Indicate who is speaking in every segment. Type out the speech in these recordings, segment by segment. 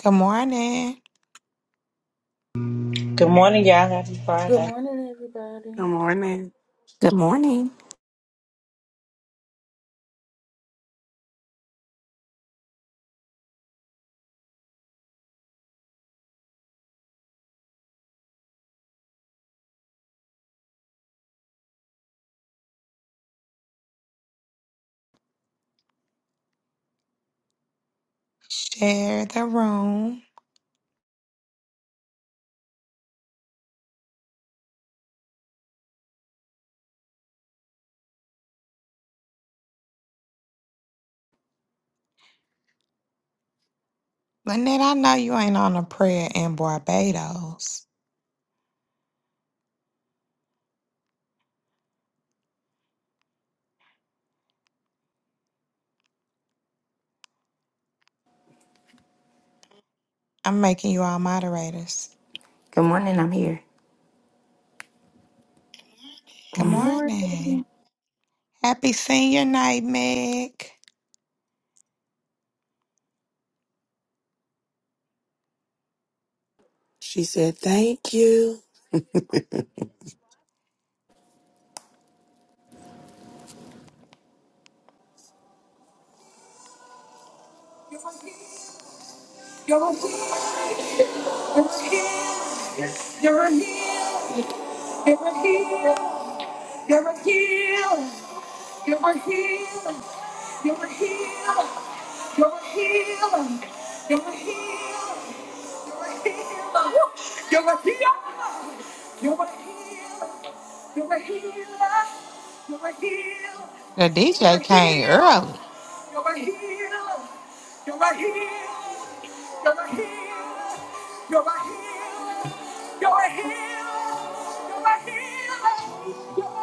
Speaker 1: Good morning.
Speaker 2: Good morning, y'all. Happy
Speaker 3: Good
Speaker 2: Friday.
Speaker 3: morning, everybody.
Speaker 4: Good morning.
Speaker 5: Good morning.
Speaker 1: Share the room. Lynette, I know you ain't on a prayer in Barbados. I'm making you all moderators.
Speaker 6: Good morning, I'm here.
Speaker 1: Good
Speaker 7: Good
Speaker 1: morning.
Speaker 7: morning.
Speaker 1: Happy senior night, Meg.
Speaker 4: She said, Thank you.
Speaker 6: You're a healer. You're a healer. You're a healer. You're a healer. You're a healer. You're a healer. You're a healer. You're a healer. You're a healer. You're a healer. You're a healer. You're a healer. You're a healer. You're a healer.
Speaker 1: The
Speaker 6: You're
Speaker 1: DJ
Speaker 6: a
Speaker 1: came
Speaker 6: healer.
Speaker 1: early.
Speaker 6: You're a healer. You're a healer. You're a healer. You're a healer. You're a healer. You're a healer. You're a healer. You're You're You're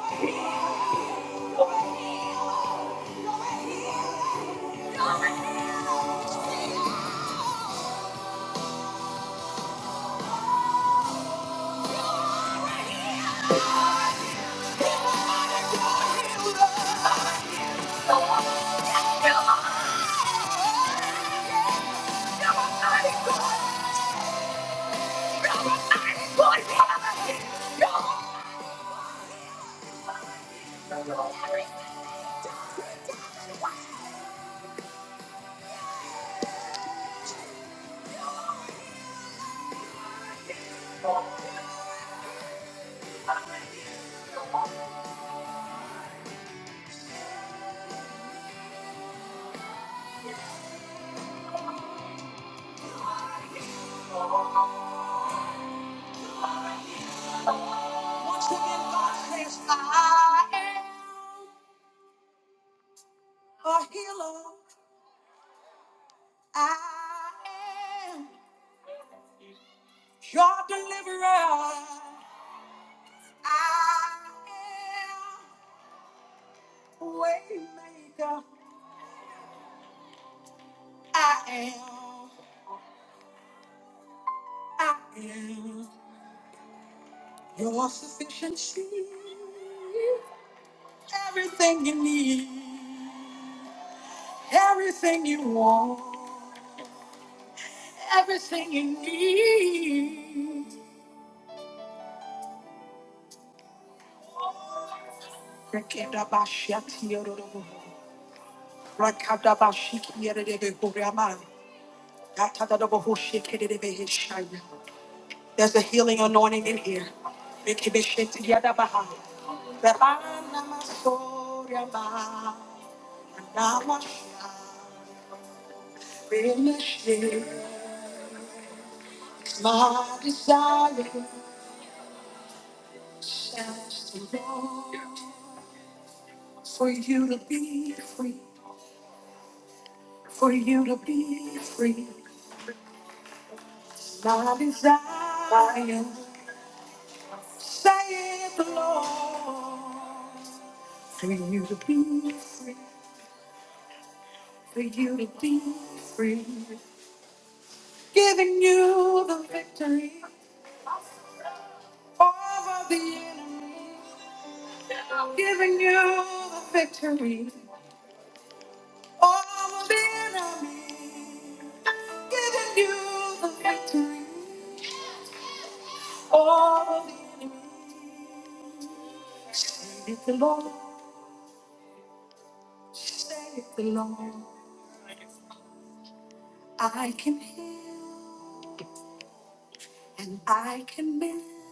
Speaker 6: a a healer. healer. healer. I am your deliverer. I am waymaker. I am. I am your sufficiency. Everything you need. Everything you want. Everything you need. Rekendabashiatiyorodobo. Rakadabashikiyeredebekuriama. There's a healing anointing in here. My desire says the Lord, for you to be free, for you to be free. My desire, saith the Lord. Giving you the peace, for you to be free. Giving you the victory over the enemy. Giving you the victory over the enemy. Giving you the victory over the enemy. Say it the Lord, say it the Lord. I can heal and I can mend.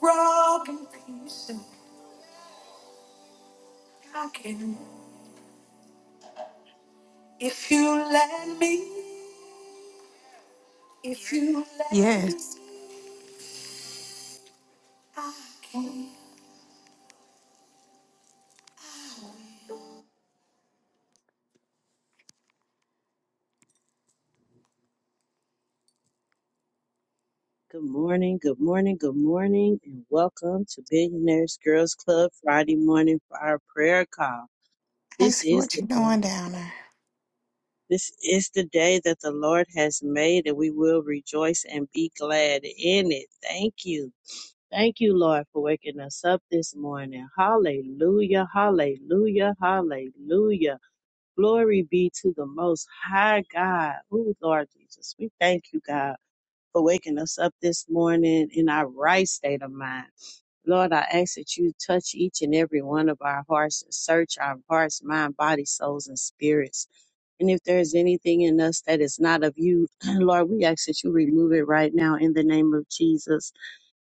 Speaker 6: broken pieces I can. If you let me, if you let me,
Speaker 1: Yes.
Speaker 6: I can.
Speaker 7: Good morning. Good morning. Good morning. And welcome to Billionaires Girls Club Friday morning for our prayer call.
Speaker 1: I
Speaker 7: This
Speaker 1: see
Speaker 7: is
Speaker 1: what
Speaker 7: the
Speaker 1: you're doing
Speaker 7: day.
Speaker 1: down there.
Speaker 7: This is the day that the Lord has made and we will rejoice and be glad in it. Thank you. Thank you, Lord, for waking us up this morning. Hallelujah. Hallelujah. Hallelujah. Glory be to the most high God. Oh, Lord Jesus, we thank you, God. for waking us up this morning in our right state of mind. Lord, I ask that you touch each and every one of our hearts and search our hearts, mind, body, souls, and spirits. And if there is anything in us that is not of you, Lord, we ask that you remove it right now in the name of Jesus.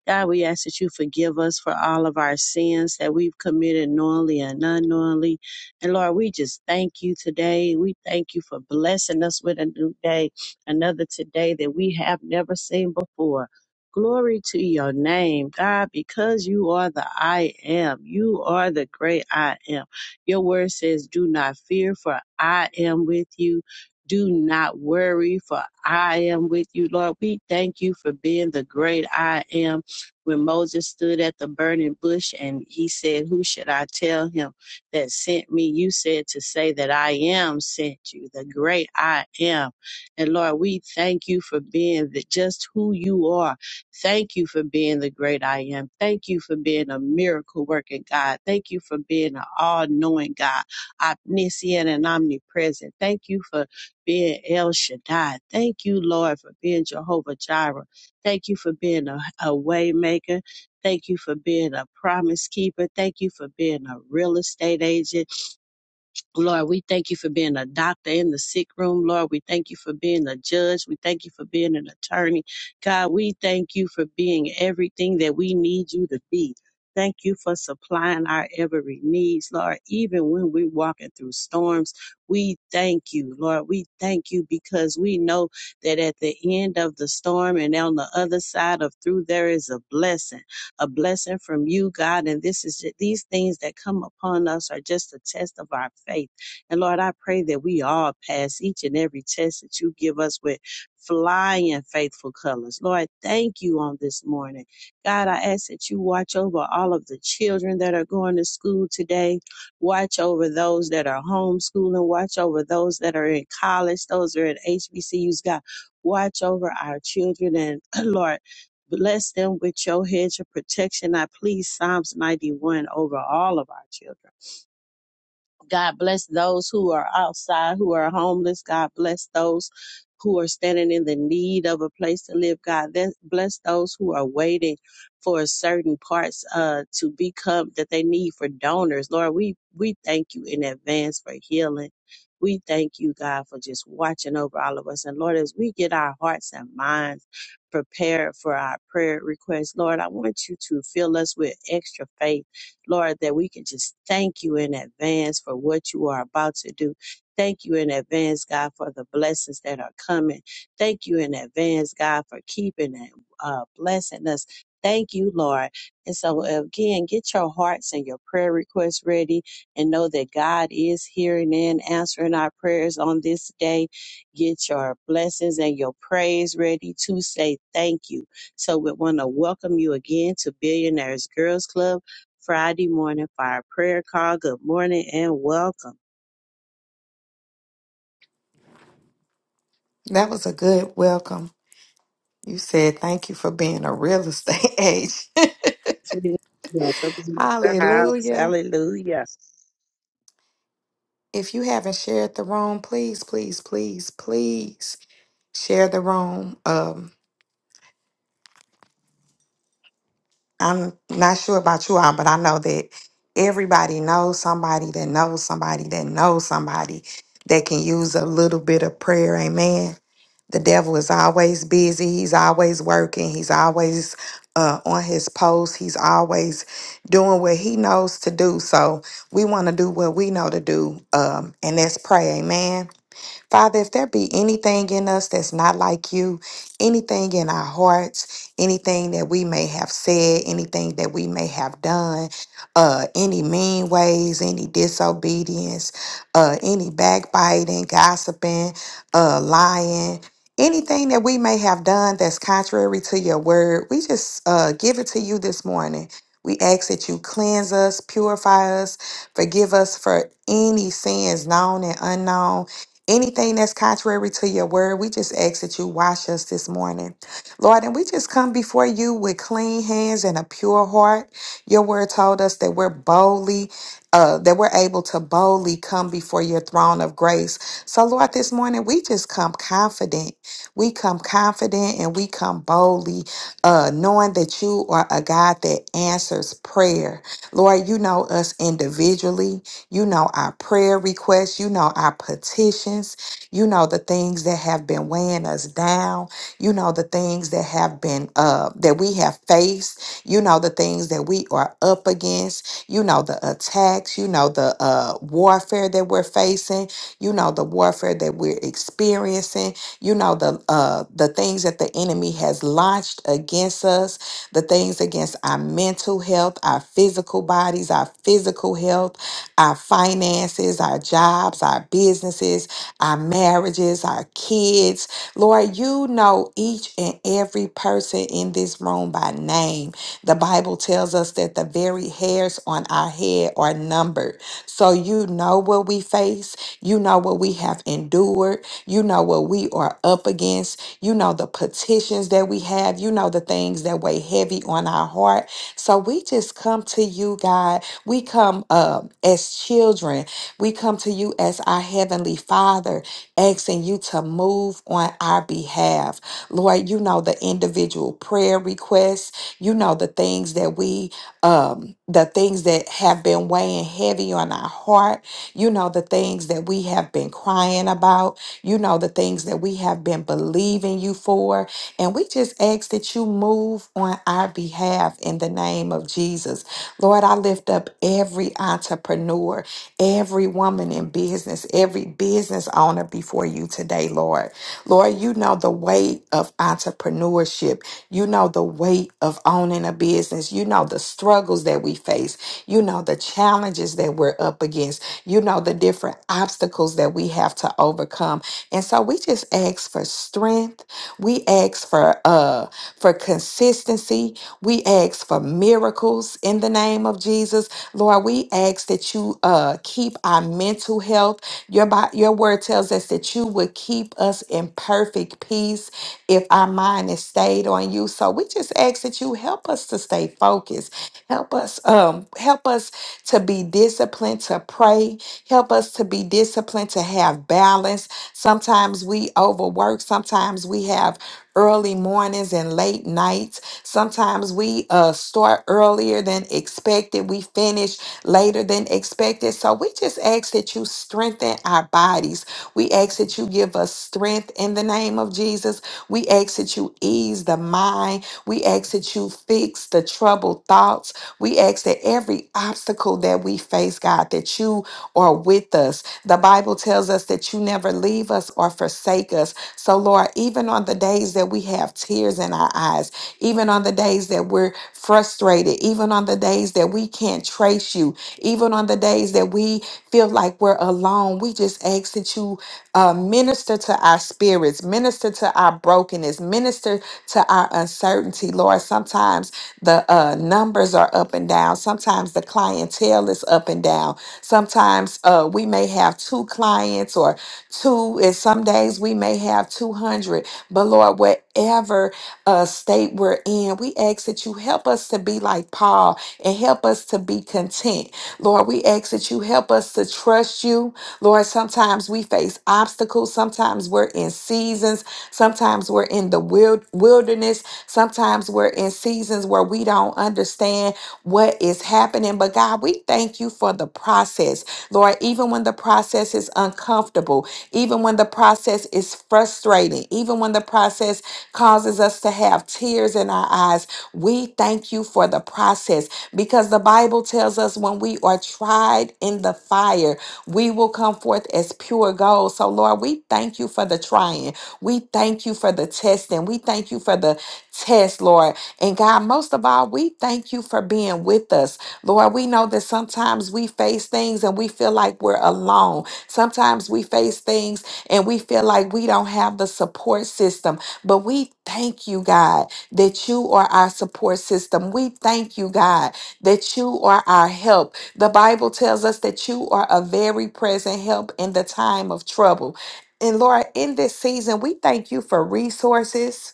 Speaker 7: God, we ask that you forgive us for all of our sins that we've committed knowingly and unknowingly. And Lord, we just thank you today. We thank you for blessing us with a new day, another today that we have never seen before. Glory to your name, God, because you are the I am. You are the great I am. Your word says, Do not fear, for I am with you. Do not worry, for I am with you, Lord. We thank you for being the great I am when Moses stood at the burning bush and he said, Who should I tell him that sent me? You said to say that I am sent you, the great I am. And Lord, we thank you for being the, just who you are. Thank you for being the great I am. Thank you for being a miracle working God. Thank you for being an all knowing God, omniscient and omnipresent. Thank you for being El Shaddai. Thank you, Lord, for being Jehovah Jireh. Thank you for being a, a way maker. Thank you for being a promise keeper. Thank you for being a real estate agent. Lord, we thank you for being a doctor in the sick room. Lord, we thank you for being a judge. We thank you for being an attorney. God, we thank you for being everything that we need you to be. Thank you for supplying our every needs, Lord. Even when we're walking through storms, we thank you, Lord. We thank you because we know that at the end of the storm and on the other side of through, there is a blessing a blessing from you, God. And this is these things that come upon us are just a test of our faith. And Lord, I pray that we all pass each and every test that you give us with flying faithful colors. Lord, thank you on this morning. God, I ask that you watch over all of the children that are going to school today. Watch over those that are homeschooling. Watch over those that are in college. Those that are at HBCUs. God, watch over our children and Lord. Bless them with your hedge of protection. I please Psalms 91 over all of our children. God bless those who are outside, who are homeless. God bless those who are standing in the need of a place to live. God then bless those who are waiting for certain parts uh, to become that they need for donors. Lord, we we thank you in advance for healing. We thank you, God, for just watching over all of us. And Lord, as we get our hearts and minds prepared for our prayer requests, Lord, I want you to fill us with extra faith Lord, that we can just thank you in advance for what you are about to do. Thank you in advance, God, for the blessings that are coming. Thank you in advance, God, for keeping and uh, blessing us. Thank you, Lord. And so, again, get your hearts and your prayer requests ready and know that God is hearing and answering our prayers on this day. Get your blessings and your praise ready to say thank you. So, we want to welcome you again to Billionaires Girls Club. Friday morning fire prayer call. Good morning and welcome.
Speaker 1: That was a good welcome. You said thank you for being a real estate agent.
Speaker 7: So we know, so we in the house.
Speaker 1: Hallelujah.
Speaker 7: Hallelujah.
Speaker 1: If you haven't shared the room, please, please, please, please. share the room. Um, I'm not sure about you all, but I know that everybody knows somebody that knows somebody that knows somebody that can use a little bit of prayer. Amen. The devil is always busy. He's always working. He's always uh, on his post. He's always doing what he knows to do. So we want to do what we know to do, um, and that's pray. Amen. Father, if there be anything in us that's not like you, anything in our hearts, anything that we may have said, anything that we may have done, uh, any mean ways, any disobedience, uh, any backbiting, gossiping, uh, lying, anything that we may have done that's contrary to your word, we just uh, give it to you this morning. We ask that you cleanse us, purify us, forgive us for any sins known and unknown Anything that's contrary to your word, we just ask that you wash us this morning. Lord, and we just come before you with clean hands and a pure heart. Your word told us that we're boldly, uh, that we're able to boldly come before your throne of grace. So, Lord, this morning we just come confident. We come confident and we come boldly, uh, knowing that you are a God that answers prayer. Lord, you know us individually. You know our prayer requests. You know our petitions. You know the things that have been weighing us down. You know the things that have been uh that we have faced. You know the things that we are up against. You know the attacks. You know the uh warfare that we're facing. You know the warfare that we're experiencing. You know the uh the things that the enemy has launched against us the things against our mental health, our physical bodies, our physical health our finances, our jobs, our businesses, our marriages, our kids. Lord, you know each and every person in this room by name. The Bible tells us that the very hairs on our head are numbered. So you know what we face, you know what we have endured, you know what we are up against, you know the petitions that we have, you know the things that weigh heavy on our heart. So we just come to you, God we come um, as children. We come to you as our Heavenly Father, asking you to move on our behalf. Lord, you know the individual prayer requests. You know the things that we, um, the things that have been weighing heavy on our heart. You know, the things that we have been crying about. You know, the things that we have been believing you for. And we just ask that you move on our behalf in the name of Jesus. Lord, I lift up every entrepreneur, every woman in business, every business owner before you today, Lord. Lord, you know the weight of entrepreneurship. You know the weight of owning a business. You know the struggles that we face. You know the challenges that we're up against, you know, the different obstacles that we have to overcome. And so we just ask for strength. We ask for uh for consistency. We ask for miracles in the name of Jesus. Lord, we ask that you uh keep our mental health. Your Bi- your word tells us that you would keep us in perfect peace if our mind is stayed on you. So we just ask that you help us to stay focused Help us, um, help us to be disciplined to pray. Help us to be disciplined to have balance. Sometimes we overwork. Sometimes we have early mornings and late nights. Sometimes we uh, start earlier than expected. We finish later than expected. So we just ask that you strengthen our bodies. We ask that you give us strength in the name of Jesus. We ask that you you ease the mind. We ask that you fix the troubled thoughts. We ask that every obstacle that we face, God, that you are with us. The Bible tells us that you never leave us or forsake us. So, Lord, even on the days that we have tears in our eyes, even on the days that we're frustrated, even on the days that we can't trace you, even on the days that we feel like we're alone, we just ask that you uh, minister to our spirits, minister to our brokenness, minister to our uncertainty, Lord. Sometimes the uh, numbers are up and down. Sometimes the clientele is up and down. Sometimes uh, we may have two clients or two, and some days we may have 200. But Lord, whatever uh, state we're in, we ask that you help us to be like Paul and help us to be content. Lord, we ask that you help us to trust you. Lord, sometimes we face obstacles. Sometimes we're in seasons. Sometimes we're in the wild- wilderness. Sometimes we're in seasons where we don't understand what is happening. But God, we thank you for the process. Lord, even when the process is uncomfortable, even when the process is frustrating, even when the process causes us to have tears in our eyes, we thank you for the process because the Bible tells us when we are tried in the the fire, we will come forth as pure gold. So, Lord, we thank you for the trying. We thank you for the testing. We thank you for the test, Lord. And God, most of all, we thank you for being with us. Lord, we know that sometimes we face things and we feel like we're alone. Sometimes we face things and we feel like we don't have the support system. But we thank you, God, that you are our support system. We thank you, God, that you are our help. The Bible tells us that you are a very present help in the time of trouble. And Lord, in this season, we thank you for resources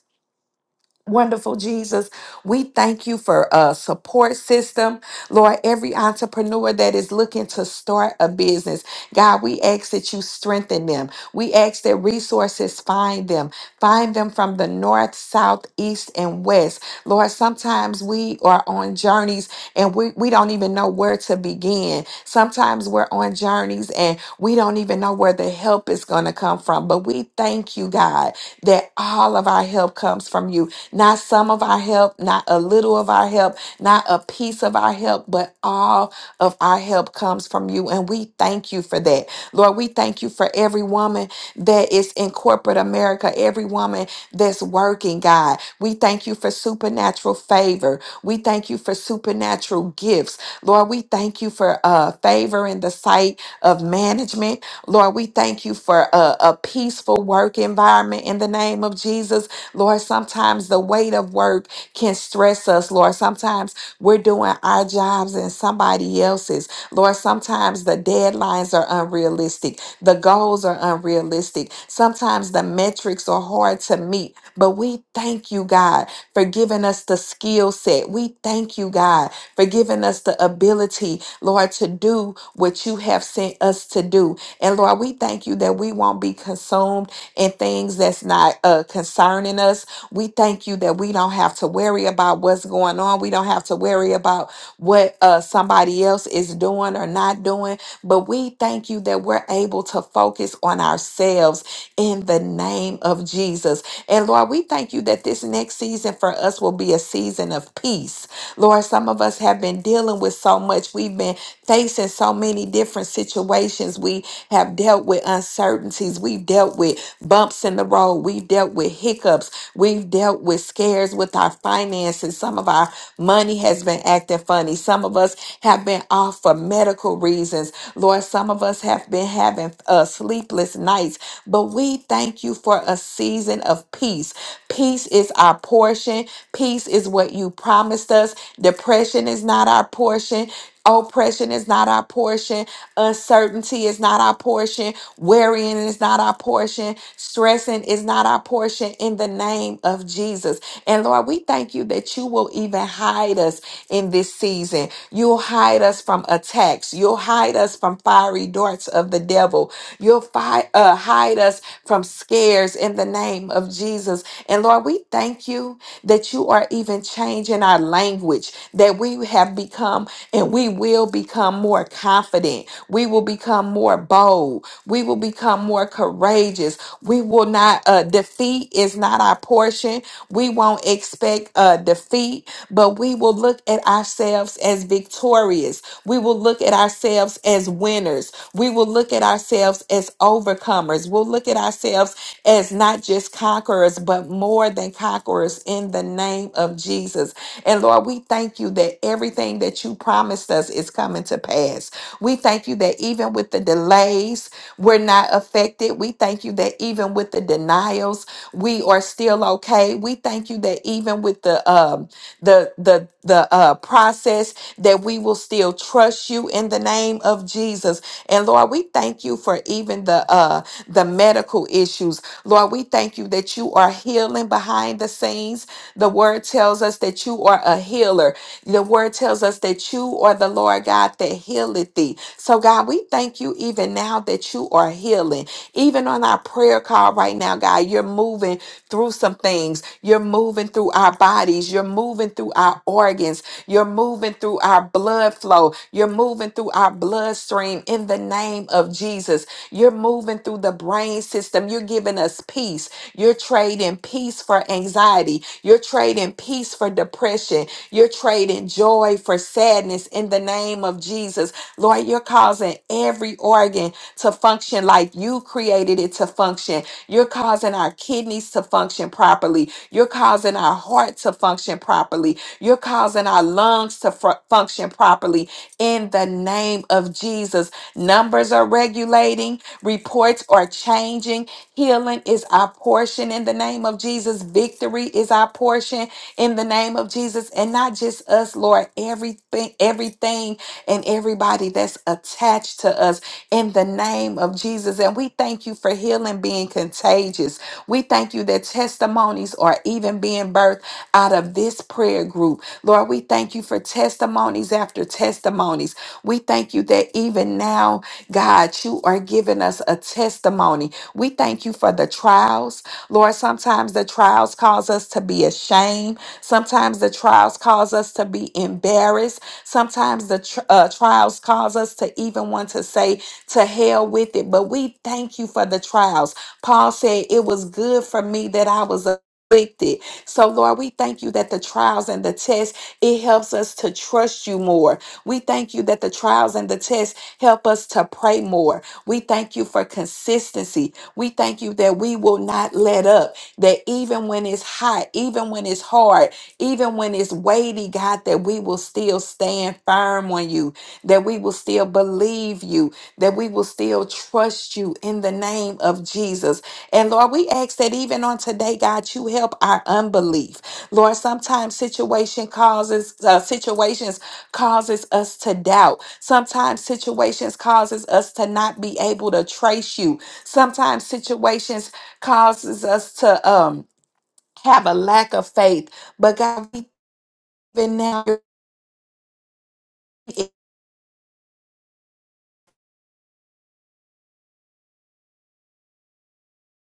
Speaker 1: Wonderful Jesus, we thank you for a support system. Lord, every entrepreneur that is looking to start a business, God, we ask that you strengthen them. We ask that resources find them, find them from the north, south, east, and west. Lord, sometimes we are on journeys and we, we don't even know where to begin. Sometimes we're on journeys and we don't even know where the help is going to come from. But we thank you, God, that all of our help comes from you. Not some of our help, not a little of our help, not a piece of our help, but all of our help comes from you. And we thank you for that. Lord, we thank you for every woman that is in corporate America, every woman that's working, God. We thank you for supernatural favor. We thank you for supernatural gifts. Lord, we thank you for uh, favor in the sight of management. Lord, we thank you for a, a peaceful work environment in the name of Jesus. Lord, sometimes the weight of work can stress us, Lord. Sometimes we're doing our jobs and somebody else's. Lord, sometimes the deadlines are unrealistic, the goals are unrealistic. Sometimes the metrics are hard to meet, but we thank you, God, for giving us the skill set. We thank you, God, for giving us the ability, Lord, to do what you have sent us to do. And Lord, we thank you that we won't be consumed and things that's not uh, concerning us. We thank you that we don't have to worry about what's going on. We don't have to worry about what uh, somebody else is doing or not doing but we thank you that we're able to focus on ourselves in the name of Jesus. And Lord, we thank you that this next season for us will be a season of peace. Lord, some of us have been dealing with so much. We've been facing so many different situations. We have dealt with uncertainties. We've dealt with bumps in the road. We've dealt with hiccups. We've dealt with scares with our finances. Some of our money has been acting funny. Some of us have been off for medical reasons. Lord, some of us have been having uh, sleepless nights, but we thank you for a season of peace. Peace is our portion. Peace is what you promised us. Depression is not our portion. Oppression is not our portion. Uncertainty is not our portion. Worrying is not our portion. Stressing is not our portion in the name of Jesus. And Lord, we thank you that you will even hide us in this season. You'll hide us from attacks. You'll hide us from fiery darts of the devil. You'll fi- uh, hide us from scares in the name of Jesus. And Lord, we thank you that you are even changing our language, that we have become and we we will become more confident. We will become more bold. We will become more courageous. We will not, uh, defeat is not our portion. We won't expect uh, defeat, but we will look at ourselves as victorious. We will look at ourselves as winners. We will look at ourselves as overcomers. We'll look at ourselves as not just conquerors, but more than conquerors in the name of Jesus. And Lord, we thank you that everything that you promised promised us is coming to pass. We thank you that even with the delays, we're not affected. We thank you that even with the denials, we are still okay. We thank you that even with the um the the the uh process that we will still trust you in the name of Jesus. And Lord, we thank you for even the uh the medical issues. Lord, we thank you that you are healing behind the scenes. The word tells us that you are a healer. The word tells us that you you are the Lord God that healeth thee. So, God, we thank you even now that you are healing. Even on our prayer call right now, God, you're moving through some things. You're moving through our bodies. You're moving through our organs. You're moving through our blood flow. You're moving through our bloodstream in the name of Jesus. You're moving through the brain system. You're giving us peace. You're trading peace for anxiety. You're trading peace for depression. You're trading joy for sadness sadness in the name of Jesus. Lord, you're causing every organ to function like you created it to function. You're causing our kidneys to function properly. You're causing our heart to function properly. You're causing our lungs to fu- function properly in the name of Jesus. Numbers are regulating, reports are changing Healing is our portion in the name of Jesus. Victory is our portion in the name of Jesus. And not just us, Lord, everything, everything and everybody that's attached to us in the name of Jesus. And we thank you for healing being contagious. We thank you that testimonies are even being birthed giving birth out of this prayer group. Lord, we thank you for testimonies after testimonies. We thank you that even now, God, you are giving us a testimony. We thank you for the trials. Lord, sometimes the trials cause us to be ashamed. Sometimes the trials cause us to be embarrassed. Sometimes the tr- uh, trials cause us to even want to say, to hell with it. But we thank you for the trials. Paul said, It was good for me that I was afflicted so, Lord, we thank you that the trials and the tests, it helps us to trust you more. We thank you that the trials and the tests help us to pray more. We thank you for consistency. We thank you that we will not let up that even when it's hot, even when it's hard, even when it's weighty, God, that we will still stand firm on you, that we will still believe you, that we will still trust you in the name of Jesus. And Lord, we ask that even on today, God, you help our unbelief. Lord, sometimes situation causes uh, situations causes us to doubt. Sometimes situations causes us to not be able to trace you. Sometimes situations causes us to um have a lack of faith. But God, even now you're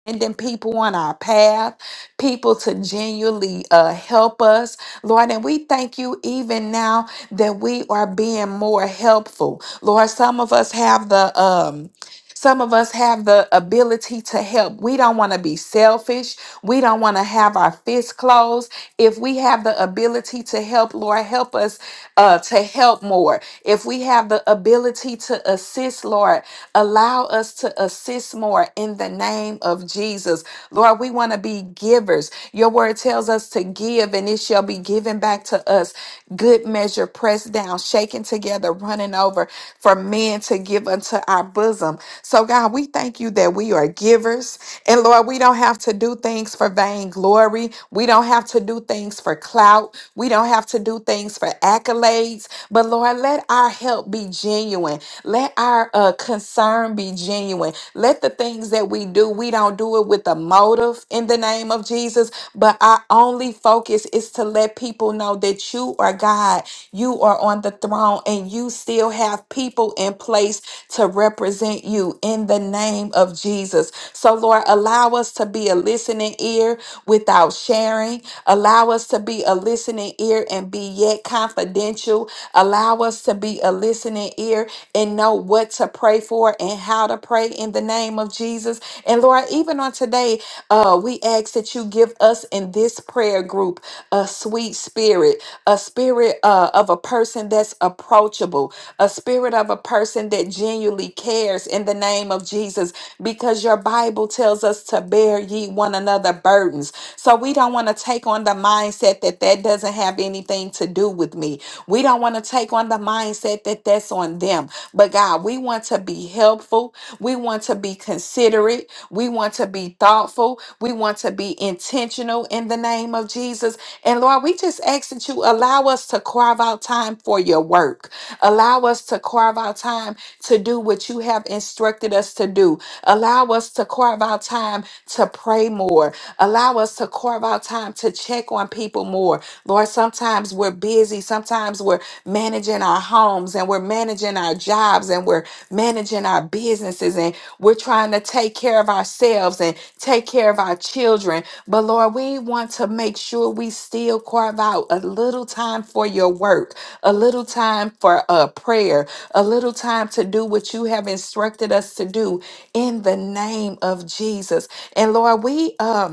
Speaker 1: sending people on our path, people to genuinely uh, help us, Lord. And we thank you even now that we are being more helpful, Lord. Some of us have the um Some of us have the ability to help. We don't want to be selfish. We don't want to have our fists closed. If we have the ability to help, Lord, help us uh, to help more. If we have the ability to assist, Lord, allow us to assist more in the name of Jesus. Lord, we want to be givers. Your word tells us to give, and it shall be given back to us. Good measure, pressed down shaken together, running over for men to give unto our bosom. So, God, we thank you that we are givers. And Lord, we don't have to do things for vainglory. We don't have to do things for clout. We don't have to do things for accolades. But Lord, let our help be genuine. Let our uh, concern be genuine. Let the things that we do, we don't do it with a motive in the name of Jesus, but our only focus is to let people know that you are God, you are on the throne, and you still have people in place to represent you in the name of Jesus. So, Lord, allow us to be a listening ear without sharing, allow us to be a listening ear and be yet confidential, allow us to be a listening ear and know what to pray for and how to pray in the name of Jesus. And Lord, even on today, uh, we ask that you give us in this prayer group a sweet spirit, a spirit uh, of a person that's approachable, a spirit of a person that genuinely cares in the name of Jesus, because your Bible tells us to bear ye one another burdens. So we don't want to take on the mindset that that doesn't have anything to do with me. We don't want to take on the mindset that that's on them. But God, we want to be helpful. We want to be considerate. We want to be thoughtful. We want to be intentional in the name of Jesus. And Lord, we just ask that you allow us to carve out time for your work. Allow us to carve out time to do what you have instructed us to do. Allow us to carve out time to pray more. Allow us to carve out time to check on people more. Lord, sometimes sometimes we're busy, sometimes we're managing our homes and we're managing our jobs and we're managing our businesses and we're trying to take care of ourselves and take care of our children. But Lord, we want to make sure we still carve out a little time for your work, a little time for a prayer, a little time to do what you have instructed us to do in the name of Jesus. And Lord, we um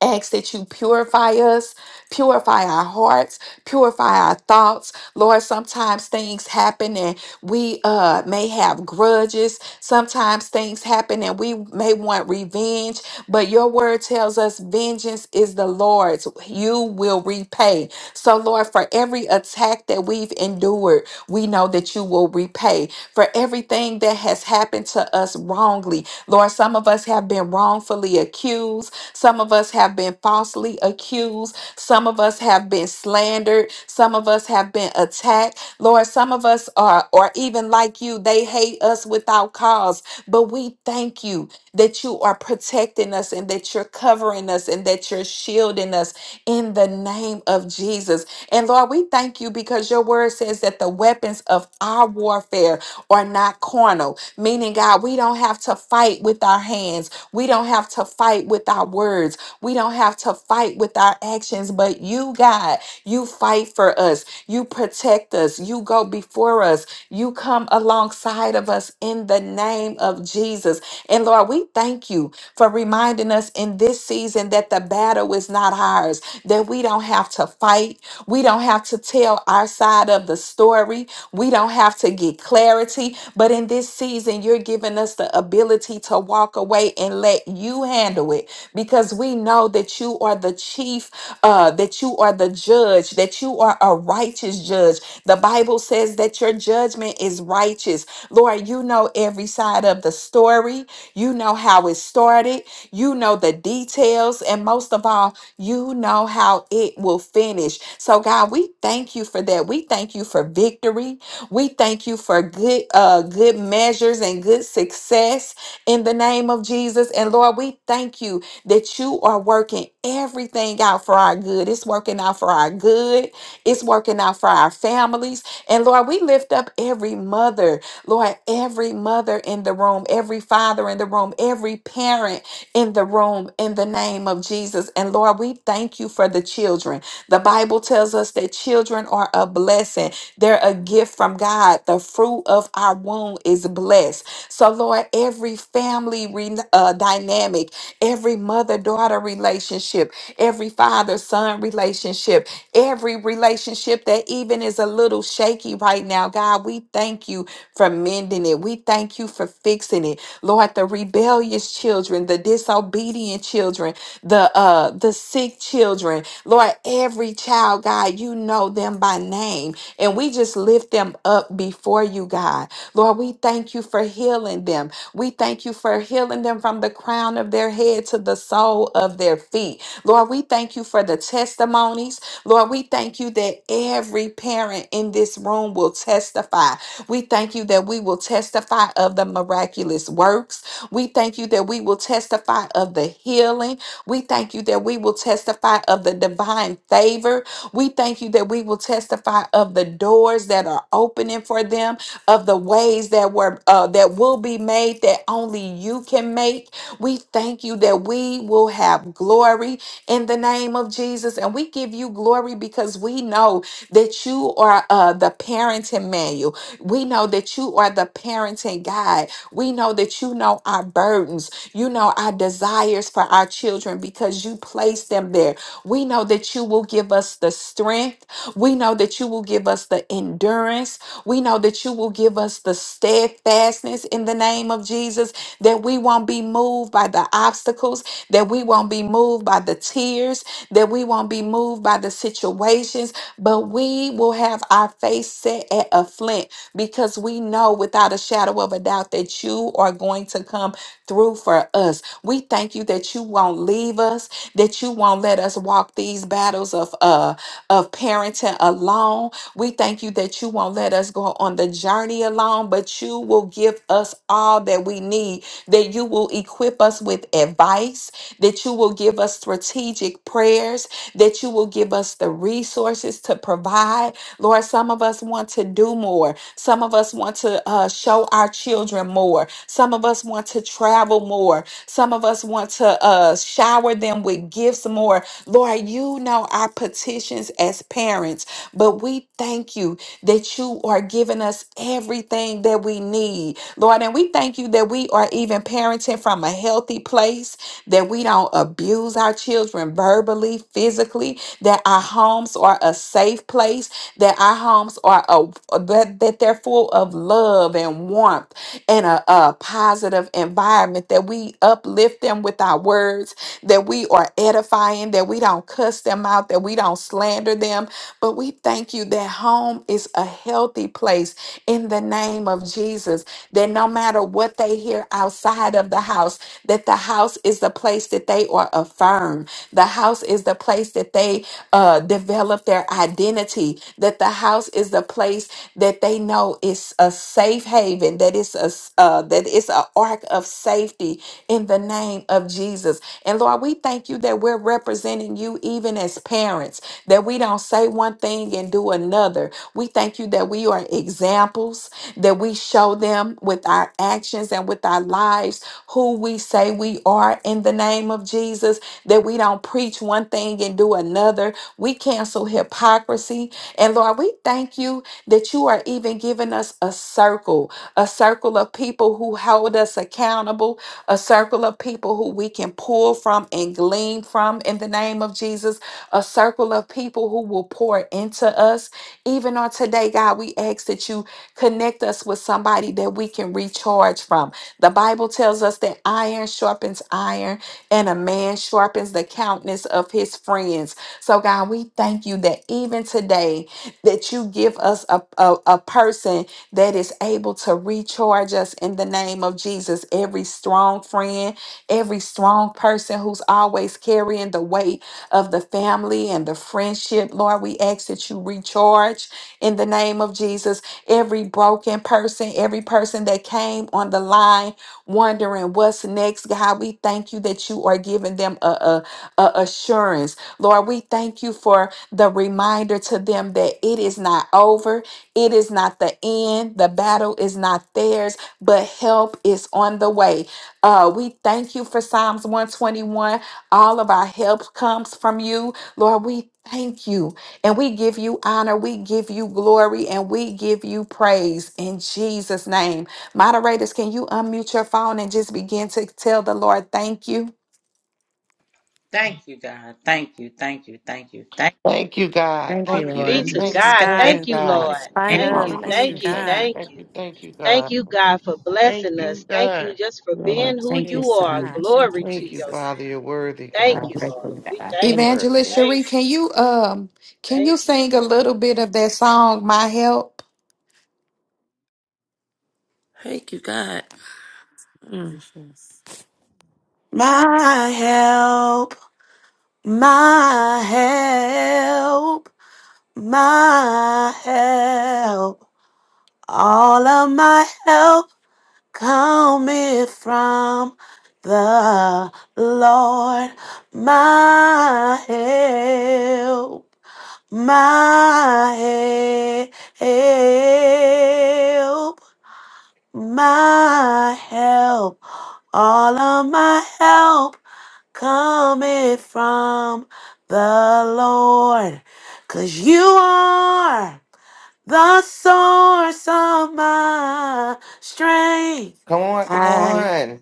Speaker 1: ask that you purify us, purify our hearts, purify our thoughts. Lord, sometimes things happen and we uh, may have grudges. Sometimes things happen and we may want revenge, but your word tells us vengeance is the Lord's. You will repay. So, Lord, for every attack that that we've endured, we know that you will repay for everything that has happened to us wrongly. Lord, some of us have been wrongfully accused. Some of us have been falsely accused. Some of us have been slandered. Some of us have been attacked. Lord, some of us are, or even like you, they hate us without cause. But we thank you that you are protecting us and that you're covering us and that you're shielding us in the name of Jesus. And Lord, we thank you because your word says that the weapons of our warfare are not carnal, meaning, God, we don't have to fight with our hands. We don't have to fight with our words. We don't have to fight with our actions. But you, God, you fight for us. You protect us. You go before us. You come alongside of us in the name of Jesus. And Lord, we thank you for reminding us in this season that the battle is battle is not ours, that we don't have to fight. We don't have to tell our side of the story. We don't have to get clarity. But in this season, you're giving us the ability to walk away and let you handle it because we know that you are the chief, uh, that you are the judge, that you are a righteous judge. The Bible says that your judgment is righteous. Lord, you know every side of the story. You know how it started. You know the details. And most of all, you know how it will finish. So, God, we thank you for that. We thank you for victory. We thank you for good, uh, good measures and good success in the name of Jesus. And Lord, we thank you that you are working everything out for our good. It's working out for our good. It's working out for our families. And Lord, we lift up every mother, Lord, every mother in the room, every father in the room, every parent in the room in the name of Jesus. And Lord, we thank you for the children. The Bible tells us that children are a blessing, they're a gift from God. The fruit of our womb is blessed. So, Lord, every family re- uh, dynamic, every mother daughter relationship, every father son relationship, every relationship that even is a little shaky right now, God, we thank you for mending it. We thank you for fixing it. Lord, the rebellious children, the the disobedient children, the uh the sick children. Lord, every child, God, you know them by name. And we just lift them up before you, God. Lord, we thank you for healing them. We thank you for healing them from the crown of their head to the sole of their feet. Lord, we thank you for the testimonies. Lord, we thank you that every parent parent in this room will testify. We thank you that we will testify of the miraculous works. We thank you that we will testify of the healing. We thank you that we will testify of the divine favor. We thank you that we will testify of the doors that are opening for them, of the ways that were uh, that will be made that only you can make. We thank you that we will have glory in the name of Jesus. And we give you glory because we know that you are uh, the parenting manual. We know that you are the parenting guide. We know that you know our burdens. You know our desires for our children because you place them there. We know that you will give us the strength. We know that you will give us the endurance. We know that you will give us the steadfastness in the name of Jesus, that we won't be moved by the obstacles, that we won't be moved by the tears, that we won't be moved by the situations, but we will have our face set at a flint because we know without a shadow of a doubt that you are going to come through for for us. We thank you that you won't leave us, that you won't let us walk these battles of uh of parenting alone. We thank you that you won't let us go on the journey alone, but you will give us all that we need, that you will equip us with advice, that you will give us strategic prayers, that you will give us the resources to provide. Lord more. Some of us want to do more. Some of us want to uh, show our children more. Some of us want to travel more. Some of us want to uh, shower them with gifts more. Lord, you know our petitions as parents, but we thank you that you are giving us everything that we need, Lord. And we thank you that we are even parenting from a healthy place that we don't abuse our children verbally, physically, that our homes are a safe place, that our homes are a, that, that they're full of love and warmth and a, a positive environment, that we uplift them with our words, that we are edifying, that we don't cuss them out, that we don't slander them. But we thank you you that home is a healthy place in the name of Jesus. That no matter what they hear outside of the house, that the house is the place that they are affirmed. The house is the place that they uh, develop their identity. That the house is the place that they know is a safe haven. That it's a s- uh, that it's an ark of safety in the name of Jesus. And Lord, we thank you that we're representing you even as parents, that we don't say one thing and do another. We thank you that we are examples, that we show them with our actions and with our lives who we say we are in the name of Jesus, that we don't preach one thing and do another. We cancel hypocrisy. And Lord, we thank you that you are even giving us a circle a circle of people who hold us accountable, a circle of people who we can pull from and glean from in the name of Jesus, a circle of people who will pour into us. Even on today, God, we ask that you connect us with somebody that we can recharge from. The Bible tells us that iron sharpens iron and a man sharpens the countenance of his friends. So, God, we thank you that even today, that you give us a, a, a person that is able to recharge us in the name of Jesus. Every strong friend, every strong person who's always carrying the weight of the family and the friendship, Lord, we ask that you recharge in the name of Jesus. Every broken person, every person that came on the line wondering what's next, God, we thank you that you are giving them a, a a assurance. Lord, we thank you for the reminder to them that it is not over it is not the end. The battle is not theirs, but help is on the way. Uh, we thank you for Psalms 121. All of our help comes from you. Lord, we thank you and we give you honor. We give you glory and we give you praise in Jesus' name. Moderators, can you unmute your phone and just begin to tell the Lord thank you?
Speaker 2: Thank you, God. Thank you. Thank you. Thank you. Thank
Speaker 8: Thank you, God.
Speaker 6: Thank you,
Speaker 8: Thank
Speaker 7: Be
Speaker 8: you.
Speaker 7: to
Speaker 6: Lord.
Speaker 8: Thank
Speaker 9: Yes,
Speaker 8: you.
Speaker 7: God.
Speaker 8: Thank
Speaker 9: God,
Speaker 2: you.
Speaker 8: you,
Speaker 7: Thank
Speaker 9: in
Speaker 7: you,
Speaker 8: God.
Speaker 9: in
Speaker 7: Lord.
Speaker 2: Yeah.
Speaker 9: spite
Speaker 6: Thank
Speaker 7: Thank
Speaker 9: of,
Speaker 7: you,
Speaker 9: thank you,
Speaker 8: Hallelujah.
Speaker 7: thank you,
Speaker 8: Thank you.
Speaker 9: God.
Speaker 7: thank
Speaker 8: Thank
Speaker 7: you.
Speaker 8: you. Thank you,
Speaker 7: Thank
Speaker 8: God.
Speaker 7: you, God, for
Speaker 8: Thank
Speaker 7: blessing us.
Speaker 8: you,
Speaker 7: Thank you
Speaker 8: God.
Speaker 7: just for being who you
Speaker 9: Yes,
Speaker 7: are.
Speaker 9: God, thank
Speaker 7: Glory
Speaker 9: you,
Speaker 7: to
Speaker 8: Thank you,
Speaker 7: your
Speaker 9: Jesus.
Speaker 8: Father.
Speaker 7: name.
Speaker 8: You're worthy,
Speaker 7: Thank
Speaker 8: God.
Speaker 7: you, Lord. We
Speaker 8: Mm, You're
Speaker 7: thank you. We
Speaker 1: Evangelist
Speaker 8: worthy.
Speaker 1: Cherie,
Speaker 7: thank you.
Speaker 1: can you um can you
Speaker 7: Thank you.
Speaker 1: sing a little bit of that song, My Help?
Speaker 9: Thank you, God.
Speaker 6: you,
Speaker 9: Mm.
Speaker 6: Jesus.
Speaker 4: My help, my help, my help. All of my help cometh from the Lord. My help, my help. my help. All of my help cometh from the Lord, 'cause you are the source of my strength.
Speaker 8: Come on. Come on.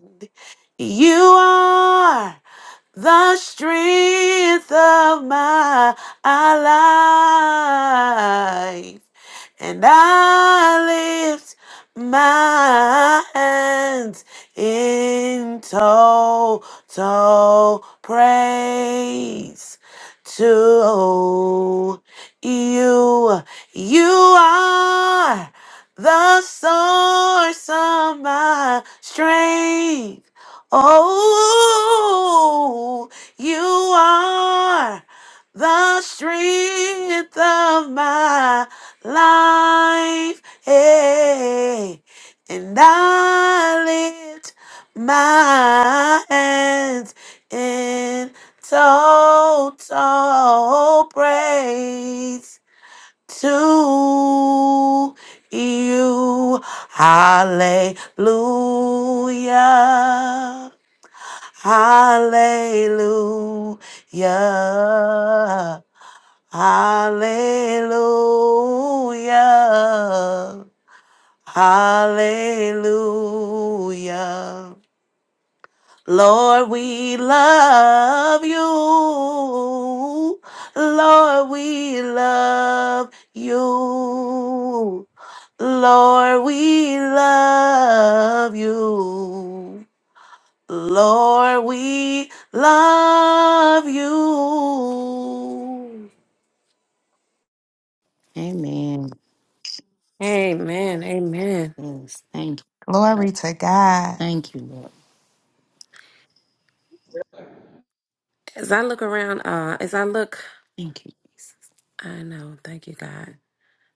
Speaker 4: You are the strength of my life, and I lift my hands in total praise to you. You are the source of my strength. Oh, you are the strength of my life. Hey, and I lift my hands in total praise to you. Hallelujah. Hallelujah. Hallelujah. Hallelujah. Lord, we love you. Lord, we love you. Lord, we love you. Lord, we love you.
Speaker 6: Amen.
Speaker 9: Amen, amen.
Speaker 6: Yes, thank you. Lord.
Speaker 1: Glory to God.
Speaker 6: Thank you, Lord.
Speaker 9: As I look around, uh, as I look,
Speaker 6: Thank you,
Speaker 9: I know, thank you, God.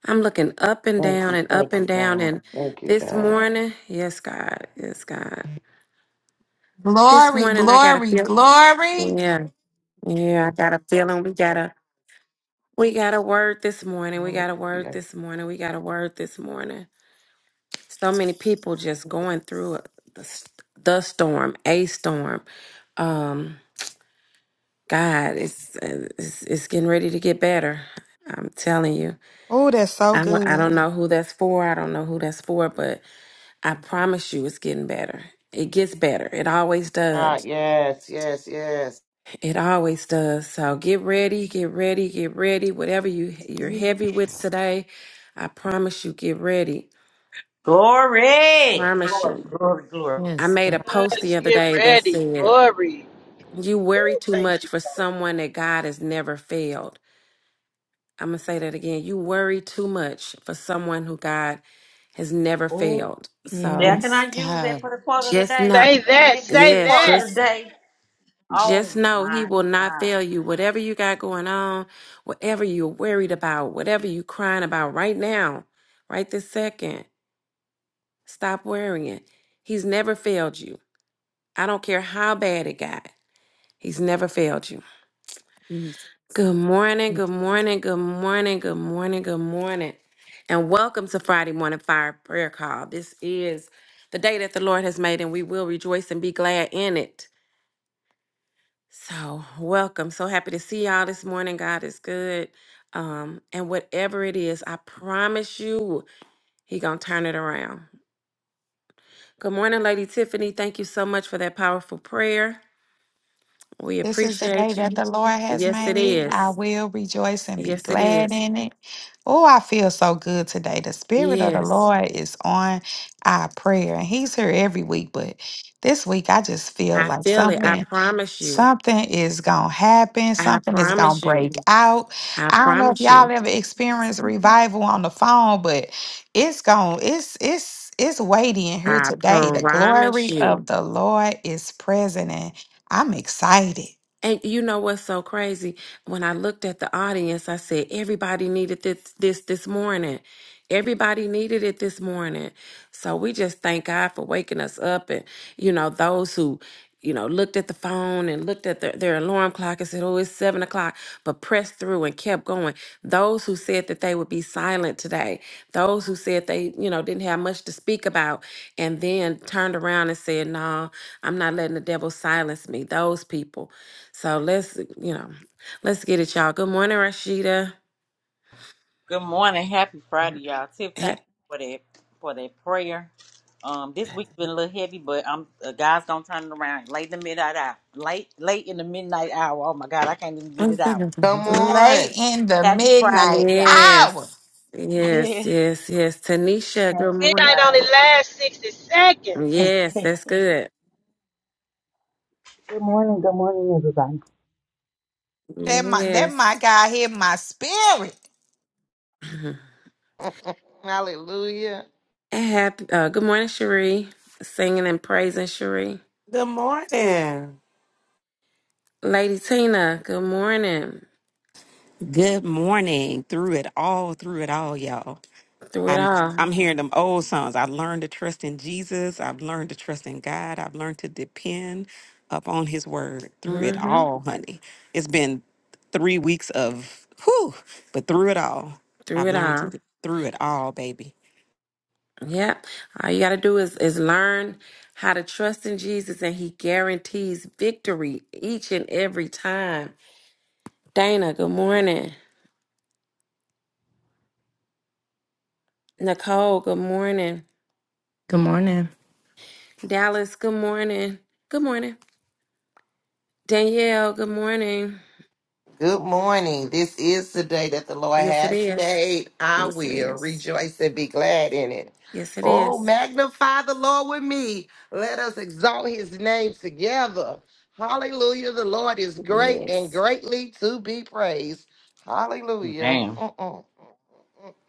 Speaker 9: I'm looking up and
Speaker 8: Thank
Speaker 9: down
Speaker 8: you.
Speaker 9: and up
Speaker 8: Thank you,
Speaker 9: and down,
Speaker 8: God.
Speaker 9: and
Speaker 8: Thank you,
Speaker 9: this
Speaker 8: God.
Speaker 9: morning, yes, God, yes, God. This
Speaker 1: Glory,
Speaker 9: morning, I got a
Speaker 1: glory,
Speaker 9: feel.
Speaker 1: glory.
Speaker 9: Yeah, yeah, I got a feeling. We got a, we got a word this morning. We got a word
Speaker 8: Hallelujah.
Speaker 9: this morning. We got a word this morning. so many people just going through the, s- the storm, a storm. Um, God, it's, it's it's getting ready to get better. I'm telling you.
Speaker 1: Oh, that's so
Speaker 9: I don't, I
Speaker 1: good.
Speaker 9: don't know who that's for. I don't know who that's for, but I promise you, it's getting better. It gets better. It always
Speaker 8: Ah,
Speaker 9: does.
Speaker 8: yes. Yes. Yes.
Speaker 9: It always does. So get ready, get ready, get ready. Whatever you you're
Speaker 6: Jesus.
Speaker 9: heavy with today, I promise you, get ready.
Speaker 2: Glory.
Speaker 9: Promise
Speaker 2: Glory.
Speaker 9: you.
Speaker 2: Glory. Glory.
Speaker 9: I
Speaker 6: Yes,
Speaker 9: made a
Speaker 6: God.
Speaker 9: post
Speaker 7: Let's
Speaker 9: the other
Speaker 7: get
Speaker 9: day that
Speaker 7: ready.
Speaker 9: said
Speaker 7: Glory.
Speaker 9: You worry
Speaker 7: Ooh,
Speaker 9: too
Speaker 7: thank
Speaker 9: much
Speaker 7: you,
Speaker 9: for
Speaker 7: Lord.
Speaker 9: someone that God has never failed. I'm going to say that again. You worry too much for someone who God has never
Speaker 2: Ooh,
Speaker 9: failed.
Speaker 2: yeah,
Speaker 9: So
Speaker 2: can
Speaker 6: Yes,
Speaker 2: I use that
Speaker 6: God.
Speaker 2: for the quote of the
Speaker 9: just
Speaker 2: day?
Speaker 9: know,
Speaker 7: Say
Speaker 2: Can
Speaker 7: that.
Speaker 2: that be
Speaker 7: Say
Speaker 2: the
Speaker 9: yes,
Speaker 2: quote
Speaker 7: that.
Speaker 2: of the
Speaker 9: just
Speaker 2: day? Oh
Speaker 9: just know he
Speaker 2: my
Speaker 9: will not
Speaker 2: God.
Speaker 9: fail you. Whatever you got going on, whatever you're worried about, whatever you're crying about right now, right this second, stop worrying. He's never failed you. I don't care how bad it got. He's never failed you.
Speaker 6: Yes.
Speaker 9: Good morning, good morning, good morning, good morning, good morning. And welcome to Friday Morning Fire Prayer Call. This is the day that the Lord has made, and we will rejoice and be glad in it. So, welcome. So happy to see y'all this morning. God is good. Um, and whatever it is, I promise you, He gonna turn it around. Good morning, Lady Tiffany. Thank you so much for that powerful prayer. We
Speaker 1: This is the day
Speaker 9: appreciate
Speaker 1: that
Speaker 9: you.
Speaker 1: the Lord has
Speaker 9: Yes, it
Speaker 1: made. I
Speaker 9: is.
Speaker 1: will rejoice and be
Speaker 9: Yes, it
Speaker 1: glad
Speaker 9: is.
Speaker 1: in it. Oh, I feel so good today. The Spirit of the
Speaker 9: Yes.
Speaker 1: Lord is on our prayer, and He's here every week. But this week, I just feel
Speaker 9: I
Speaker 1: like
Speaker 9: feel it. I
Speaker 1: something.
Speaker 9: promise you.
Speaker 1: Something is gonna happen.
Speaker 9: I
Speaker 1: Something is gonna
Speaker 9: promise you.
Speaker 1: break out.
Speaker 9: I
Speaker 1: I don't know if
Speaker 9: promise
Speaker 1: y'all
Speaker 9: you.
Speaker 1: ever experienced revival on the phone, but it's gonna it's it's it's weighty in here
Speaker 9: I
Speaker 1: today. The glory
Speaker 9: promise
Speaker 1: of
Speaker 9: you.
Speaker 1: the Lord is present, and I'm excited.
Speaker 9: And you know what's so crazy? When I looked at the audience, I said everybody needed this this this morning. Everybody needed it this morning. So we just thank God for waking us up and you know, those who, you know, looked at the phone and looked at their, their alarm clock and said, Oh, it's seven o'clock, but pressed through and kept going. Those who said that they would be silent today, those who said they, you know, didn't have much to speak about, and then turned around and said, No, I'm not letting the devil silence me. Those people so let's, uh, you know, let's get it, y'all. Good morning, Rashida.
Speaker 2: Good morning. Happy Friday, y'all. Tiff,
Speaker 9: Ha-
Speaker 2: thank you for that for that prayer. Um, this week's been a little heavy, but I'm uh, God's gonna turn it around late in the midnight hour. Late late in the midnight hour. Oh my God, I can't even get
Speaker 9: I'm
Speaker 2: it
Speaker 9: so
Speaker 2: out.
Speaker 8: Come
Speaker 1: Late
Speaker 8: on.
Speaker 1: in the
Speaker 2: Happy
Speaker 1: midnight
Speaker 2: Friday, y'all.
Speaker 1: hour,
Speaker 9: Yes, yes, yes, yes. Tanisha, good morning.
Speaker 7: Midnight only lasts. a
Speaker 9: Yes, that's good.
Speaker 3: Good morning, good morning, everybody.
Speaker 1: that my that
Speaker 9: Yes.
Speaker 1: my God hit my spirit.
Speaker 9: Mhm.
Speaker 8: Hallelujah.
Speaker 9: And happy. Uh, good morning, Cherie. Singing and praising Cherie.
Speaker 4: Good morning.
Speaker 9: Lady Tina, good morning.
Speaker 5: Good morning. Through it all, through it all, y'all.
Speaker 9: Through it
Speaker 5: I'm
Speaker 9: all.
Speaker 5: I'm hearing them old songs. I've learned to trust in Jesus. I've learned to trust in God. I've learned to depend upon his word through it
Speaker 9: hmm
Speaker 5: all, honey. It's been three weeks of whew, but through it all.
Speaker 9: Through
Speaker 5: I've
Speaker 9: it
Speaker 5: learned
Speaker 9: all.
Speaker 5: to through it all, baby.
Speaker 9: Yeah. All you got to do is is learn how to trust in Jesus and he guarantees victory each and every time. Dana, good morning. Nicole, good morning.
Speaker 6: Good morning.
Speaker 9: Dallas, good morning. Good morning. Danielle, good morning.
Speaker 8: Good morning. This is the day that the Lord
Speaker 9: Yes it
Speaker 8: has
Speaker 9: is.
Speaker 8: made. I
Speaker 9: Yes it
Speaker 8: will
Speaker 9: is.
Speaker 8: rejoice and be glad in it.
Speaker 9: Yes it
Speaker 8: Oh,
Speaker 9: is.
Speaker 8: magnify the Lord with me. Let us exalt his name together. Hallelujah. The Lord is great and
Speaker 9: Yes.
Speaker 8: greatly to be praised. Hallelujah.
Speaker 2: Man.
Speaker 8: Mm-mm,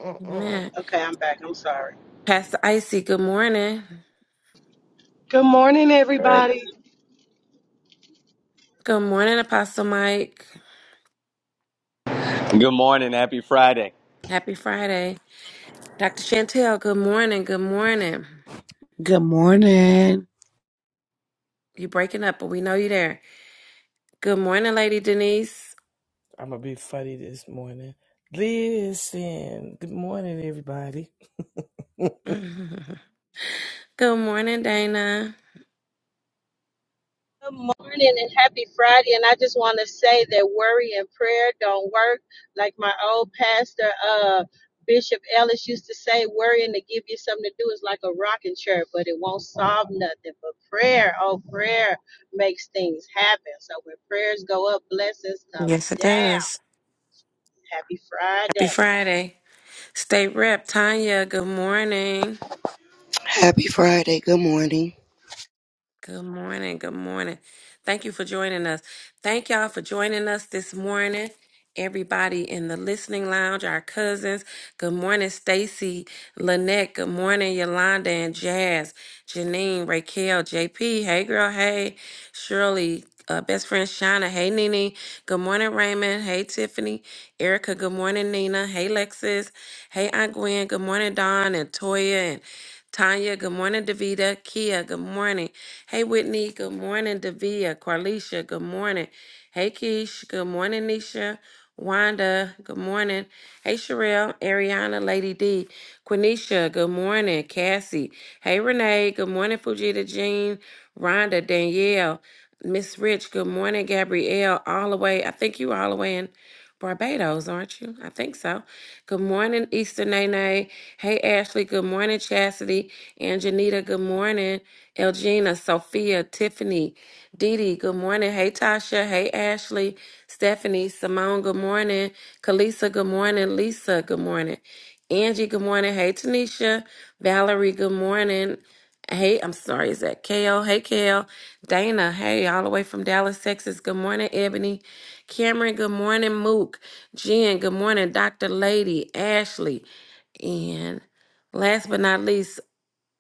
Speaker 8: mm-mm.
Speaker 9: Amen.
Speaker 7: Okay, I'm back. I'm sorry.
Speaker 9: Pastor Icy, good morning.
Speaker 10: Good morning, everybody.
Speaker 9: Good morning, Apostle Mike.
Speaker 11: Good morning. Happy Friday.
Speaker 9: Happy Friday. Dr. Chantel, good morning. Good morning.
Speaker 12: Good morning.
Speaker 9: You breaking up, but we know you there. Good morning, Lady Denise.
Speaker 13: I'm gonna be funny this morning. Listen, good morning, everybody.
Speaker 9: Good morning, Dana.
Speaker 7: Good morning and happy Friday. And I just want to say that worry and prayer don't work. Like my old pastor, uh, Bishop Ellis used to say, worrying to give you something to do is like a rocking chair, but it won't solve nothing. But prayer, oh, prayer makes things happen. So when prayers go up, blessings come
Speaker 9: Yes, it
Speaker 7: down.
Speaker 9: does.
Speaker 7: Happy
Speaker 9: Happy
Speaker 7: Friday.
Speaker 9: Friday. State Rep Tanya, good morning.
Speaker 14: Happy Friday. Good morning.
Speaker 9: Good morning. Good morning. Thank you for joining us. Thank y'all for joining us this morning. Everybody in the listening lounge, our cousins. Good morning, Stacy, Lynette. Good morning, Yolanda and Jazz, Janine, Raquel, JP. Hey, girl. Hey, Shirley. Uh, best friend Shauna. Hey, Nene. Good morning, Raymond. Hey, Tiffany. Erica. Good morning, Nina. Hey, Lexis. Hey, Aunt Gwen. Good morning, Dawn and Toya and Tanya, good morning, Davita. Kia, good morning. Hey, Whitney. Good morning, Davia. Carlicia. Good morning. Hey, Keish. Good morning, Nisha. Wanda. Good morning. Hey, Sherelle. Ariana. Lady D. Quenisha. Good morning. Cassie. Hey, Renee. Good morning, Fujita Jean. Rhonda. Danielle. Miss Rich. Good morning, Gabrielle. All the way. I think you all the way in Barbados, aren't you? I think so. Good morning, Easter Nene. Hey, Ashley. Good morning, Chastity. And Janita, good morning. Elgina, Sophia, Tiffany, Dee Dee, good morning. Hey, Tasha. Hey, Ashley. Stephanie, Simone, good morning. Kalisa, good morning. Lisa, good morning. Angie, good morning. Hey, Tanisha. Valerie, good morning. Hey, I'm sorry, is that Kale? Hey, Kale. Dana, hey, all the way from Dallas, Texas. Good morning, Ebony. Cameron, good morning, Mook. Jen, good morning, Dr. Lady, Ashley. And last but not least,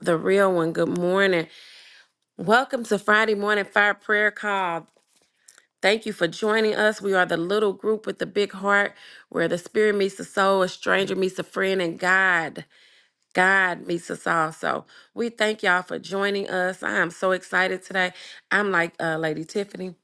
Speaker 9: the real one, good morning. Welcome to Friday Morning Fire Prayer Call. Thank you for joining us. We are the little group with the big heart where the spirit meets the soul, a stranger meets a friend, and God. God meets us all. So we thank y'all for joining us. I am so excited today. I'm like uh, Lady Tiffany.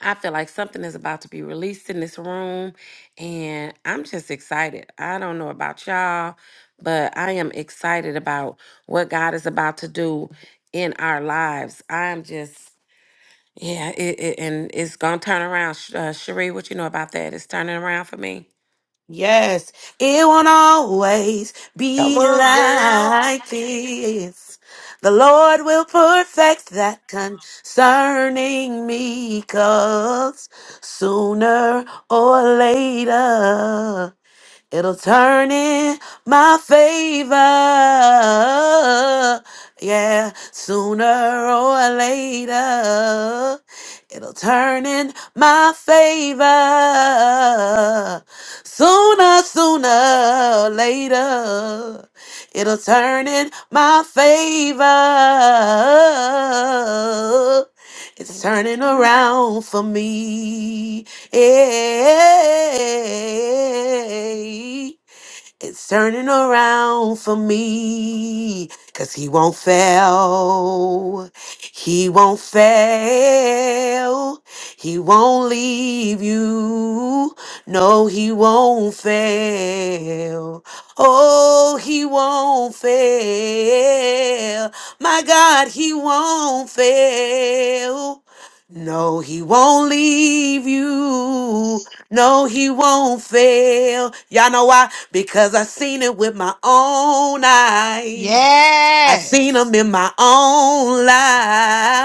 Speaker 9: I feel like something is about to be released in this room, and I'm just excited. I don't know about y'all, but I am excited about what God is about to do in our lives. I'm just. Yeah, it, it, and it's gonna turn around. Sh- Uh, Cherie, what you know about that? It's turning around for me.
Speaker 4: Yes, it won't always
Speaker 8: Come
Speaker 4: be
Speaker 8: on, girl.
Speaker 4: like this. The Lord will perfect that concerning me, 'cause sooner or later. It'll turn in my favor. Yeah, sooner or later, it'll turn in my favor. Sooner, sooner or later, it'll turn in my favor. It's turning around for me. Hey. It's turning around for me. Cause he won't fail. He won't fail. He won't leave you. No, he won't fail. Oh, he won't fail. My God, he won't fail. No, he won't leave you. No, he won't fail. Y'all know why? Because I seen it with my own eyes. I seen
Speaker 1: Yes,
Speaker 4: him in my own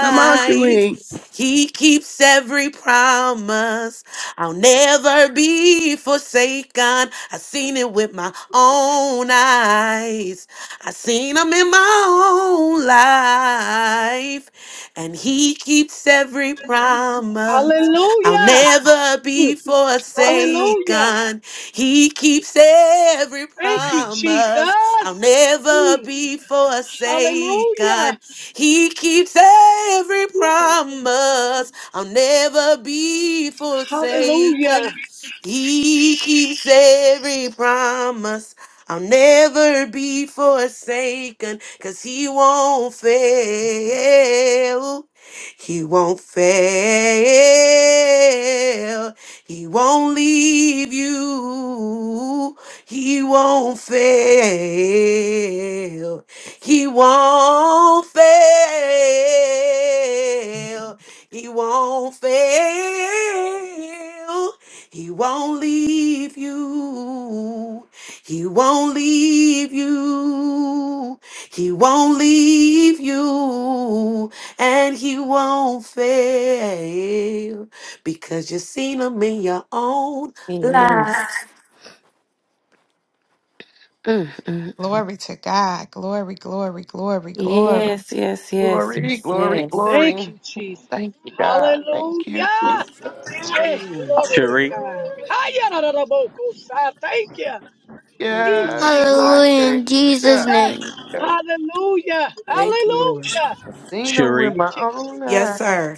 Speaker 12: Come on, Sheree.
Speaker 4: He keeps every promise. I'll never be forsaken. I seen it with my own eyes. I seen him in my own life. And he keeps every promise. I'll
Speaker 10: Hallelujah.
Speaker 4: never
Speaker 10: Mm,
Speaker 4: be
Speaker 10: Hallelujah.
Speaker 4: forsaken. He keeps every
Speaker 10: Thank you,
Speaker 4: promise. I'll
Speaker 10: Jesus.
Speaker 4: never
Speaker 10: Mm,
Speaker 4: be forsaken.
Speaker 10: Hallelujah.
Speaker 4: He keeps every
Speaker 10: Mm,
Speaker 4: promise. I'll never be
Speaker 10: Hallelujah.
Speaker 4: forsaken. He keeps every promise. I'll never be forsaken. Cause he won't fail. He won't fail. He won't leave you. He won't fail. He won't fail. He won't fail. He won't leave you. He won't leave you. He won't leave you. And he won't fail because you've seen him in your own
Speaker 9: Yes,
Speaker 4: life.
Speaker 9: Mm, mm.
Speaker 1: glory to God. Glory, glory, glory, glory.
Speaker 9: yes, yes, yes,
Speaker 8: Glory,
Speaker 9: yes.
Speaker 8: glory,
Speaker 9: yes.
Speaker 10: Thank
Speaker 8: glory.
Speaker 10: you, Jesus.
Speaker 8: Thank you, God. Thank you,
Speaker 10: Hallelujah.
Speaker 8: Jesus.
Speaker 10: Hey, glory to
Speaker 11: Cherie,
Speaker 10: God.
Speaker 8: Hallelujah.
Speaker 10: Hayararabokosai. Thank you. Mm,
Speaker 4: Mm-mm.
Speaker 8: Yes,
Speaker 10: Jesus,
Speaker 8: hi,
Speaker 1: Hallelujah
Speaker 10: thank
Speaker 1: in
Speaker 8: thank
Speaker 10: you.
Speaker 8: you,
Speaker 1: Jesus'
Speaker 8: God.
Speaker 10: Hey,
Speaker 1: name.
Speaker 8: Thank you, God.
Speaker 10: hallelujah.
Speaker 4: Thank you, Lord.
Speaker 10: Hallelujah.
Speaker 8: I've seen them with
Speaker 11: Cherie,
Speaker 8: my
Speaker 10: Thank you,
Speaker 8: own
Speaker 10: Jesus.
Speaker 4: Yes,
Speaker 8: eyes.
Speaker 4: sir.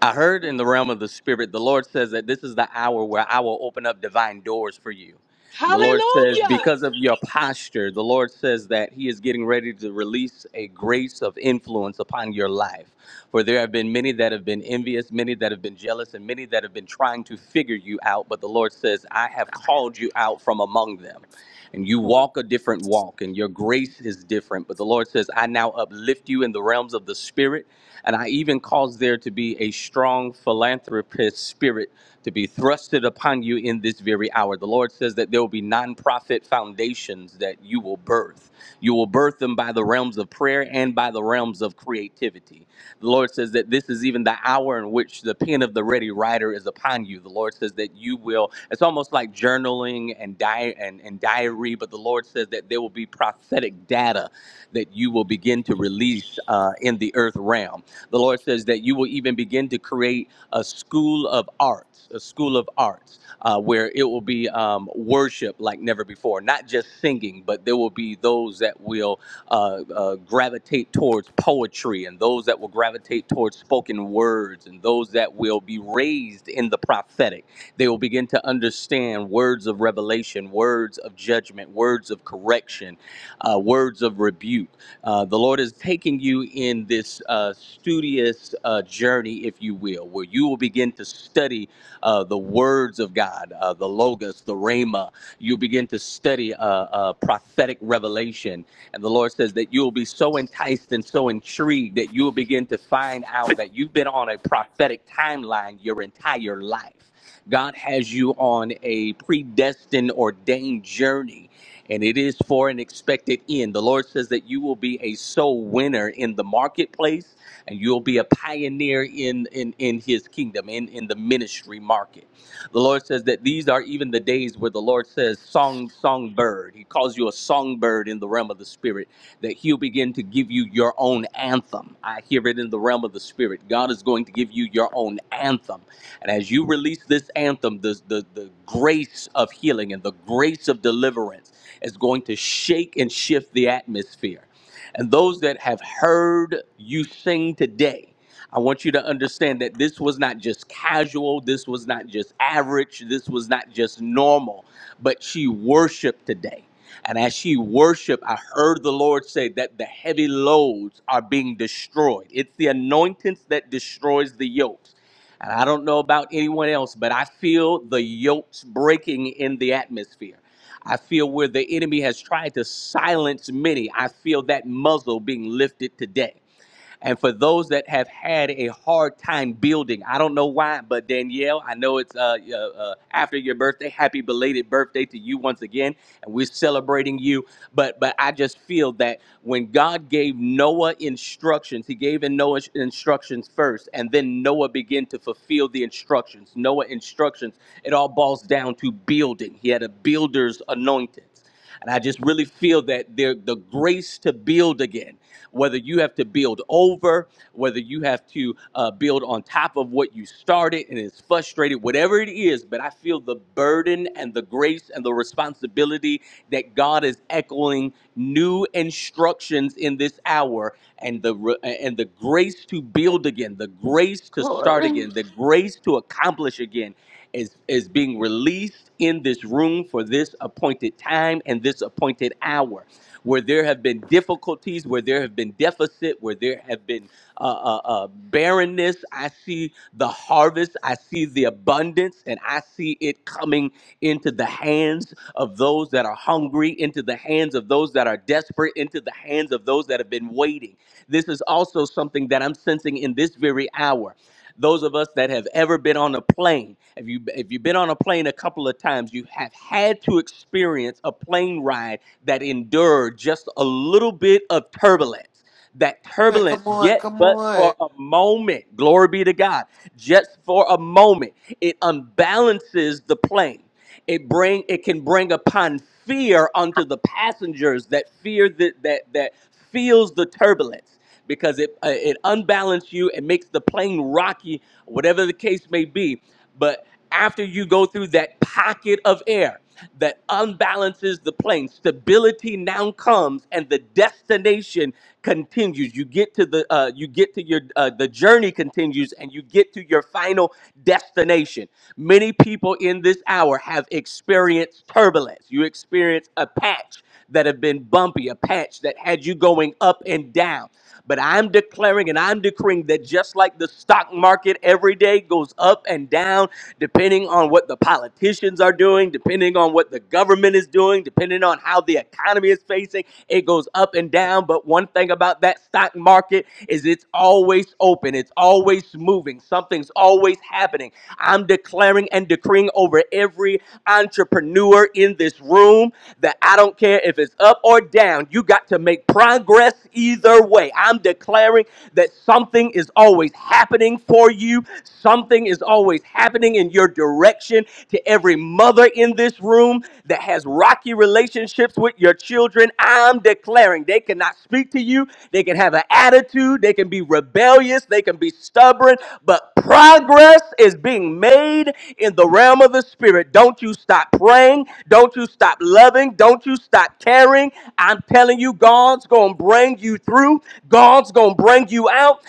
Speaker 11: I heard in the realm of the Spirit, the Lord says that this is the hour where I will open up divine doors for you. And the Lord says,
Speaker 10: Hallelujah.
Speaker 11: because of your posture, the Lord says that He is getting ready to release a grace of influence upon your life. For there have been many that have been envious, many that have been jealous, and many that have been trying to figure you out. But the Lord says, I have called you out from among them. and you walk a different walk and your grace is different. But the Lord says, I now uplift you in the realms of the spirit, and I even cause there to be a strong philanthropist spirit to be thrusted upon you in this very hour. The Lord says that there will be nonprofit foundations that you will birth. You will birth them by the realms of prayer and by the realms of creativity. The Lord says that this is even the hour in which the pen of the ready writer is upon you. The Lord says that you will, it's almost like journaling and, di- and, and diary, but the Lord says that there will be prophetic data that you will begin to release uh, in the earth realm. The Lord says that you will even begin to create a school of arts, a school of arts, uh, where it will be um, worship like never before, not just singing, but there will be those that will uh, uh, gravitate towards poetry and those that will gravitate towards spoken words and those that will be raised in the prophetic. They will begin to understand words of revelation, words of judgment, words of correction, uh, words of rebuke. Uh, the Lord is taking you in this uh, studious uh, journey, if you will, where you will begin to study uh, the words of God, uh, the Logos, the Rhema. You begin to study uh, uh, prophetic revelation and the Lord says that you will be so enticed and so intrigued that you will begin to find out that you've been on a prophetic timeline your entire life. God has you on a predestined, ordained journey, and it is for an expected end. The Lord says that you will be a soul winner in the marketplace, and you'll be a pioneer in in, in His kingdom, in in the ministry market. The Lord says that these are even the days where the Lord says, Song, songbird. He calls you a songbird in the realm of the Spirit, that He'll begin to give you your own anthem. I hear it in the realm of the Spirit. God is going to give you your own anthem. And as you release this anthem, the, the, the grace of healing and the grace of deliverance is going to shake and shift the atmosphere. And those that have heard you sing today, I want you to understand that this was not just casual, this was not just average, this was not just normal, but she worshiped today. And as she worshiped, I heard the Lord say that the heavy loads are being destroyed. It's the anointings that destroys the yokes. And I don't know about anyone else, but I feel the yokes breaking in the atmosphere. I feel where the enemy has tried to silence many. I feel that muzzle being lifted today. And for those that have had a hard time building, I don't know why, but Danielle, I know it's uh, uh, uh, after your birthday. Happy belated birthday to you once again, and we're celebrating you. But but I just feel that when God gave Noah instructions, He gave in Noah instructions first, and then Noah began to fulfill the instructions. Noah instructions. It all boils down to building. He had a builder's anointing. And I just really feel that there the grace to build again, whether you have to build over, whether you have to uh, build on top of what you started and it's frustrated, whatever it is. But I feel the burden and the grace and the responsibility that God is echoing new instructions in this hour, and the re- and the grace to build again, the grace to start
Speaker 8: Glory.
Speaker 11: again, the grace to accomplish again is is being released in this room for this appointed time and this appointed hour where there have been difficulties where there have been deficit where there have been uh, uh, uh, barrenness i see the harvest i see the abundance and i see it coming into the hands of those that are hungry into the hands of those that are desperate into the hands of those that have been waiting this is also something that i'm sensing in this very hour those of us that have ever been on a plane, if you if you've been on a plane a couple of times, you have had to experience a plane ride that endured just a little bit of turbulence. That turbulence,
Speaker 8: Come on,
Speaker 11: yet
Speaker 8: come
Speaker 11: but
Speaker 8: on.
Speaker 11: for a moment, glory be to God, just for a moment, it unbalances the plane. It bring it can bring upon fear unto the passengers that fear that that that feels the turbulence because it uh, it unbalances you. and makes the plane rocky, whatever the case may be. But after you go through that pocket of air that unbalances the plane. Stability now comes, and the destination continues. You get to the uh, you get to your uh, the journey continues, and you get to your final destination. Many people in this hour have experienced turbulence. You experience a patch that have been bumpy, a patch that had you going up and down. But I'm declaring and I'm decreeing that just like the stock market every day goes up and down, depending on what the politicians are doing, depending on what the government is doing, depending on how the economy is facing, it goes up and down. But one thing about that stock market is it's always open, it's always moving, something's always happening. I'm declaring and decreeing over every entrepreneur in this room that I don't care if it's up or down, you got to make progress either way. I'm declaring that something is always happening for you, something is always happening in your direction. To every mother in this room that has rocky relationships with your children, I'm declaring they cannot speak to you, they can have an attitude, they can be rebellious, they can be stubborn, but progress is being made in the realm of the spirit. Don't you stop praying. Don't you stop loving. Don't you stop caring. I'm telling you, God's going to bring you through. God's going to bring you out.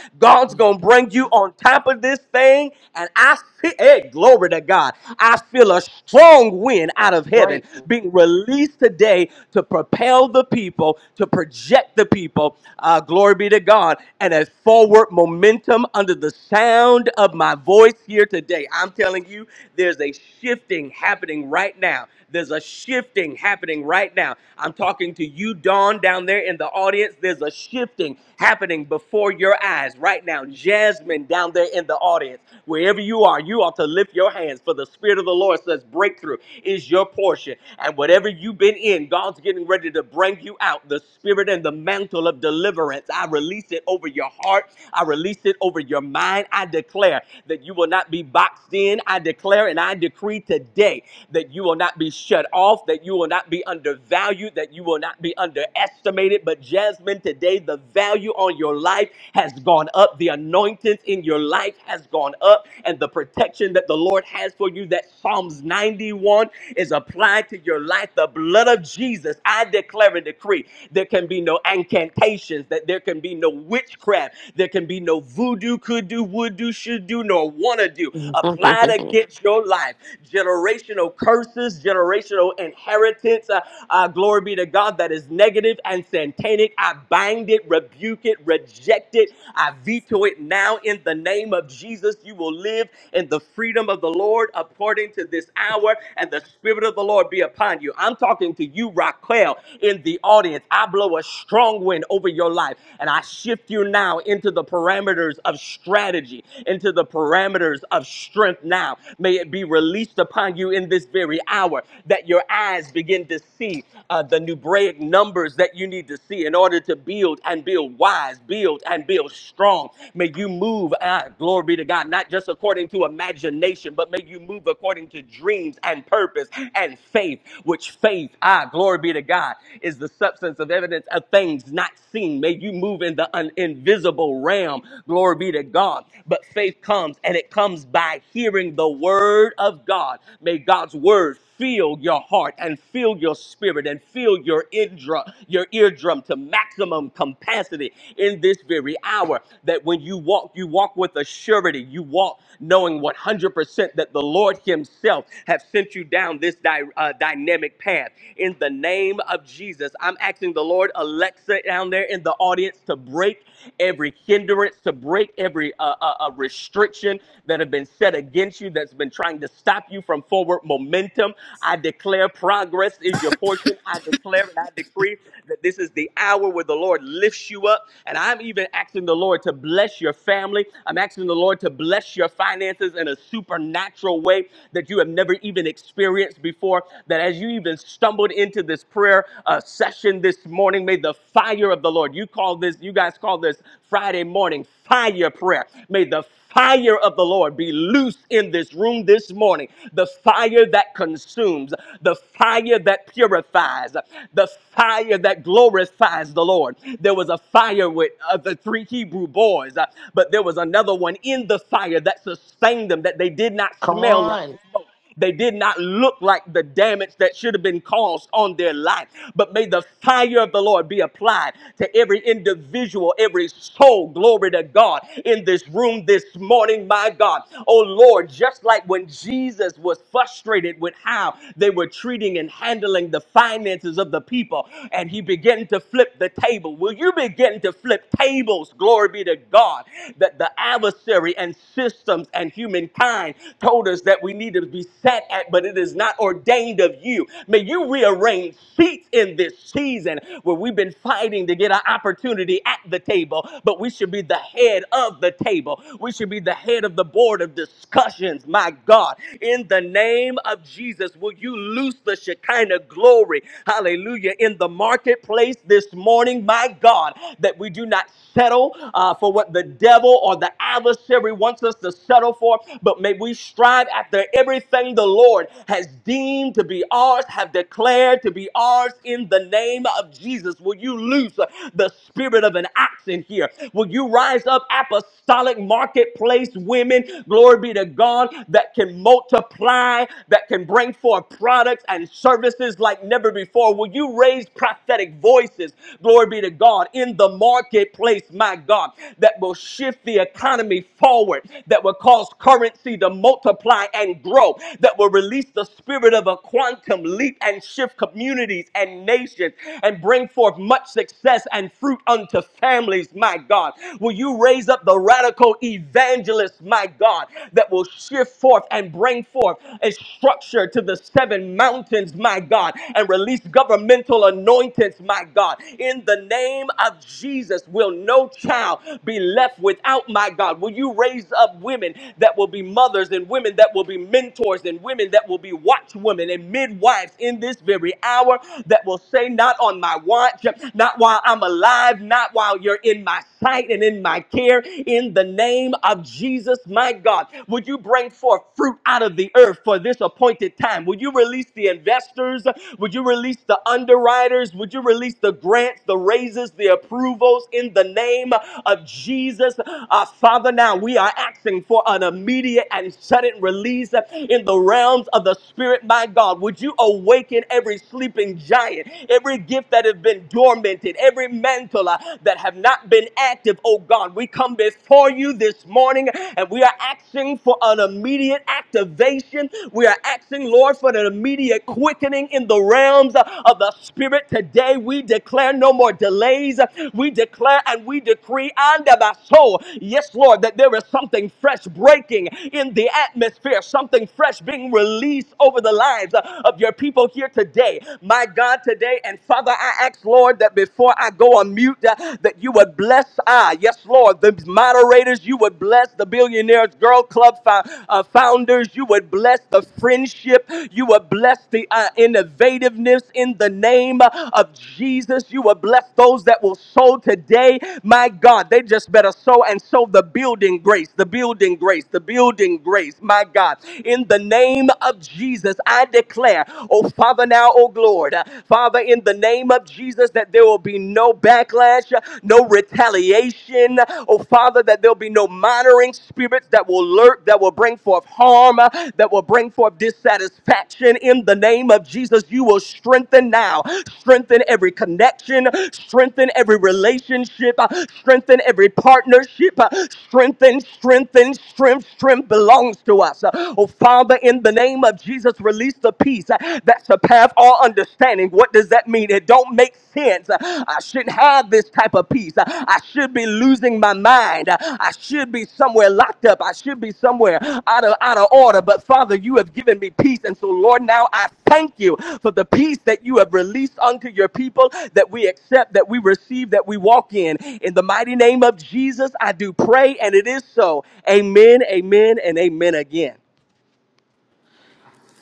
Speaker 11: God's going to bring you on top of this thing. And I feel, hey, glory to God. I feel a strong wind out of heaven
Speaker 8: Right.
Speaker 11: being released today to propel the people, to project the people. Uh, glory be to God. And as forward momentum under the sound of my voice here today, I'm telling you, there's a shifting happening right now. There's a shifting happening right now. I'm talking to you, Dawn, down there in the audience. There's a shifting happening before your eyes right now. Jasmine, down there in the audience, wherever you are, you ought to lift your hands for the Spirit of the Lord says breakthrough is your portion. And whatever you've been in, God's getting ready to bring you out. The Spirit and the mantle of deliverance, I release it over your heart. I release it over your mind. I declare that you will not be boxed in. I declare and I decree today today that you will not be shut off, that you will not be undervalued, that you will not be underestimated. But Jasmine, today the value on your life has gone up, the anointings in your life has gone up, and the protection that the Lord has for you, that Psalms 91 is applied to your life. The blood of Jesus, I declare and decree, there can be no incantations, that there can be no witchcraft, there can be no voodoo, could do, would do, should do, nor wanna do
Speaker 9: Amen.
Speaker 11: applied against your life life. Generational curses, generational inheritance. Uh, uh, glory be to God that is negative and satanic. I bind it, rebuke it, reject it. I veto it now in the name of Jesus. You will live in the freedom of the Lord according to this hour, and the Spirit of the Lord be upon you. I'm talking to you, Raquel, in the audience. I blow a strong wind over your life, and I shift you now into the parameters of strategy, into the parameters of strength right now. May it be released upon you in this very hour that your eyes begin to see uh, the Nubraic numbers that you need to see in order to build and build wise, build and build strong. May you move, ah, glory be to God, not just according to imagination, but may you move according to dreams and purpose and faith, which faith, ah, glory be to God, is the substance of evidence of things not seen. May you move in the un- invisible realm, glory be to God. But faith comes and it it comes by hearing the word of God. May God's word fill your heart and fill your spirit and fill your eardrum, your eardrum to maximum capacity in this very hour. That when you walk, you walk with a surety. You walk knowing 100% that the Lord Himself have sent you down this dy- uh, dynamic path. In the name of Jesus, I'm asking the Lord, Alexa down there in the audience, to break every hindrance, to break every uh, uh, uh, a restriction that have been set against you that's been trying to stop you from forward momentum. I declare progress is your portion. I declare and I decree that this is the hour where the Lord lifts you up. And I'm even asking the Lord to bless your family. I'm asking the Lord to bless your finances in a supernatural way that you have never even experienced before. That as you even stumbled into this prayer uh, session this morning, may the fire of the Lord, you call this, you guys call this Friday morning fire fire prayer. May the fire of the Lord be loose in this room this morning. The fire that consumes, the fire that purifies, the fire that glorifies the Lord. There was a fire with uh, the three Hebrew boys, uh, but there was another one in the fire that sustained them, that they did not
Speaker 8: Come
Speaker 11: smell like.
Speaker 8: on.
Speaker 11: smoke. They did not look like the damage that should have been caused on their life. But may the fire of the Lord be applied to every individual, every soul. Glory to God in this room this morning, my God. Oh Lord, just like when Jesus was frustrated with how they were treating and handling the finances of the people, and he began to flip the table. Will you begin to flip tables? Glory be to God. That the adversary and systems and humankind told us that we needed could be sat at, but it is not ordained of you. May you rearrange seats in this season where we've been fighting to get an opportunity at the table, but we should be the head of the table. We should be the head of the board of discussions. My God, in the name of Jesus, will you loose the Shekinah glory? Hallelujah. In the marketplace this morning, my God, that we do not settle uh, for what the devil or the adversary wants us to settle for, but may we strive after every Everything the Lord has deemed to be ours, have declared to be ours in the name of Jesus. Will you loose uh, the spirit of an ox in here? Will you rise up apostolic marketplace women, glory be to God, that can multiply, that can bring forth products and services like never before? Will you raise prophetic voices, glory be to God, in the marketplace, my God, that will shift the economy forward, that will cause currency to multiply and and grow that will release the spirit of a quantum leap and shift communities and nations and bring forth much success and fruit unto families, my God. Will you raise up the radical evangelists, my God, that will shift forth and bring forth a structure to the seven mountains, my God, and release governmental anointings, my God. In the name of Jesus, will no child be left without, my God? Will you raise up women that will be mothers and women that will be and mentors and women that will be watchwomen and midwives in this very hour that will say, Not on my watch, not while I'm alive, not while you're in my sight and in my care, in the name of Jesus, my God. Would you bring forth fruit out of the earth for this appointed time? Would you release the investors? Would you release the underwriters? Would you release the grants, the raises, the approvals in the name of Jesus? Uh, Father, now we are asking for an immediate and sudden release place uh, in the realms of the spirit, my God. Would you awaken every sleeping giant, every gift that has been dormanted, every mantle uh, that have not been active, oh God. We come before you this morning and we are asking for an immediate activation. We are asking, Lord, for an immediate quickening in the realms uh, of the spirit today. We declare no more delays. We declare and we decree under my soul. Yes, Lord, that there is something fresh breaking in the atmosphere, something fresh being released over the lives uh, of your people here today. My God, today and Father, I ask, Lord, that before I go on mute, uh, that you would bless, I, yes, Lord, the moderators, you would bless the Billionaires Girl Club fo- uh, founders, you would bless the friendship, you would bless the uh, innovativeness in the name of Jesus, you would bless those that will sow today. My God, they just better sow and sow the building grace, the building grace, the building grace, my God. God. In the name of Jesus, I declare, oh Father, now, oh Lord, uh, Father, in the name of Jesus, that there will be no backlash, uh, no retaliation, oh Father, that there'll be no monitoring spirits that will lurk, that will bring forth harm, uh, that will bring forth dissatisfaction. In the name of Jesus, you will strengthen now, strengthen every connection, strengthen every relationship, uh, strengthen every partnership, uh, strengthen, strengthen, strength, strength belongs to us. Oh, Father, in the name of Jesus, release the peace uh, that surpass all understanding. What does that mean? It don't make sense. Uh, I shouldn't have this type of peace. Uh, I should be losing my mind. Uh, I should be somewhere locked up. I should be somewhere out of out of order. But Father, you have given me peace. And so, Lord, now I thank you for the peace that you have released unto your people that we accept, that we receive, that we walk in. In the mighty name of Jesus, I do pray, and it is so. Amen, amen, and amen again.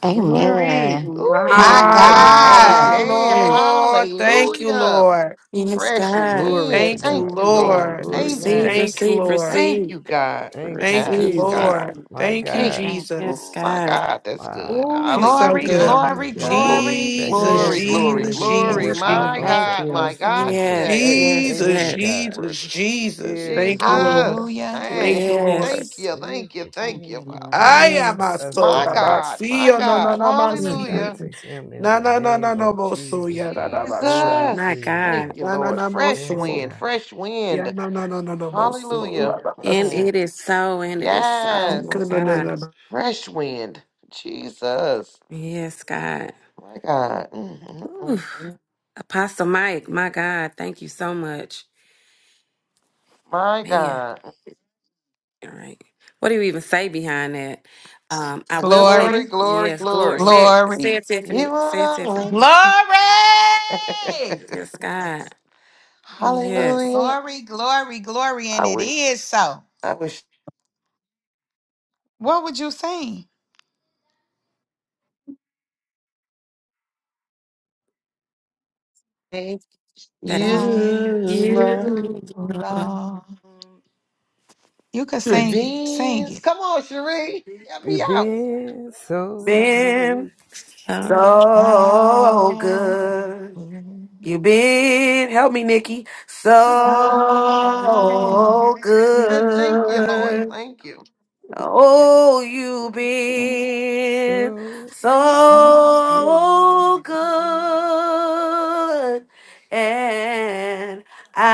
Speaker 8: Glory.
Speaker 6: Amen.
Speaker 8: Ooh,
Speaker 1: My
Speaker 8: amen,
Speaker 1: God.
Speaker 4: My
Speaker 6: Amen.
Speaker 8: amen.
Speaker 9: Amen.
Speaker 4: Lord. Thank you,
Speaker 8: Hallelujah.
Speaker 4: Lord.
Speaker 9: Yes,
Speaker 8: Fresh
Speaker 9: God.
Speaker 13: glory to
Speaker 8: wind.
Speaker 4: Thank you,
Speaker 13: God.
Speaker 8: Thank you,
Speaker 6: Thank
Speaker 13: Glory,
Speaker 8: Lord.
Speaker 6: you,
Speaker 4: Lord.
Speaker 13: glory,
Speaker 8: Thank you.
Speaker 9: Receive,
Speaker 13: glory.
Speaker 6: Jesus.
Speaker 4: Thank you,
Speaker 9: receive,
Speaker 4: Lord.
Speaker 8: Thank
Speaker 9: receive,
Speaker 8: you, God.
Speaker 13: Thank you,
Speaker 4: Thank you,
Speaker 8: Yes,
Speaker 9: receive.
Speaker 6: Thank
Speaker 13: Jesus.
Speaker 8: God.
Speaker 4: Lord.
Speaker 6: you.
Speaker 13: My
Speaker 4: Thank you,
Speaker 8: Thank
Speaker 13: God.
Speaker 8: you.
Speaker 6: Thank you.
Speaker 9: Yes,
Speaker 8: Oh,
Speaker 4: Jesus.
Speaker 8: my
Speaker 9: God.
Speaker 8: God. That's good.
Speaker 13: Wow.
Speaker 4: Oh, you're so
Speaker 1: Glory,
Speaker 8: Hallelujah.
Speaker 4: good.
Speaker 1: glory,
Speaker 13: That
Speaker 9: Mm-mm-mm.
Speaker 13: God
Speaker 8: Glo-
Speaker 13: give
Speaker 1: glory.
Speaker 13: back
Speaker 4: Jesus,
Speaker 8: Glory,
Speaker 9: Yes,
Speaker 8: glory,
Speaker 9: God.
Speaker 13: everything
Speaker 4: Jesus,
Speaker 13: He
Speaker 8: glory.
Speaker 6: Yes,
Speaker 13: poured
Speaker 4: Jesus,
Speaker 6: God.
Speaker 13: out
Speaker 8: My
Speaker 4: Jesus.
Speaker 13: unto
Speaker 6: Thank
Speaker 8: God,
Speaker 6: you.
Speaker 8: my
Speaker 13: us
Speaker 8: God,
Speaker 13: on
Speaker 9: Yes,
Speaker 8: today.
Speaker 13: today.
Speaker 9: yes,
Speaker 8: Mm,
Speaker 13: Thank
Speaker 4: Jesus,
Speaker 13: you,
Speaker 9: yes.
Speaker 13: God.
Speaker 4: Jesus,
Speaker 8: Worthy.
Speaker 4: Jesus. Thank you,
Speaker 13: Everything.
Speaker 4: Lord.
Speaker 8: Jesus.
Speaker 1: Hallelujah.
Speaker 4: Thank
Speaker 8: Hey,
Speaker 4: you, Lord.
Speaker 8: thank
Speaker 9: Yes,
Speaker 8: you, thank you,
Speaker 6: Thank
Speaker 8: thank
Speaker 13: Everything
Speaker 8: you,
Speaker 6: you,
Speaker 13: He
Speaker 6: Lord.
Speaker 8: Father.
Speaker 13: poured
Speaker 4: I
Speaker 13: out
Speaker 4: am
Speaker 13: to
Speaker 4: a
Speaker 9: yes.
Speaker 13: us,
Speaker 4: soul.
Speaker 8: My
Speaker 13: God.
Speaker 4: I
Speaker 8: God,
Speaker 4: see
Speaker 8: my
Speaker 4: you. No, no,
Speaker 8: God.
Speaker 4: no, I
Speaker 13: Give it
Speaker 4: see.
Speaker 13: back
Speaker 8: Hallelujah.
Speaker 9: Mm-mm-mm.
Speaker 13: to Him in
Speaker 4: Na
Speaker 13: the
Speaker 4: na na
Speaker 13: name
Speaker 4: na no
Speaker 13: of
Speaker 4: moso
Speaker 13: Jesus,
Speaker 4: ya na na
Speaker 13: God. Glory
Speaker 4: basha.
Speaker 8: Jesus.
Speaker 13: to
Speaker 9: My
Speaker 13: His
Speaker 8: Thank
Speaker 9: God.
Speaker 13: name.
Speaker 8: you,
Speaker 4: Na na
Speaker 8: Lord.
Speaker 4: na
Speaker 8: Fresh
Speaker 13: Yes,
Speaker 4: moso.
Speaker 8: wind,
Speaker 13: God.
Speaker 8: fresh
Speaker 4: Ya
Speaker 8: wind.
Speaker 4: na na na na no moso.
Speaker 8: Hallelujah.
Speaker 9: And
Speaker 4: Rababasi.
Speaker 8: Mm,
Speaker 9: it is so, and it is so, my
Speaker 4: Ka
Speaker 8: Yes.
Speaker 4: na na
Speaker 9: God.
Speaker 4: na na.
Speaker 8: Fresh wind. Jesus.
Speaker 9: Yes, God.
Speaker 8: My God. Mm, mm,
Speaker 9: Ooh.
Speaker 8: mm, mm.
Speaker 9: Apostle Mike, my God, thank you so much.
Speaker 8: My
Speaker 9: Man.
Speaker 8: God.
Speaker 9: All right. What do you even say behind that? Um, I will say
Speaker 8: Glory,
Speaker 1: Glory,
Speaker 8: glory,
Speaker 9: yes, glory.
Speaker 8: glory.
Speaker 9: Say it, say
Speaker 1: glory,
Speaker 9: it, Tiffany.
Speaker 8: You
Speaker 9: Say it,
Speaker 8: wanna
Speaker 9: Tiffany.
Speaker 8: win.
Speaker 1: glory.
Speaker 9: Yes, God. Yes.
Speaker 8: Hallelujah.
Speaker 1: Glory, glory, glory. And
Speaker 8: I
Speaker 1: it
Speaker 8: wish.
Speaker 1: is so.
Speaker 8: I wish.
Speaker 1: What would you sing?
Speaker 8: Thank you,
Speaker 9: Thank
Speaker 1: Thank
Speaker 9: you,
Speaker 8: Lord.
Speaker 1: you,
Speaker 9: Lord.
Speaker 1: Lord. You could
Speaker 9: Hmm.
Speaker 8: It
Speaker 1: sing it. Sing
Speaker 8: means.
Speaker 1: it.
Speaker 8: Come on, Cherie. Help me
Speaker 13: You've
Speaker 8: out.
Speaker 13: been so
Speaker 1: So
Speaker 6: Thank
Speaker 4: Been
Speaker 13: good,
Speaker 9: Thank
Speaker 4: so good.
Speaker 1: good.
Speaker 4: You been help me, Nikki. So
Speaker 1: So
Speaker 8: Thank you, Lord.
Speaker 4: good.
Speaker 8: Thank you.
Speaker 4: Oh, you've been
Speaker 13: so
Speaker 1: good.
Speaker 13: good.
Speaker 4: so good. And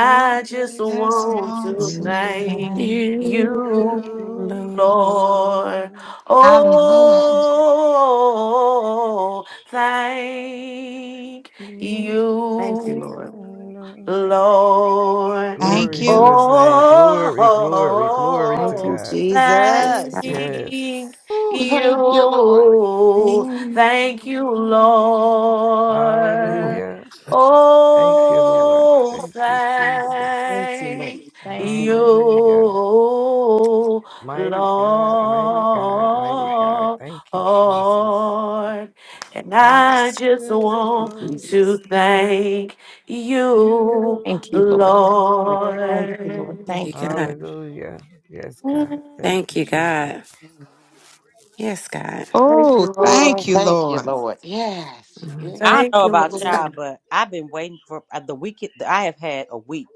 Speaker 13: I
Speaker 1: I
Speaker 4: just
Speaker 13: just
Speaker 1: Just
Speaker 13: want
Speaker 4: want
Speaker 1: want
Speaker 4: to
Speaker 13: to
Speaker 1: to
Speaker 4: thank
Speaker 13: thank
Speaker 1: thank
Speaker 9: you,
Speaker 4: you,
Speaker 13: you,
Speaker 9: Lord.
Speaker 1: God.
Speaker 4: Lord.
Speaker 13: Lord.
Speaker 1: Hallelujah.
Speaker 4: Oh, thank
Speaker 6: you, Lord.
Speaker 4: you,
Speaker 13: Mm,
Speaker 4: Lord.
Speaker 1: Thank
Speaker 13: Glory to
Speaker 1: you.
Speaker 9: hmm
Speaker 13: his name. Glory, glory, glory to
Speaker 6: Thank
Speaker 4: Oh,
Speaker 6: you,
Speaker 13: God.
Speaker 9: Yes,
Speaker 4: Thank
Speaker 6: Jesus.
Speaker 9: God.
Speaker 13: Yes.
Speaker 8: Ooh, thank you, Lord.
Speaker 4: you. Thank you,
Speaker 13: Mm.
Speaker 9: Yes.
Speaker 4: Lord.
Speaker 13: Hallelujah. Thank you, Lord.
Speaker 4: Oh,
Speaker 13: Thank you, Jesus.
Speaker 6: Thank you,
Speaker 4: thank
Speaker 6: Lord. Thank you, Lord.
Speaker 4: you,
Speaker 6: Thank
Speaker 13: Hallelujah. Mighty God, mighty God, mighty God.
Speaker 4: Lord.
Speaker 13: Thank you, Jesus.
Speaker 4: And
Speaker 13: I
Speaker 4: I just
Speaker 13: just
Speaker 4: want
Speaker 6: you,
Speaker 13: want to
Speaker 4: to
Speaker 6: Jesus.
Speaker 13: thank
Speaker 4: thank you,
Speaker 6: Thank
Speaker 13: you,
Speaker 6: you, Lord. Thank
Speaker 13: Lord.
Speaker 6: you,
Speaker 4: Lord.
Speaker 6: Lord.
Speaker 9: Thank you,
Speaker 6: Thank you,
Speaker 9: God.
Speaker 6: Lord.
Speaker 13: Hallelujah. Yes, God. Thank
Speaker 9: Thank
Speaker 13: you,
Speaker 9: you,
Speaker 13: Jesus.
Speaker 9: God. Yes, God.
Speaker 4: Thank
Speaker 1: Oh,
Speaker 4: you,
Speaker 1: thank
Speaker 8: Ooh,
Speaker 1: you,
Speaker 4: Lord.
Speaker 8: thank you,
Speaker 1: Lord.
Speaker 8: Lord. Yes, you've been
Speaker 2: I
Speaker 9: Mhm.
Speaker 2: don't
Speaker 4: Thank
Speaker 8: so
Speaker 2: know
Speaker 4: you,
Speaker 2: about
Speaker 8: good,
Speaker 2: y'all,
Speaker 4: Lord.
Speaker 2: but I've been waiting for uh, the week. I have had a week,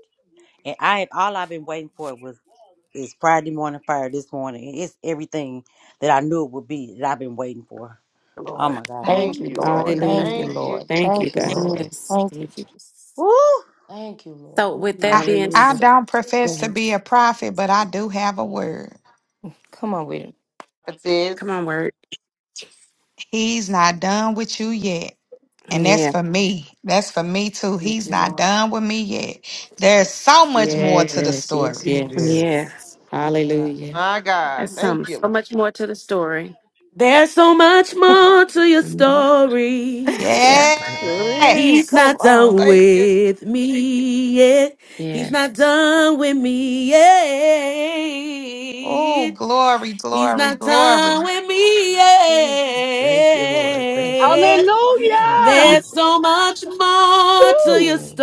Speaker 2: and I have all I've been waiting for was is Friday morning fire this morning. and It's everything that I knew it would be that I've been waiting for. Oh
Speaker 8: Lord.
Speaker 2: my god!
Speaker 6: Thank
Speaker 8: Thank
Speaker 6: you,
Speaker 1: Thank
Speaker 8: you,
Speaker 6: Lord.
Speaker 1: you.
Speaker 8: Lord.
Speaker 6: Thank you,
Speaker 5: Hallelujah.
Speaker 8: Thank
Speaker 6: Lord.
Speaker 8: you.
Speaker 4: Thank
Speaker 5: Thank you,
Speaker 4: you,
Speaker 6: Thank you,
Speaker 5: God.
Speaker 4: Lord.
Speaker 6: Lord.
Speaker 9: Yes.
Speaker 6: Thank you,
Speaker 5: Thank you.
Speaker 6: Jesus.
Speaker 2: Woo!
Speaker 6: Thank you, Lord.
Speaker 9: So, with that
Speaker 1: I,
Speaker 4: Mm,
Speaker 9: being,
Speaker 1: I
Speaker 5: Hallelujah.
Speaker 9: s-
Speaker 1: don't
Speaker 9: go
Speaker 1: profess to
Speaker 9: ahead.
Speaker 1: be a prophet, but I do have a word.
Speaker 6: Come on with it.
Speaker 8: It is
Speaker 9: Come on, word.
Speaker 1: He's not done with you yet. And that's
Speaker 9: Yeah.
Speaker 1: for me. That's for me too.
Speaker 4: Thank
Speaker 1: He's
Speaker 4: you,
Speaker 1: not
Speaker 4: Lord.
Speaker 1: done with me yet.
Speaker 6: Yeah.
Speaker 1: There's so much more to the
Speaker 5: Yes, yes,
Speaker 1: story.
Speaker 5: yes.
Speaker 13: Yes.
Speaker 9: Yes.
Speaker 6: Yeah.
Speaker 5: Hallelujah.
Speaker 8: my God.
Speaker 9: That's some
Speaker 8: Thank
Speaker 9: so
Speaker 8: you.
Speaker 9: much more to the story.
Speaker 4: There's so much more to your
Speaker 9: Mhm.
Speaker 4: story.
Speaker 9: Yeah.
Speaker 13: Mm.
Speaker 6: Sheree,
Speaker 4: He's
Speaker 1: Yes.
Speaker 6: come
Speaker 4: not done
Speaker 8: Thank you.
Speaker 4: with me yet. He's not
Speaker 9: Yes.
Speaker 4: done with me
Speaker 1: Oh,
Speaker 4: yet.
Speaker 1: glory,
Speaker 4: He's
Speaker 1: glory,
Speaker 4: not done
Speaker 1: glory.
Speaker 4: with me
Speaker 6: on.
Speaker 13: thank you, Lord. Thank you,
Speaker 4: yet.
Speaker 13: Lord.
Speaker 10: Hallelujah.
Speaker 4: There's so much more to
Speaker 10: Woo.
Speaker 4: your
Speaker 13: Mhm.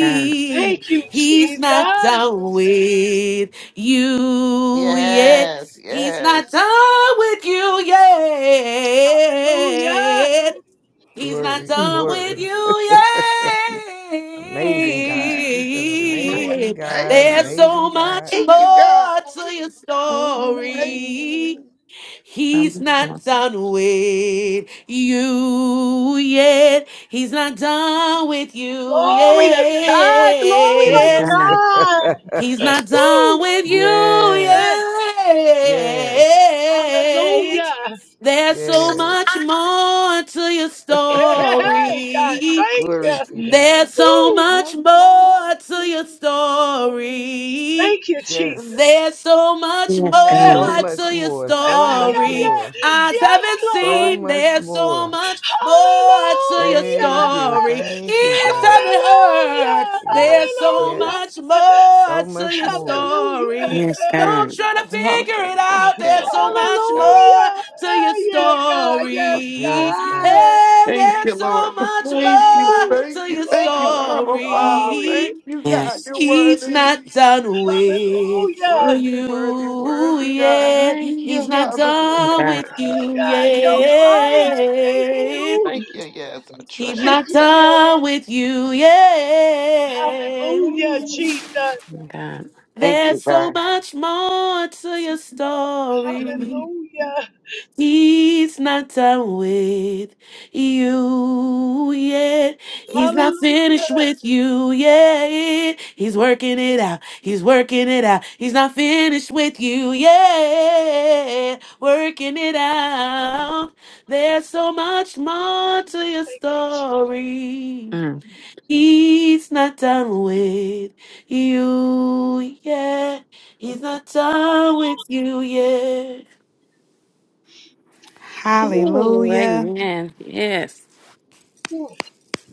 Speaker 9: God.
Speaker 10: Thank you,
Speaker 4: He's
Speaker 10: Jesus.
Speaker 4: not done with you yet.
Speaker 8: Yes,
Speaker 4: He's not
Speaker 8: yes.
Speaker 4: done with you
Speaker 10: Hallelujah.
Speaker 4: yet. He's not
Speaker 13: Glory,
Speaker 9: Mm.
Speaker 4: done with
Speaker 13: glory.
Speaker 4: you
Speaker 13: Amazing God. He's an
Speaker 8: Lord,
Speaker 13: amazing
Speaker 4: yet.
Speaker 8: thank
Speaker 13: God,
Speaker 4: There's
Speaker 8: you.
Speaker 4: so
Speaker 13: amazing God.
Speaker 4: much
Speaker 8: Thank you, God.
Speaker 4: more to your
Speaker 8: Thank you.
Speaker 4: story.
Speaker 13: Mm.
Speaker 9: So
Speaker 4: He's
Speaker 9: much
Speaker 4: not
Speaker 9: more.
Speaker 4: done with you yet. He's not done with you
Speaker 10: Glory to God. Glory to
Speaker 9: Yes,
Speaker 4: yet.
Speaker 13: Glory.
Speaker 9: God.
Speaker 10: God.
Speaker 4: He's not done
Speaker 10: Woo.
Speaker 4: with you
Speaker 10: Eh,
Speaker 13: yes, yes,
Speaker 4: yet.
Speaker 10: Hallelujah.
Speaker 4: There's so
Speaker 13: yes.
Speaker 4: much more to your
Speaker 10: Hey, hey, hey, God.
Speaker 4: story.
Speaker 10: Thank
Speaker 13: Glory to
Speaker 10: you.
Speaker 13: God.
Speaker 4: There's so
Speaker 10: Woo.
Speaker 4: much
Speaker 13: Much more
Speaker 4: more to your
Speaker 13: to God.
Speaker 4: story.
Speaker 10: Thank you, Jesus.
Speaker 13: Yes,
Speaker 4: There's so much
Speaker 9: Yes,
Speaker 10: Eh,
Speaker 13: so
Speaker 4: more
Speaker 9: God.
Speaker 13: much
Speaker 4: to your
Speaker 13: more, so
Speaker 10: eh,
Speaker 13: much
Speaker 10: yeah,
Speaker 4: story.
Speaker 10: yeah.
Speaker 13: more,
Speaker 6: Mm.
Speaker 4: Eyes
Speaker 10: Yes,
Speaker 4: haven't
Speaker 13: so
Speaker 10: Lord.
Speaker 4: seen.
Speaker 13: much
Speaker 4: There's so
Speaker 13: more.
Speaker 4: much more to your
Speaker 10: Hallelujah.
Speaker 13: Thank you,
Speaker 4: story.
Speaker 10: Eh,
Speaker 13: thank you,
Speaker 4: Ears
Speaker 13: God.
Speaker 4: haven't heard.
Speaker 10: Hallelujah.
Speaker 4: There's
Speaker 13: Yes,
Speaker 4: so
Speaker 10: Hallelujah.
Speaker 13: yes,
Speaker 4: much
Speaker 10: Eh,
Speaker 4: more
Speaker 13: so
Speaker 4: to
Speaker 13: much
Speaker 4: your
Speaker 13: more.
Speaker 4: story.
Speaker 9: Yes,
Speaker 10: Hallelujah.
Speaker 4: Don't
Speaker 9: God.
Speaker 4: try to figure it
Speaker 8: Hallelujah.
Speaker 4: out. There's so
Speaker 8: Yes,
Speaker 4: much
Speaker 8: God.
Speaker 4: more
Speaker 10: Hallelujah.
Speaker 4: to your
Speaker 10: Ah, yeah, God. Yes,
Speaker 4: story.
Speaker 13: Yes, God.
Speaker 10: God.
Speaker 4: Hey,
Speaker 8: Thank
Speaker 4: there's
Speaker 8: you,
Speaker 4: so
Speaker 8: Lord.
Speaker 4: much
Speaker 8: Thank you.
Speaker 4: more
Speaker 10: Ooh,
Speaker 8: Thank
Speaker 4: to
Speaker 8: you.
Speaker 4: your
Speaker 8: Thank you,
Speaker 10: glory,
Speaker 8: Abba Father.
Speaker 10: glory.
Speaker 4: story.
Speaker 8: Thank you, God.
Speaker 9: Yes.
Speaker 8: You're
Speaker 4: He's
Speaker 8: worthy.
Speaker 4: not done with
Speaker 10: Hallelujah.
Speaker 8: Worthy, worthy,
Speaker 4: you
Speaker 8: worthy, God.
Speaker 4: yet.
Speaker 8: Thank
Speaker 4: He's
Speaker 8: you,
Speaker 4: not
Speaker 8: Abba.
Speaker 4: done
Speaker 9: God.
Speaker 4: with
Speaker 10: Ah,
Speaker 4: you
Speaker 10: God, your fire. Thank
Speaker 8: Ooh,
Speaker 4: yet.
Speaker 10: you.
Speaker 8: Thank you. Yes, I
Speaker 4: He's
Speaker 8: trust you,
Speaker 10: Thank
Speaker 4: not
Speaker 10: you,
Speaker 8: God.
Speaker 10: Lord.
Speaker 4: done with you yet.
Speaker 10: Hallelujah, Jesus.
Speaker 9: God.
Speaker 8: Thank you,
Speaker 4: There's so
Speaker 8: God.
Speaker 4: much more to your
Speaker 8: Mm,
Speaker 4: story.
Speaker 10: Hallelujah.
Speaker 4: He's not done with you yet. He's not finished
Speaker 10: Hallelujah.
Speaker 4: with you yet. He's working it out. He's working it out. He's not finished with you yet. Working it out. There's so much more to your
Speaker 10: Thank you, Jesus.
Speaker 4: story.
Speaker 9: Mm.
Speaker 4: He's not done with you yet. He's not done with you yet.
Speaker 10: Hallelujah.
Speaker 9: Ooh,
Speaker 1: Hallelujah.
Speaker 9: amen. Yes.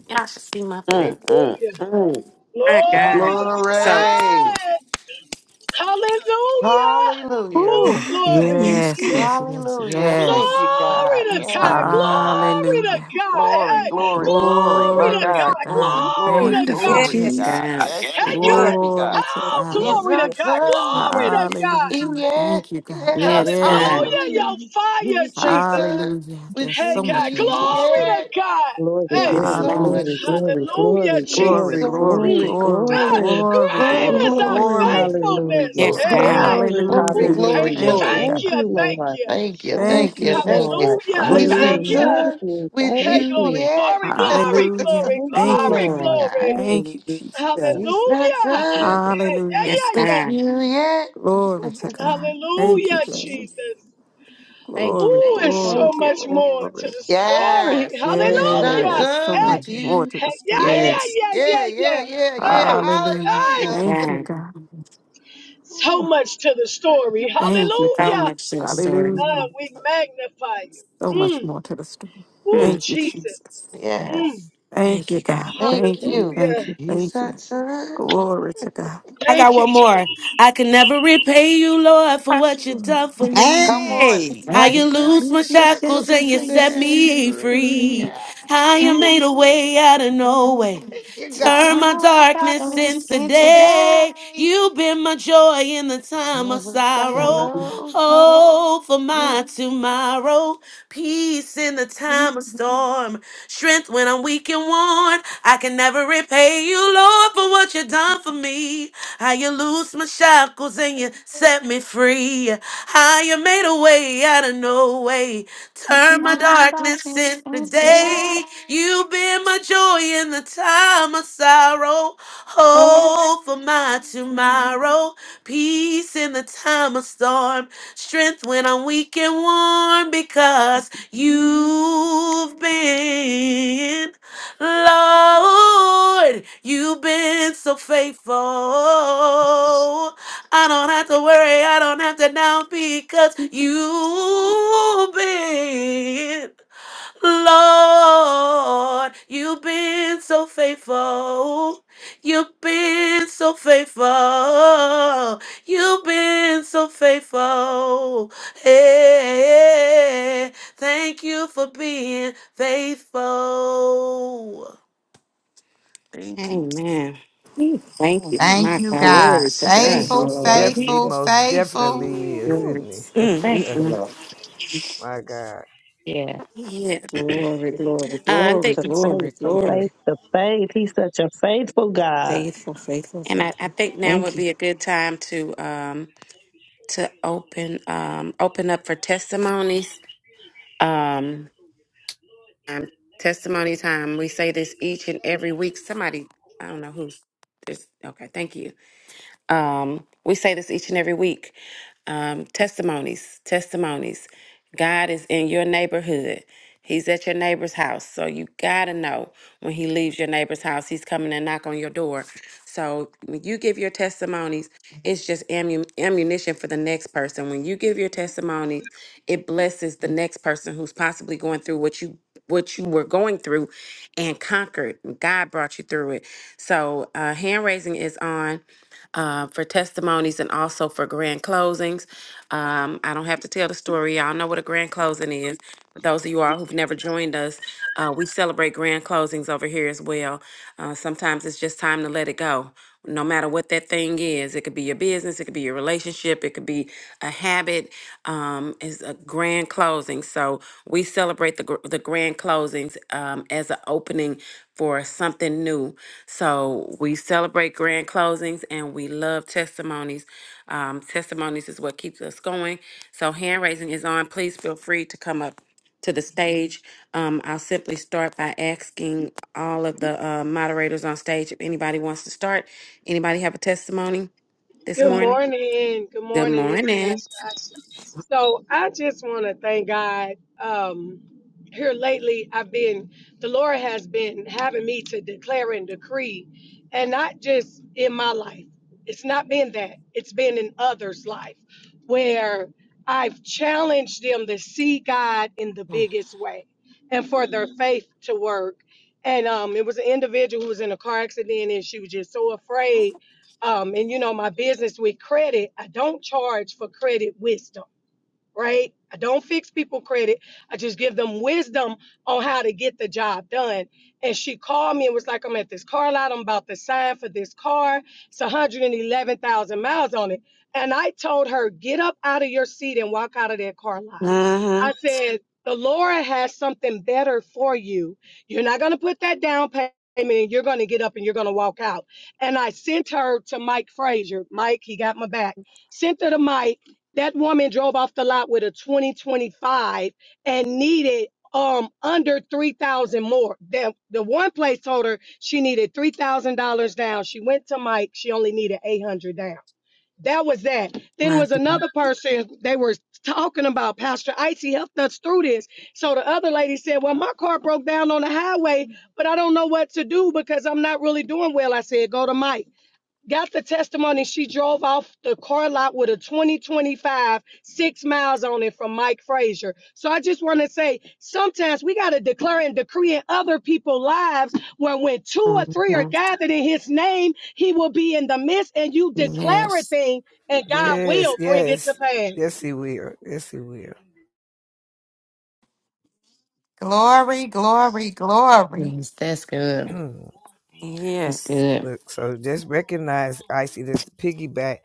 Speaker 9: Y'all should see my face.
Speaker 8: mm,
Speaker 10: Hallelujah.
Speaker 8: mm.
Speaker 9: My
Speaker 10: Glory
Speaker 9: God.
Speaker 10: to
Speaker 9: So
Speaker 8: Glory.
Speaker 10: God. Hallelujah.
Speaker 8: Hallelujah.
Speaker 10: Oh,
Speaker 5: Ooh,
Speaker 1: Ah,
Speaker 10: glory.
Speaker 1: yes,
Speaker 5: yes,
Speaker 1: God.
Speaker 10: Mm.
Speaker 2: Yes,
Speaker 5: yes, yes,
Speaker 8: Hallelujah. Thank
Speaker 5: yes.
Speaker 8: you,
Speaker 6: Mm,
Speaker 10: Glory
Speaker 8: God.
Speaker 10: to
Speaker 9: yes,
Speaker 10: God.
Speaker 8: Yes,
Speaker 9: God.
Speaker 8: God.
Speaker 10: Glory to
Speaker 5: Hallelujah.
Speaker 10: God.
Speaker 8: Glory,
Speaker 10: Hey,
Speaker 6: Thank
Speaker 10: hey,
Speaker 6: you.
Speaker 8: glory,
Speaker 6: God.
Speaker 8: glory. My
Speaker 10: glory to
Speaker 5: Glory to
Speaker 8: God,
Speaker 10: God.
Speaker 8: glory,
Speaker 5: God.
Speaker 1: Oh,
Speaker 10: Glory
Speaker 8: glory,
Speaker 5: Thank
Speaker 10: to
Speaker 5: you,
Speaker 1: wonderful,
Speaker 10: God.
Speaker 2: yes,
Speaker 5: God.
Speaker 8: glory to
Speaker 9: Yes,
Speaker 1: Jesus.
Speaker 8: God.
Speaker 9: God.
Speaker 8: Yes, you're
Speaker 10: Hey, God.
Speaker 8: worthy,
Speaker 5: Glory
Speaker 8: God.
Speaker 5: to
Speaker 2: yes,
Speaker 10: Oh,
Speaker 2: yes,
Speaker 8: He's
Speaker 5: God.
Speaker 10: glory to
Speaker 2: yes.
Speaker 8: not
Speaker 10: God.
Speaker 2: yes.
Speaker 8: done with
Speaker 10: Glory to
Speaker 8: me
Speaker 10: God.
Speaker 5: Hallelujah.
Speaker 8: yet.
Speaker 5: Thank you, God.
Speaker 8: Yeah,
Speaker 9: Yes,
Speaker 5: Yes,
Speaker 9: God.
Speaker 5: Lord.
Speaker 10: Hallelujah.
Speaker 8: hallelujah.
Speaker 10: Your
Speaker 6: Mhm.
Speaker 10: fire,
Speaker 8: He's not
Speaker 10: Jesus.
Speaker 8: done
Speaker 5: Hallelujah. There's
Speaker 8: with
Speaker 10: Hey,
Speaker 5: so much
Speaker 10: God.
Speaker 5: more to
Speaker 8: me
Speaker 5: the
Speaker 10: Glory
Speaker 5: story.
Speaker 10: to
Speaker 8: yet.
Speaker 10: God.
Speaker 7: Glory,
Speaker 8: There's
Speaker 10: Hey,
Speaker 9: Yes,
Speaker 7: glory,
Speaker 8: so
Speaker 9: God.
Speaker 5: Hallelujah.
Speaker 7: glory,
Speaker 8: much
Speaker 7: glory,
Speaker 8: more
Speaker 10: hallelujah,
Speaker 7: glory,
Speaker 8: to your
Speaker 5: Glory,
Speaker 7: glory,
Speaker 10: Jesus.
Speaker 5: glory,
Speaker 10: Mm.
Speaker 7: glory,
Speaker 8: story.
Speaker 5: glory,
Speaker 10: Ah,
Speaker 7: glory.
Speaker 5: glory,
Speaker 8: Glory,
Speaker 10: great
Speaker 5: glory,
Speaker 10: is our
Speaker 8: glory,
Speaker 7: Glory,
Speaker 5: glory.
Speaker 8: glory, glory,
Speaker 10: faithfulness.
Speaker 7: hallelujah.
Speaker 9: Yes,
Speaker 8: glory,
Speaker 10: Hey,
Speaker 9: God.
Speaker 10: hey.
Speaker 7: Glory,
Speaker 8: glory,
Speaker 10: Ooh,
Speaker 5: Hallelujah.
Speaker 10: thank
Speaker 8: glory,
Speaker 10: you.
Speaker 7: hallelujah.
Speaker 5: Thank you, God.
Speaker 8: glory.
Speaker 10: Thank
Speaker 7: Thank
Speaker 10: you.
Speaker 7: you,
Speaker 10: Thank
Speaker 7: Lord.
Speaker 10: you.
Speaker 8: Thank you,
Speaker 7: Thank
Speaker 5: Thank
Speaker 8: thank
Speaker 5: you,
Speaker 8: you,
Speaker 7: you,
Speaker 8: thank you.
Speaker 7: Lord.
Speaker 5: Jesus.
Speaker 10: Hallelujah.
Speaker 8: He's
Speaker 7: Thank you,
Speaker 10: Thank
Speaker 8: not
Speaker 5: Hallelujah.
Speaker 10: you.
Speaker 7: thank
Speaker 8: done
Speaker 7: you,
Speaker 8: with
Speaker 10: Hey,
Speaker 7: thank
Speaker 10: glory,
Speaker 8: you
Speaker 7: you.
Speaker 8: yet.
Speaker 10: glory, glory,
Speaker 5: Hallelujah.
Speaker 10: glory,
Speaker 7: Thank you,
Speaker 5: Thank you,
Speaker 8: thank
Speaker 10: glory,
Speaker 8: you,
Speaker 5: God.
Speaker 7: Lord.
Speaker 10: glory.
Speaker 8: God.
Speaker 5: Thank you, Jesus.
Speaker 7: Hallelujah.
Speaker 8: He's not
Speaker 10: Hallelujah.
Speaker 6: Thank you,
Speaker 8: done
Speaker 6: Lord.
Speaker 10: Hey, Yeah,
Speaker 5: Hallelujah.
Speaker 9: Yes,
Speaker 10: yeah, yeah.
Speaker 8: with
Speaker 9: God.
Speaker 8: you
Speaker 9: Yes.
Speaker 8: yet.
Speaker 5: Glory to God. Thank
Speaker 6: Thank
Speaker 5: you,
Speaker 10: Hallelujah,
Speaker 6: you, Lord.
Speaker 5: Jesus.
Speaker 10: Jesus.
Speaker 6: Thank you.
Speaker 5: Glory,
Speaker 10: Who is
Speaker 5: glory,
Speaker 10: so
Speaker 6: Thank you,
Speaker 10: much
Speaker 6: Lord.
Speaker 10: more to
Speaker 5: glory.
Speaker 10: the story?
Speaker 8: Yes, he's not
Speaker 10: Hallelujah.
Speaker 5: Yes, so
Speaker 8: done
Speaker 6: Mm.
Speaker 10: Hey,
Speaker 5: much
Speaker 8: with
Speaker 5: more
Speaker 8: you
Speaker 5: to
Speaker 10: hey,
Speaker 5: the
Speaker 10: yeah,
Speaker 5: story.
Speaker 8: yet.
Speaker 10: yeah,
Speaker 9: Yes,
Speaker 10: yeah,
Speaker 8: Yeah,
Speaker 10: yeah,
Speaker 8: yeah,
Speaker 10: yeah.
Speaker 8: yeah, yeah.
Speaker 10: Hey,
Speaker 5: Hallelujah.
Speaker 10: hey,
Speaker 8: Hallelujah.
Speaker 5: Thank
Speaker 9: God.
Speaker 5: you, God. Ooh,
Speaker 10: so much to the story.
Speaker 5: Thank you,
Speaker 9: So
Speaker 5: God.
Speaker 10: Hallelujah.
Speaker 9: much to the story.
Speaker 10: Uh,
Speaker 5: Hallelujah.
Speaker 10: we magnify you.
Speaker 5: So much
Speaker 10: Mm.
Speaker 5: more to the story.
Speaker 10: Ooh,
Speaker 9: Hmm.
Speaker 5: Thank you,
Speaker 10: Jesus.
Speaker 5: Jesus.
Speaker 10: Mm.
Speaker 8: Yes,
Speaker 5: Thank
Speaker 9: Thank
Speaker 5: you,
Speaker 9: you,
Speaker 5: God.
Speaker 9: God.
Speaker 8: thank
Speaker 5: Thank you,
Speaker 8: you.
Speaker 5: thank you,
Speaker 10: Hallelujah.
Speaker 8: He's
Speaker 5: thank you.
Speaker 8: not done.
Speaker 5: Glory to
Speaker 4: I got
Speaker 10: Thank you,
Speaker 4: one more.
Speaker 10: Jesus.
Speaker 4: I can never repay you, Lord, for what you
Speaker 5: God.
Speaker 4: done for
Speaker 8: Come
Speaker 4: me.
Speaker 8: on.
Speaker 1: Hey!
Speaker 4: How
Speaker 8: How
Speaker 4: you
Speaker 8: you
Speaker 4: loose
Speaker 8: lose
Speaker 4: my
Speaker 8: the
Speaker 5: Loose my
Speaker 8: shackles
Speaker 4: shackles
Speaker 8: and
Speaker 4: and
Speaker 5: shackles
Speaker 8: you
Speaker 4: you
Speaker 6: When
Speaker 5: and
Speaker 6: you
Speaker 5: you
Speaker 4: set
Speaker 8: said
Speaker 6: said
Speaker 5: set
Speaker 8: you
Speaker 5: me
Speaker 6: "Mm,
Speaker 4: me
Speaker 8: free.
Speaker 6: mm,
Speaker 5: free.
Speaker 4: free.
Speaker 8: Yeah.
Speaker 4: How you
Speaker 5: Hallelujah.
Speaker 10: Jesus.
Speaker 4: made a way out of no way.
Speaker 6: mm."
Speaker 8: Thank you,
Speaker 6: you
Speaker 8: God.
Speaker 6: said
Speaker 4: Turn my
Speaker 1: Turn my
Speaker 4: darkness
Speaker 6: those
Speaker 1: darkness
Speaker 4: into
Speaker 1: into
Speaker 6: today.
Speaker 4: day.
Speaker 1: day.
Speaker 4: You've been my joy in the time of
Speaker 8: Time was
Speaker 4: sorrow.
Speaker 9: Mhm.
Speaker 8: sorrow.
Speaker 6: Oh
Speaker 8: Oh,
Speaker 4: Hope for
Speaker 6: my
Speaker 8: you-
Speaker 4: my tomorrow. Peace in the time of storm. Strength when I'm weak and worn. I can never repay you, Lord, for what you done for me. How you loose my shackles and you set me free. How you made a way out of no way.
Speaker 6: you
Speaker 4: Turn
Speaker 6: said
Speaker 4: my
Speaker 1: Turn my
Speaker 4: darkness
Speaker 1: darkness
Speaker 4: into
Speaker 1: into
Speaker 6: today.
Speaker 1: day.
Speaker 4: day. You've been my joy in the time of sorrow.
Speaker 6: Oh,
Speaker 4: Hope for my tomorrow. Peace in the time of storm. Strength when I'm weak and worn because you've been. Lord, you've been so faithful. I don't have to worry, I don't have to doubt because you've been. Lord, you've been so faithful. You've been so faithful. You've been so faithful. Hey, thank you for being faithful. Thank you.
Speaker 9: Amen.
Speaker 5: Thank
Speaker 6: oh,
Speaker 5: you.
Speaker 9: Oh,
Speaker 1: Thank
Speaker 9: my
Speaker 1: you,
Speaker 9: God.
Speaker 1: God.
Speaker 5: Glory to
Speaker 13: He
Speaker 5: God.
Speaker 6: Thank you,
Speaker 1: Faithful,
Speaker 13: most
Speaker 6: Lord.
Speaker 13: def he
Speaker 1: faithful,
Speaker 13: most
Speaker 1: faithful.
Speaker 13: definitely is,
Speaker 5: Ooh.
Speaker 13: isn't he?
Speaker 9: Goodness.
Speaker 5: Mm, mm,
Speaker 6: Thank you,
Speaker 5: mm.
Speaker 6: Lord.
Speaker 13: My God.
Speaker 6: Yeah.
Speaker 9: Yeah.
Speaker 5: Glory, glory,
Speaker 9: Uh, I
Speaker 7: Faith
Speaker 5: glory,
Speaker 9: think,
Speaker 7: to
Speaker 5: glory,
Speaker 7: faith, from
Speaker 5: glory.
Speaker 7: faith to faith. He's such a faithful God.
Speaker 5: Faithful, faithful,
Speaker 9: and I,
Speaker 5: faithful.
Speaker 9: I think now would
Speaker 5: Thank you.
Speaker 9: be a good time to um to open um open up for testimonies. Um, um, testimony time. We say this each and every week. Somebody, I don't know who's. This, okay, thank you. Um, we say this each and every week. Um, testimonies, testimonies. God is in your neighborhood. He's at your neighbor's house. So you gotta know when he leaves your neighbor's house, he's coming and knock on your door. So when you give your testimonies, it's just ammu- ammunition for the next person. When you give your testimony, it blesses the next person who's possibly going through what you what you were going through and conquered. God brought you through it. So uh, hand raising is on uh, for testimonies and also for grand closings. Um, I don't have to tell the story. Y'all know what a grand closing is. For those of you all who've never joined us, uh, we celebrate grand closings over here as well. Uh, sometimes it's just time to let it go. No matter what that thing is, it could it could be your business. It could be your relationship. It could be a habit. Um, it's a grand closing. So we celebrate the, gr- the grand closings um, as an opening for something new. So we celebrate grand closings and we love testimonies. Um, testimonies is what keeps us going. So hand raising is on. Please feel free to come up to the stage. Um, I'll simply start by asking all of the uh, moderators on stage if anybody wants to start. Anybody have a testimony? This
Speaker 10: Good
Speaker 9: morning.
Speaker 10: morning. Good
Speaker 9: Good
Speaker 10: morning. It's
Speaker 9: morning.
Speaker 10: Pastor Oxy. So I just want to thank God. Um, here lately, I've been, the Lord has been having me to declare and decree, and not just in my life. It's not been that, it's been in others' life where I've challenged them to see God in the biggest way and for their faith to work. And um, it was an individual who was in a car accident and she was just so afraid um, and you know, my business with credit, I don't charge for credit wisdom right? I don't fix people credit. I just give them wisdom on how to get the job done. And she called me and was like, I'm at this car lot. I'm about to sign for this car. It's 111,000 miles on it. And I told her, get up out of your seat and walk out of that car lot.
Speaker 9: Mm-hmm.
Speaker 10: I said, the Lord has something better for you. You're not going to put that down payment. And you're going to get up and you're going to walk out. And I sent her to Mike Frazier. Mike, he got my back. Sent her to Mike that woman drove off the lot with a 2025 and needed um under 3000 more the, the one place told her she needed $3000 down she went to mike she only needed 800 down that was that then
Speaker 9: My
Speaker 10: was
Speaker 9: dear.
Speaker 10: another person they were talking about pastor icy helped us through this so the other lady said well my car broke down on the highway but i don't know what to do because i'm not really doing well i said go to mike got the testimony she drove off the car lot with a 2025 six miles on it from mike frazier so i just want to say sometimes we got to declare and decree in other people's lives where when two or three are
Speaker 9: Mhm.
Speaker 10: gathered in his name he will be in the midst and you declare a
Speaker 9: Yes.
Speaker 10: thing and god
Speaker 13: Yes,
Speaker 10: will bring it to
Speaker 13: yes, yes,
Speaker 10: pass
Speaker 13: he will. Yes, he will.
Speaker 1: Glory, glory, glory.
Speaker 6: Yes, that's good. That's
Speaker 9: Yes.
Speaker 6: good.
Speaker 13: Look, so just recognize, I see that the piggyback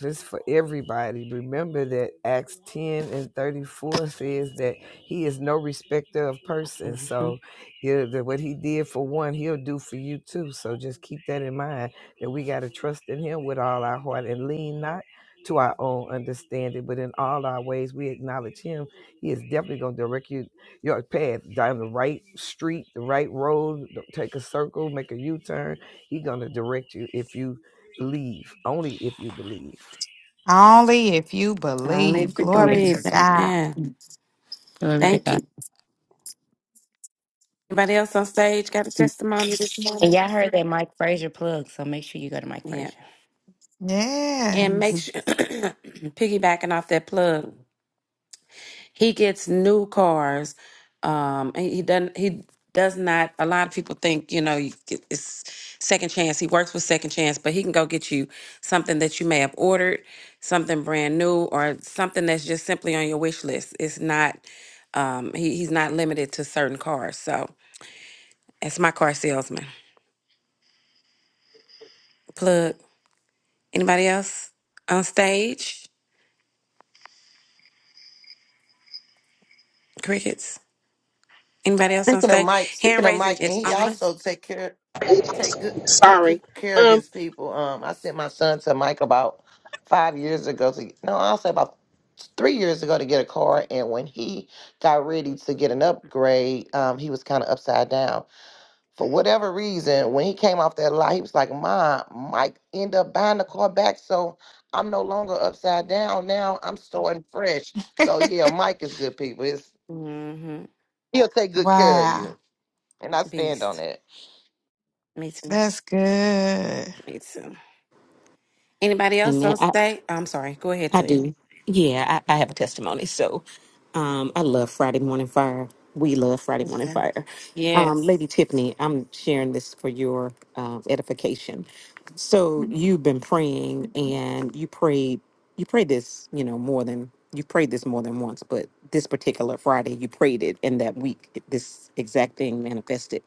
Speaker 13: just for everybody. Remember that Acts 10 and 34 says that he is no respecter of persons.
Speaker 9: Mm-hmm.
Speaker 13: So he'll, that what he did for one, he'll do for you too. So just keep that in mind that we got to trust in him with all our heart and lean not to our own understanding, but in all our ways we acknowledge him. He is definitely going to direct you your path down the right street, the right road. Don't Take a circle, make a U-turn he gonna direct you if you believe, only if you believe.
Speaker 1: Only if you
Speaker 9: not need
Speaker 1: believe.
Speaker 9: to
Speaker 1: Glory
Speaker 9: believe.
Speaker 1: to
Speaker 6: Yes.
Speaker 1: God.
Speaker 9: Amen.
Speaker 6: Glory to
Speaker 9: Thank
Speaker 6: God.
Speaker 9: you. Anybody else on stage got a
Speaker 6: And
Speaker 9: testimony this morning?
Speaker 6: y'all heard that Mike Frazier plug, so make sure you go to Mike
Speaker 9: Yeah.
Speaker 6: Frazier.
Speaker 9: And make
Speaker 6: Mm-hmm.
Speaker 1: Yes.
Speaker 9: sure piggybacking off that plug. He gets new cars. Um, and he doesn't. He does not. A lot of people think you know you get, it's second chance. He works with second chance, but he can go get you something that you may have ordered, something brand new, or something that's just simply on your wish list. It's not. Um, he, he's not limited to certain cars. So that's my car salesman. Plug. Anybody else on stage? Crickets. Anybody else on
Speaker 8: Speaking of
Speaker 9: stage?
Speaker 8: Mike,
Speaker 9: Hand
Speaker 8: speaking of
Speaker 9: raising
Speaker 8: Mike,
Speaker 9: is
Speaker 8: and he
Speaker 9: on.
Speaker 8: also take care, take good, take good
Speaker 4: Sorry.
Speaker 8: care of
Speaker 4: Um,
Speaker 8: his people. Um, I sent my son to Mike about five years ago. To no, I'll say about three years ago to get a car. And when he got ready to get an upgrade, um, he was kind of upside down. For whatever reason, when he came off that lot, he was like, "Mom, Mike end up buying the car back, so I'm no longer upside down. Now I'm starting fresh." So yeah, Mike is good people. It's,
Speaker 9: Mm-hmm.
Speaker 8: he'll take good care of
Speaker 1: Wow.
Speaker 8: you, and I stand on
Speaker 9: Beast.
Speaker 8: that.
Speaker 9: Me too.
Speaker 1: That's good.
Speaker 9: Me too. Anybody else on
Speaker 5: Amen.
Speaker 9: stage? I'm sorry. Go ahead,
Speaker 5: I
Speaker 9: Taylor.
Speaker 5: do. Yeah, I, I have a testimony. So um, I love Friday Morning Fire. We love Friday Morning
Speaker 9: Okay.
Speaker 5: Fire. Um,
Speaker 9: Yes.
Speaker 5: Lady Tiffany, I'm sharing this for your uh, edification. So you've been praying and you prayed, you prayed this, you know, more than, you prayed this more than once, but this particular Friday, you prayed it and that week, this exact thing manifested.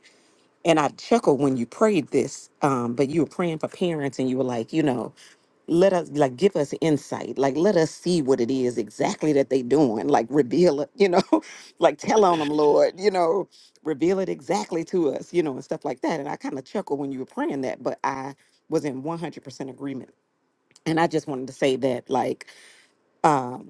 Speaker 5: And I chuckled when you prayed this, um, but you were praying for parents and you were like, you know, let us like give us insight like let us see what it is exactly that they doing like reveal it you know like tell on them lord you know reveal it exactly to us you know and stuff like that and i kind of chuckled when you were praying that but i was in 100% agreement and i just wanted to say that like um,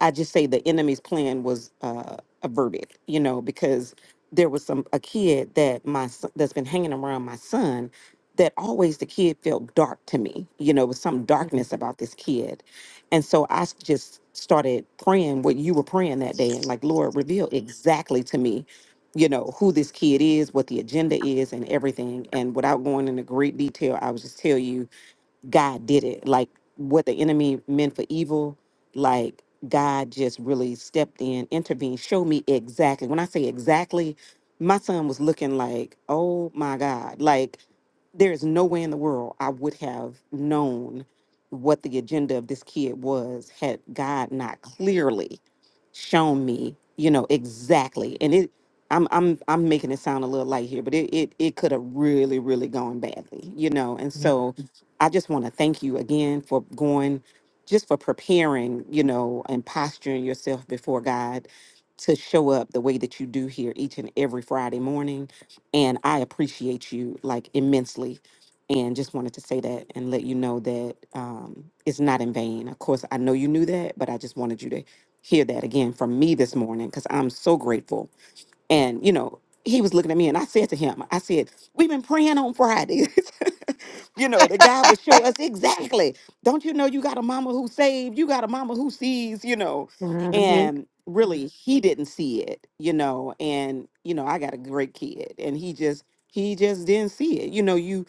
Speaker 5: I just say the enemy's plan was uh, averted, you know, because there was some a kid that my son, that's been hanging around my son that always the kid felt dark to me, you know, with some darkness
Speaker 9: hmm
Speaker 5: about this kid, and so I s- just started praying what you were praying that day, and like Lord, reveal exactly to me, you know, who this kid is, what the agenda is, and everything. And without going into great detail, I would just tell you God did it. Like what the enemy meant for evil, like God just really stepped in, intervened, showed me exactly. When I say exactly, my son was looking like, oh my God. Like there is no way in the world I would have known what the agenda of this kid was had God not clearly shown me, you know, exactly. And it I'm I'm I'm making it sound a little light here, but it it, it could have really, really gone badly, you know. And so I just want to thank you again for going, just for preparing, you know, and posturing yourself before God to show up the way that you do here each and every Friday morning. And I appreciate you like immensely. And just wanted to say that and let you know that um, it's not in vain. Of course, I know you knew that, but I just wanted you to hear that again from me this morning because I'm so grateful. And, you know, he was looking at me and I said to him, I said, We've been praying on Friday. you know, that God would show us exactly. Don't you know you got a mama who saved? You got a mama who sees, you know. And really, he didn't see it, you know. And, you know, I got a great kid and he just, he just didn't see it. You know, you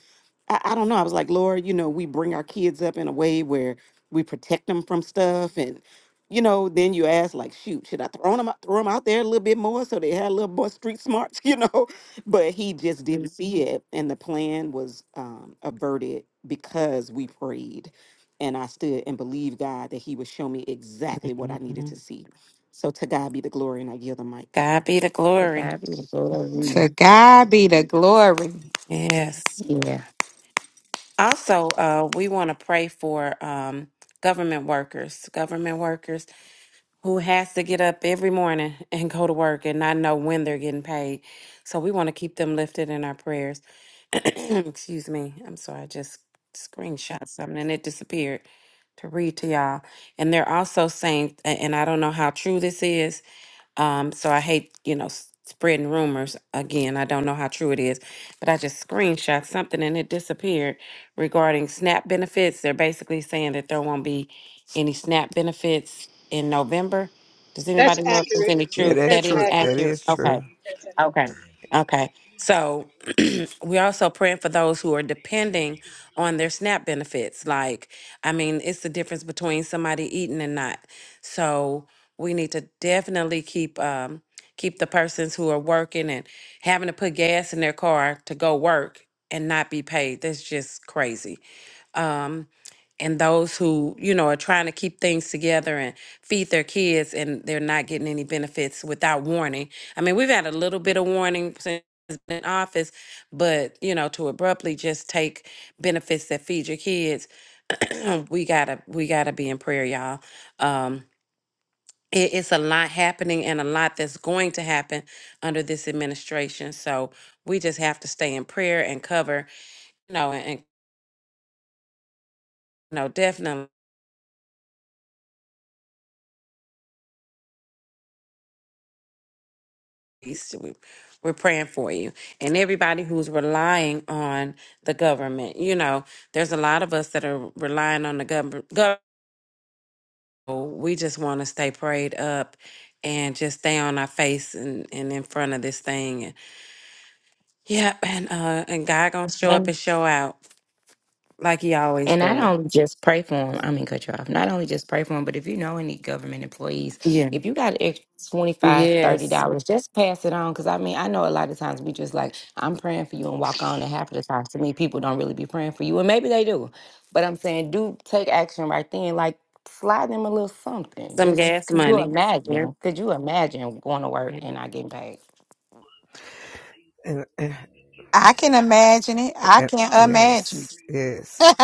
Speaker 5: I, I don't know. I was like, Lord, you know, we bring our kids up in a way where we protect them from stuff. And, you know, then you ask, like, shoot, should I throw them out, throw 'em out there a little bit more so they had a little more street smarts, you know? But he just didn't see it. And the plan was um, averted because we prayed. And I stood and believed God that he would show me exactly what I needed to see. So to God be the glory, and I yield the mic.
Speaker 9: God be the
Speaker 6: The
Speaker 9: glory.
Speaker 6: guy be the glory.
Speaker 1: To God be the glory.
Speaker 9: Yes.
Speaker 6: Yeah.
Speaker 9: Also, uh, we want to pray for um, government workers, government workers who has to get up every morning and go to work and not know when they're getting paid. So we want to keep them lifted in our prayers. excuse me. I'm sorry. I just screenshot something and it disappeared to read to y'all. And they're also saying, a- and I don't know how true this is. Um, so I hate, you know, s- spreading rumors again. I don't know how true it is, but I just screenshot something and it disappeared regarding SNAP benefits. They're basically saying that there won't be any SNAP benefits in November. Does
Speaker 10: That's
Speaker 9: anybody know if there's
Speaker 10: accurate.
Speaker 9: any
Speaker 13: Yeah,
Speaker 9: truth
Speaker 13: that's
Speaker 9: that
Speaker 10: That's
Speaker 9: is
Speaker 13: true. That
Speaker 10: accurate.
Speaker 9: accurate?
Speaker 13: is
Speaker 9: Okay.
Speaker 13: true.
Speaker 10: That's accurate.
Speaker 9: Okay. Okay. So and we're also praying for those who are depending on their SNAP benefits. Like, I mean, it's the difference between somebody eating and not. So we need to definitely keep um, keep the persons who are working and having to put gas in their car to go work and not be paid. That's just crazy um, and those who you know are trying to keep things together and feed their kids and they're not getting any benefits without warning i mean we've had a little bit of warning since he's been in office but you know to abruptly just take benefits that feed your kids we gotta we gotta be in prayer y'all um it, it's a lot happening and a lot that's going to happen under this administration so we just have to stay in prayer and cover you know and, and you know definitely peace. so We- We're praying for you and everybody who's relying on the government. You know, there's a lot of us that are relying on the government. We just want to stay prayed up and just stay on our face and, and in front of this thing. And, yeah, and uh, and God gonna show up
Speaker 6: And
Speaker 9: and show out like He always
Speaker 6: and not
Speaker 9: does.
Speaker 6: only just pray for them, I mean, cut you off. Not only just pray for them, but if you know any government employees,
Speaker 9: Yeah.
Speaker 6: if you got extra 25 dollars $30,
Speaker 9: Yes.
Speaker 6: just pass it on. Because I mean, I know a lot of times we just like, I'm praying for you and walk on. And half of the time, to me, people don't really be praying for you. And maybe they do. But I'm saying, do take action right then. Like, slide them a little something.
Speaker 9: Some
Speaker 6: Just
Speaker 9: gas
Speaker 6: could you
Speaker 9: money. Yeah.
Speaker 6: imagine? Could you imagine going to work
Speaker 9: And
Speaker 6: and not getting paid?
Speaker 13: And, and,
Speaker 1: I can imagine it. I
Speaker 13: and-
Speaker 1: can
Speaker 13: yes,
Speaker 1: imagine.
Speaker 13: yes, yes.
Speaker 1: and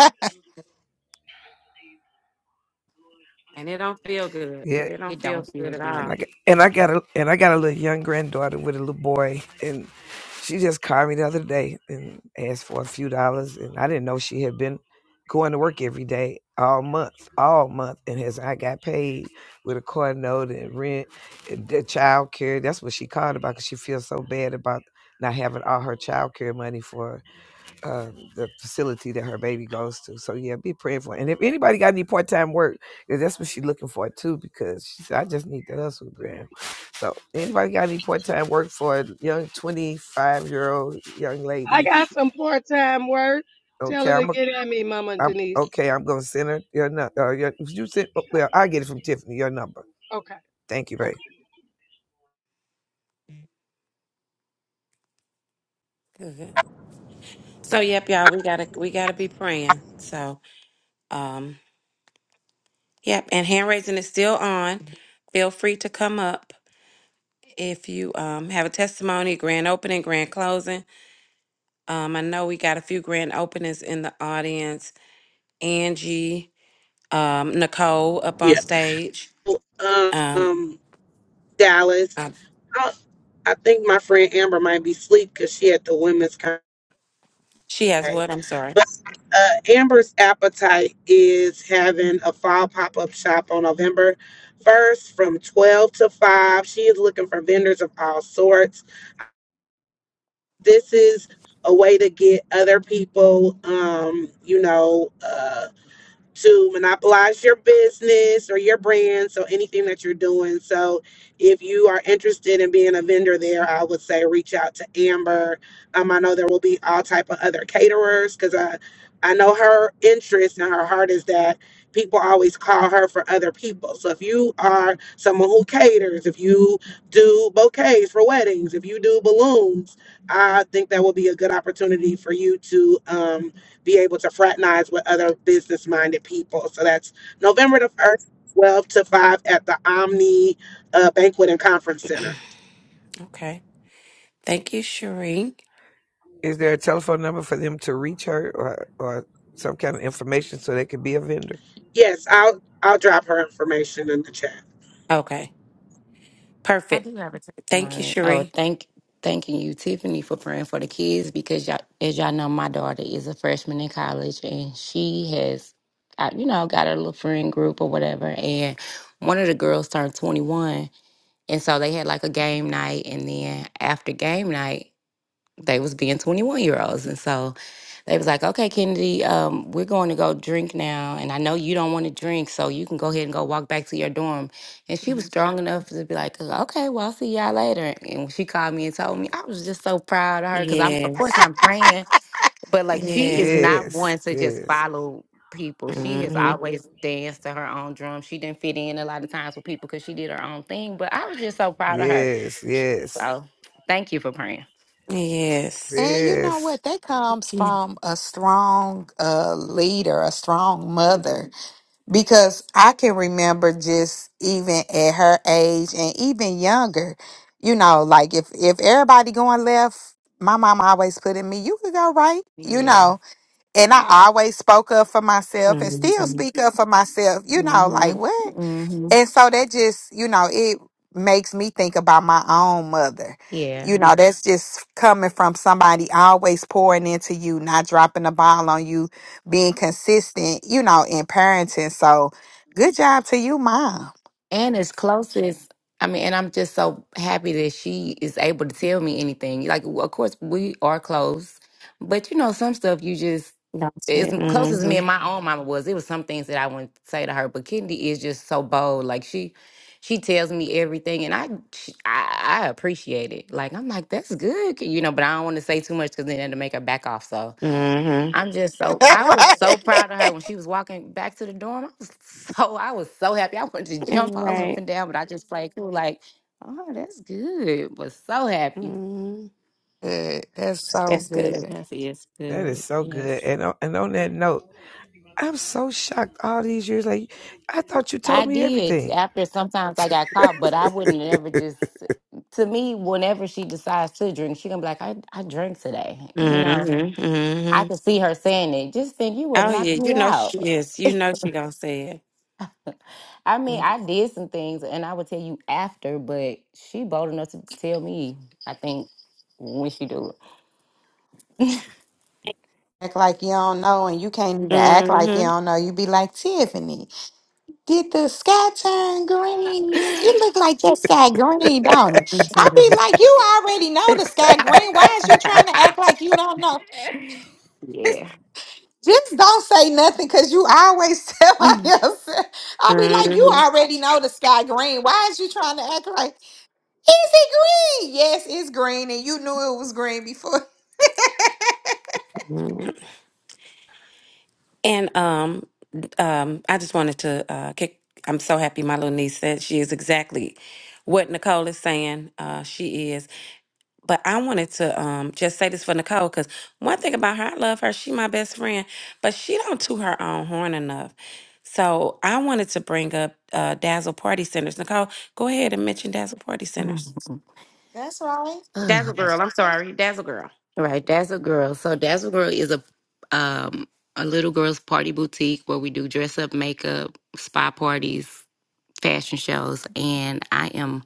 Speaker 9: and it don't feel good.
Speaker 13: Yeah.
Speaker 9: It don't
Speaker 6: It don't
Speaker 9: feel good
Speaker 6: feel
Speaker 9: at
Speaker 13: and
Speaker 6: good.
Speaker 9: all.
Speaker 13: I got and I got a and I got a little young granddaughter with a little boy, and she just called me the other day and asked for a few dollars, and I didn't know she had been going to work every day all month, all month, and has I got paid with a car note and rent and the child care. That's what she called about because she feels so bad about not having all her child care money for uh, the facility that her baby goes to. So yeah, be praying for. Her. And if anybody got any part time work, 'cause that's what she's looking for too. Because she said, I just need to hustle, Graham. So anybody got any part time work for a young twenty five year old young
Speaker 10: i
Speaker 13: lady?
Speaker 10: got some part-time work tell
Speaker 13: Okay,
Speaker 10: her to
Speaker 13: I'm a,
Speaker 10: get at me mama
Speaker 13: I'm
Speaker 10: denise
Speaker 13: okay. I'm gonna send her your number. Uh, your, you sent. Well, I get it from Tiffany. Your number.
Speaker 10: okay
Speaker 13: Thank you,
Speaker 10: Okay.
Speaker 13: Ray.
Speaker 9: Good. So yep, y'all, we gotta we gotta be praying. So um yep, and hand raising is still on. Feel free to come up if you um have a testimony, grand opening, grand closing. Um I know we got a few grand openings in the audience. Angie, um, Nicole up on stage. Um I, she has what? I'm sorry. Okay. Thank you, Cherie.
Speaker 13: Is there a telephone number for them to reach her or, or some kind of information so they could be a vendor?
Speaker 9: Okay.
Speaker 6: I
Speaker 9: Perfect.
Speaker 6: do have a
Speaker 9: Thank you,
Speaker 6: testimony. Oh,
Speaker 9: Cherie.
Speaker 6: thank thanking you, Tiffany, for praying for the kids because y'all, as y'all know, my daughter is a freshman in college and she has, uh, you know, got a little friend group or whatever. And one of the girls turned twenty one, and so they had like a game night, and then after game night they was being 21 year olds and so they was like okay kennedy um, we're going to go drink now and i know you don't want to drink so you can go ahead and go walk back to your dorm and she was
Speaker 9: Mhm.
Speaker 6: strong enough to be like okay well i'll see y'all later and when she called me and told me i was just so proud of her because i'm of course
Speaker 9: Yes.
Speaker 6: i'm praying but like she
Speaker 9: Yeah.
Speaker 6: is not
Speaker 13: Yes,
Speaker 6: one to just
Speaker 13: yes,
Speaker 6: follow people she has
Speaker 9: hmm
Speaker 6: always danced to her own drum she didn't fit in a lot of times with people because she did her own thing but i was just so proud of her
Speaker 13: yes, yes,
Speaker 6: so thank you for praying
Speaker 9: Yes.
Speaker 1: you know
Speaker 13: yes.
Speaker 1: what? That comes
Speaker 9: Yeah.
Speaker 1: from a strong uh, leader, a strong mother, because I can remember just even at her age and even younger, you know, like if if everybody going left, my mom always put in me, you could go right, you
Speaker 6: yeah
Speaker 1: know. and I always spoke up for myself and still
Speaker 9: Mm-hmm.
Speaker 1: speak up for myself, you know, like
Speaker 6: Mhm.
Speaker 1: what?
Speaker 6: Mhm.
Speaker 1: And so that just, you know, it makes me think about my own mother. You
Speaker 6: Yeah.
Speaker 1: know, that's just coming from somebody always pouring into you, not dropping the ball on you, being consistent, you know, in parenting. So good job to you, mom.
Speaker 6: And as close as I mean, and I'm just so happy that she is able to tell me anything. Like, of course, we are close, but you know, some stuff you just
Speaker 9: That's
Speaker 6: as
Speaker 9: it.
Speaker 6: close as me
Speaker 9: Mm-hmm.
Speaker 6: and my own mama was. It was some things that I wouldn't say to her, but Kennedy is just so bold. Like she, she tells me everything, and I, she, I, I appreciate it. Like I'm like, that's good, you know. But I don't want to say too much because then it'll make her back off. So
Speaker 9: Mm-hmm.
Speaker 6: I'm just so I was
Speaker 1: right?
Speaker 6: so proud of her when she was walking back to the dorm. I was so I was so happy. I wanted to
Speaker 9: That's
Speaker 6: jump all up
Speaker 9: Right.
Speaker 6: and down, but I just played cool, like, oh, that's good. Was so happy.
Speaker 9: Mm-hmm.
Speaker 1: Good. That's so
Speaker 9: That's good.
Speaker 1: good.
Speaker 5: That is
Speaker 13: That is
Speaker 5: good.
Speaker 13: so good.
Speaker 5: Yes.
Speaker 13: And on, and on that note, I'm so shocked all these years. Like, I thought you told
Speaker 6: I
Speaker 13: me
Speaker 6: did.
Speaker 13: everything.
Speaker 6: After sometimes I got caught, but I wouldn't ever just to me, whenever she decides to drink, she gonna be like, I, I drank today. You know,
Speaker 9: Mm-hmm.
Speaker 6: I
Speaker 9: Mm-hmm.
Speaker 6: could see her saying it. Just think you would
Speaker 9: Oh
Speaker 6: knock
Speaker 9: yeah,
Speaker 6: me
Speaker 9: you know
Speaker 6: out.
Speaker 9: she is. You know she gonna say it.
Speaker 6: I mean,
Speaker 9: Mm-hmm.
Speaker 6: I did some things and I would tell you after, but she bold enough to tell me, I think, when she do it.
Speaker 1: Act like you don't know and you can't even act like you
Speaker 9: Mm-hmm.
Speaker 1: don't know. You be like Tiffany. Did the sky turn green? It looked like the sky green, don't it? I be like, you already know the sky green. Why is you trying to act like you don't know?
Speaker 6: yeah.
Speaker 1: Just don't say nothing because you always tell my
Speaker 6: Ugh.
Speaker 1: yourself. I be like, you already know the sky green. Why is you trying to act like, is it green? Yes, it's green, and you knew it was green before.
Speaker 9: Mm-hmm. And um um I just wanted to uh kick I'm so happy my little niece said she is exactly what Nicole is saying. Uh she is. But I wanted to um just say this for Nicole because one thing about her, I love her. She my best friend, but she don't toot her own horn enough. So I wanted to bring up uh Dazzle Party Centers. Nicole, go ahead and mention Dazzle Party Centers.
Speaker 1: That's right.
Speaker 9: Dazzle Girl, I'm sorry, Dazzle Girl.
Speaker 6: right, Dazzle girl. So Dazzle girl is a um a little girl's party boutique where we do dress up, makeup, spa parties, fashion shows, and I am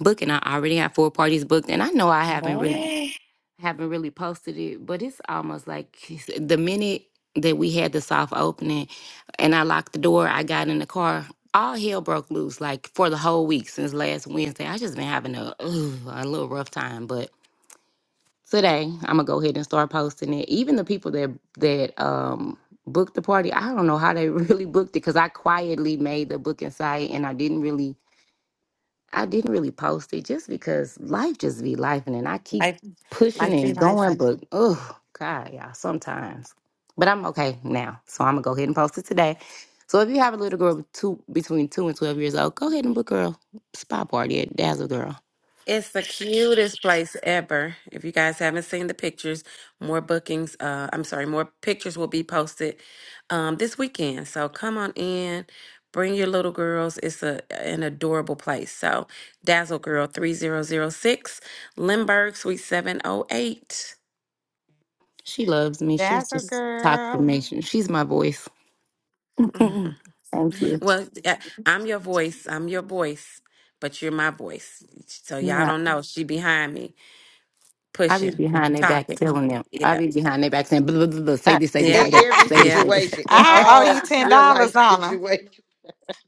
Speaker 6: booking. I already have four parties booked, and I know I haven't really.
Speaker 9: Yeah,
Speaker 6: haven't really posted it, but it's almost like the minute that we had the soft opening and I locked the door, I got in the car. All hell broke loose, like for the whole week since last Wednesday. I just been having a ugh, a little rough time, but today I'm gonna go ahead and start posting it. Even the people that that um booked the party, I don't know how they really booked it because I quietly made the booking site and I didn't really I didn't really post it just because life just be life, and then I keep
Speaker 9: life,
Speaker 6: pushing
Speaker 9: life be
Speaker 6: and
Speaker 9: life.
Speaker 6: going, but oh God, y'all, sometimes. But I'm okay now, so I'm gonna go ahead and post it today. So if you have a little girl with two, between two and twelve years old, go ahead and book her a spa party at Dazzle Girl.
Speaker 9: It's the cutest place ever. If you guys haven't seen the pictures, more bookings, uh, I'm sorry, more pictures will be posted um, this weekend. So come on in, bring your little girls. It's a an adorable place. So Dazzle Girl 3006, Lindbergh Suite 708.
Speaker 6: She loves me. She'll
Speaker 1: That's a
Speaker 6: just talk to
Speaker 1: girl.
Speaker 6: me. She- She's my voice.
Speaker 9: Mhm.
Speaker 6: Thank you.
Speaker 9: Well, uh, I'm your voice. I'm your voice, but you're my voice. So y'all
Speaker 6: No,
Speaker 9: don't know. She behind me,
Speaker 6: I be
Speaker 9: pushing,
Speaker 6: behind their back
Speaker 9: talking.
Speaker 6: telling them. I
Speaker 9: Yeah,
Speaker 6: be behind their back saying, blah, blah, blah, blah, say
Speaker 8: Ah,
Speaker 6: this, say this,
Speaker 9: yeah,
Speaker 8: In
Speaker 6: say that,
Speaker 8: every
Speaker 6: say this,
Speaker 9: yeah.
Speaker 6: say this,
Speaker 8: situation, in
Speaker 6: say
Speaker 1: I owe
Speaker 8: all
Speaker 1: you
Speaker 6: that.
Speaker 1: $10
Speaker 8: real life
Speaker 1: on
Speaker 8: situations,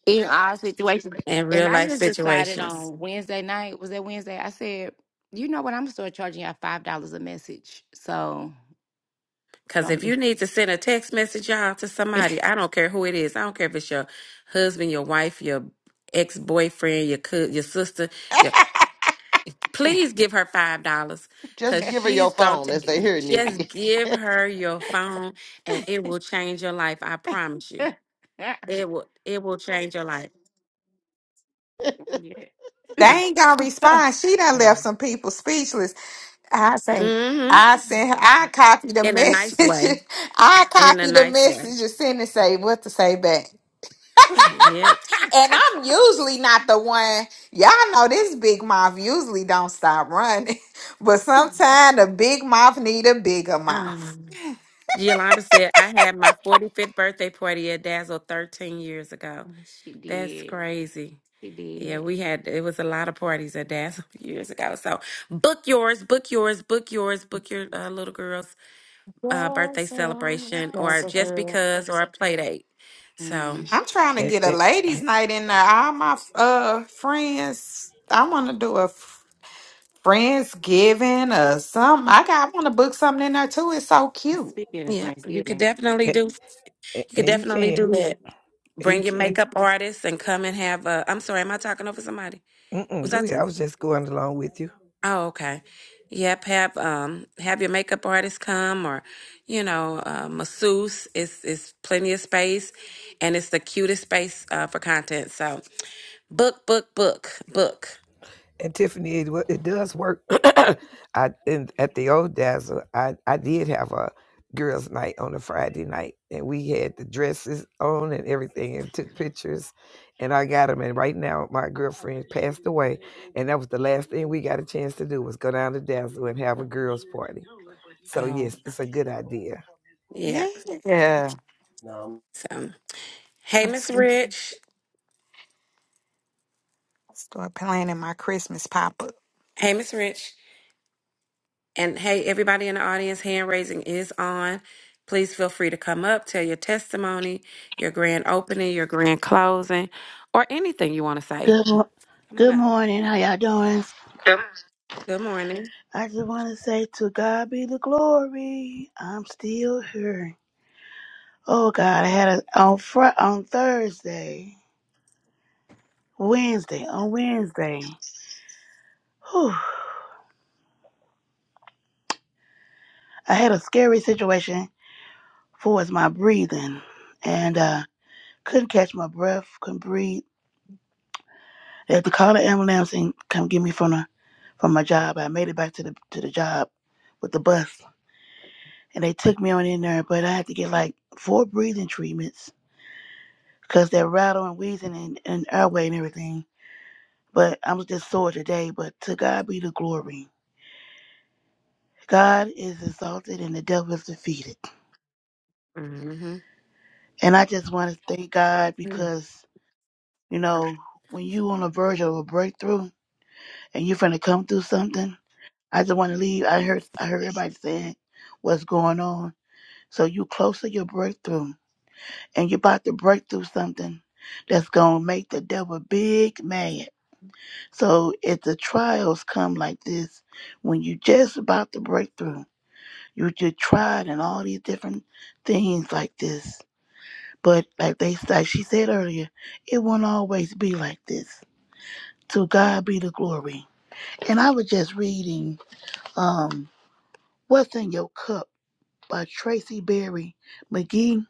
Speaker 6: in our situation.
Speaker 9: in
Speaker 6: And
Speaker 9: real
Speaker 6: I
Speaker 9: life
Speaker 6: just decided
Speaker 9: situations.
Speaker 6: on Wednesday night, was that Wednesday? I said, you know what, I'm gonna start charging y'all five dollars a message. So
Speaker 9: Because
Speaker 6: don't
Speaker 9: if you
Speaker 6: be-
Speaker 9: need to send a text message out to somebody, I don't care who it is. I don't care if it's your husband, your wife, your ex boyfriend, your co- your sister. Your please give her five dollars
Speaker 8: just
Speaker 9: because
Speaker 8: give her your
Speaker 9: she's going
Speaker 8: phone and say,
Speaker 9: to
Speaker 8: "Here,
Speaker 9: just
Speaker 8: Nikki,
Speaker 9: give her your phone, and it will change your life. I promise you, it will. It will change your life.
Speaker 6: yeah.
Speaker 1: They ain't gonna respond. She done left some people speechless. I say,
Speaker 9: hmm
Speaker 1: I sent her, I copy the
Speaker 9: In a nice way.
Speaker 1: message. I
Speaker 9: In a
Speaker 1: copy the
Speaker 9: nice way.
Speaker 1: message and send and say what to say back.
Speaker 9: Yeah.
Speaker 1: And I'm usually not the one. Y'all know this big mouth usually don't stop running. But sometimes a big mouth need a bigger mouth.
Speaker 9: Ah. Giolanda said, I had my 45th birthday party at Dazzle 13 years ago.
Speaker 6: she
Speaker 9: That's
Speaker 6: did.
Speaker 9: crazy.
Speaker 6: She
Speaker 9: Yeah,
Speaker 6: did.
Speaker 9: we had, it was a lot of parties at Dazzle years ago. So book yours, book yours, book yours, book your uh, little girl's uh, birthday celebration or just because or a play date. So
Speaker 6: Mhm.
Speaker 1: I'm trying to
Speaker 13: and,
Speaker 1: get a
Speaker 13: and,
Speaker 1: ladies'
Speaker 13: and,
Speaker 1: night in there. All my uh friends, I want to do a Friendsgiving or something. I got I want to book something in there too. It's so cute.
Speaker 6: Speaking of
Speaker 9: yeah, you could
Speaker 6: Thanksgiving,
Speaker 9: definitely
Speaker 13: and
Speaker 9: do, you could
Speaker 13: and you
Speaker 9: definitely do
Speaker 13: can.
Speaker 9: that.
Speaker 13: And you
Speaker 9: Bring your
Speaker 13: can't.
Speaker 9: makeup artist and come and have a, I'm sorry, am I talking over somebody?
Speaker 13: Mm-mm,
Speaker 9: Was
Speaker 13: go
Speaker 9: that?
Speaker 13: ahead. I was just going along with you.
Speaker 9: Oh, okay. Yep, have um have your makeup artist come or you know, uh, masseuse. It's it's plenty of space and it's the cutest space uh, for content. So book, book, book, book.
Speaker 13: And Tiffany, it, wo- it does work. I in, at the old dazzle, I I did have a girls' night on a Friday night, and we had the dresses on and everything, and took pictures, and I got them. And right now, my girlfriend passed away, and that was the last thing we got a chance to do was go down to dazzle and have a girls' party. So
Speaker 9: Oh,
Speaker 13: yes, it's a good idea.
Speaker 9: yeah.
Speaker 1: Yeah. Yeah.
Speaker 9: So hey
Speaker 1: Let's
Speaker 9: Miss
Speaker 1: get-
Speaker 9: Rich.
Speaker 1: start planning my Christmas pop up.
Speaker 9: Hey Miss Rich. And hey everybody in the audience, hand raising is on. Please feel free to come up, tell your testimony, your grand opening, your grand closing, or anything you want to say.
Speaker 15: Good, mo-
Speaker 9: Come on
Speaker 15: good
Speaker 9: up.
Speaker 15: morning. How y'all doing?
Speaker 9: Good morning.
Speaker 15: I just want to say to God be the glory. I'm still here. Oh God, I had a on fr- on Thursday, Wednesday, on Wednesday. Whew, I had a scary situation for was my breathing, and uh, couldn't catch my breath, couldn't breathe. They had to call the ambulance and come get me from the from my job. I made it back to the to the job with the bus, and they took me on in there, but I had to get like four breathing treatments because they're rattle and wheezing, and, and airway and everything. But I'm just sore today, but to God be the glory. God is exalted and the devil is defeated. And I just want to thank God
Speaker 9: Mm-hmm.
Speaker 15: because, you know, when you on the verge of a breakthrough and you're finna come through something, I just want to leave. I heard I heard everybody saying what's going on. So you close to your breakthrough and you're about to break through something that's going to make the devil big mad. So if the trials come like this, when you just about to break through, you just tried and all these different things like this. But like they like she said earlier, it won't always be like this. To God be the glory. And I was just reading um What's in Your Cup by Tracy Berry McGee.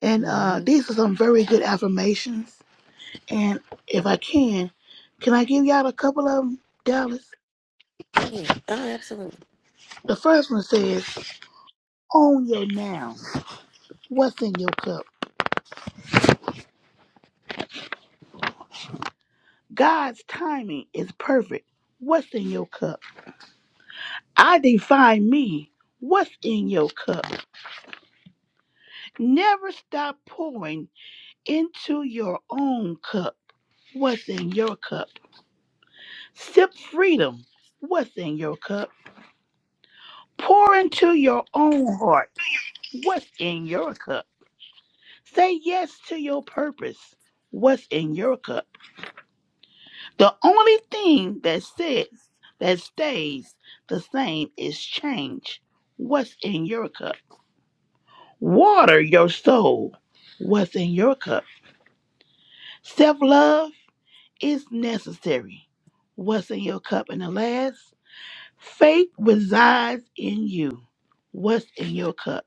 Speaker 15: And uh,
Speaker 9: Mm-hmm.
Speaker 15: these are some very good affirmations And if I can, can I give y'all a couple of them, Dallas?
Speaker 9: Right. Oh, absolutely.
Speaker 15: The first one says, Own your now. What's in your cup? God's timing is perfect. What's in your cup? I define me. What's in your cup? Never stop pouring into your own cup. What's in your cup? Sip freedom. What's in your cup? Pour into your own heart. What's in your cup? Say yes to your purpose. What's in your cup? The only thing that sits, that stays the same is change. What's in your cup? Water your soul. What's in your cup? Self love is necessary. What's in your cup? And the last, faith resides in you. What's in your cup?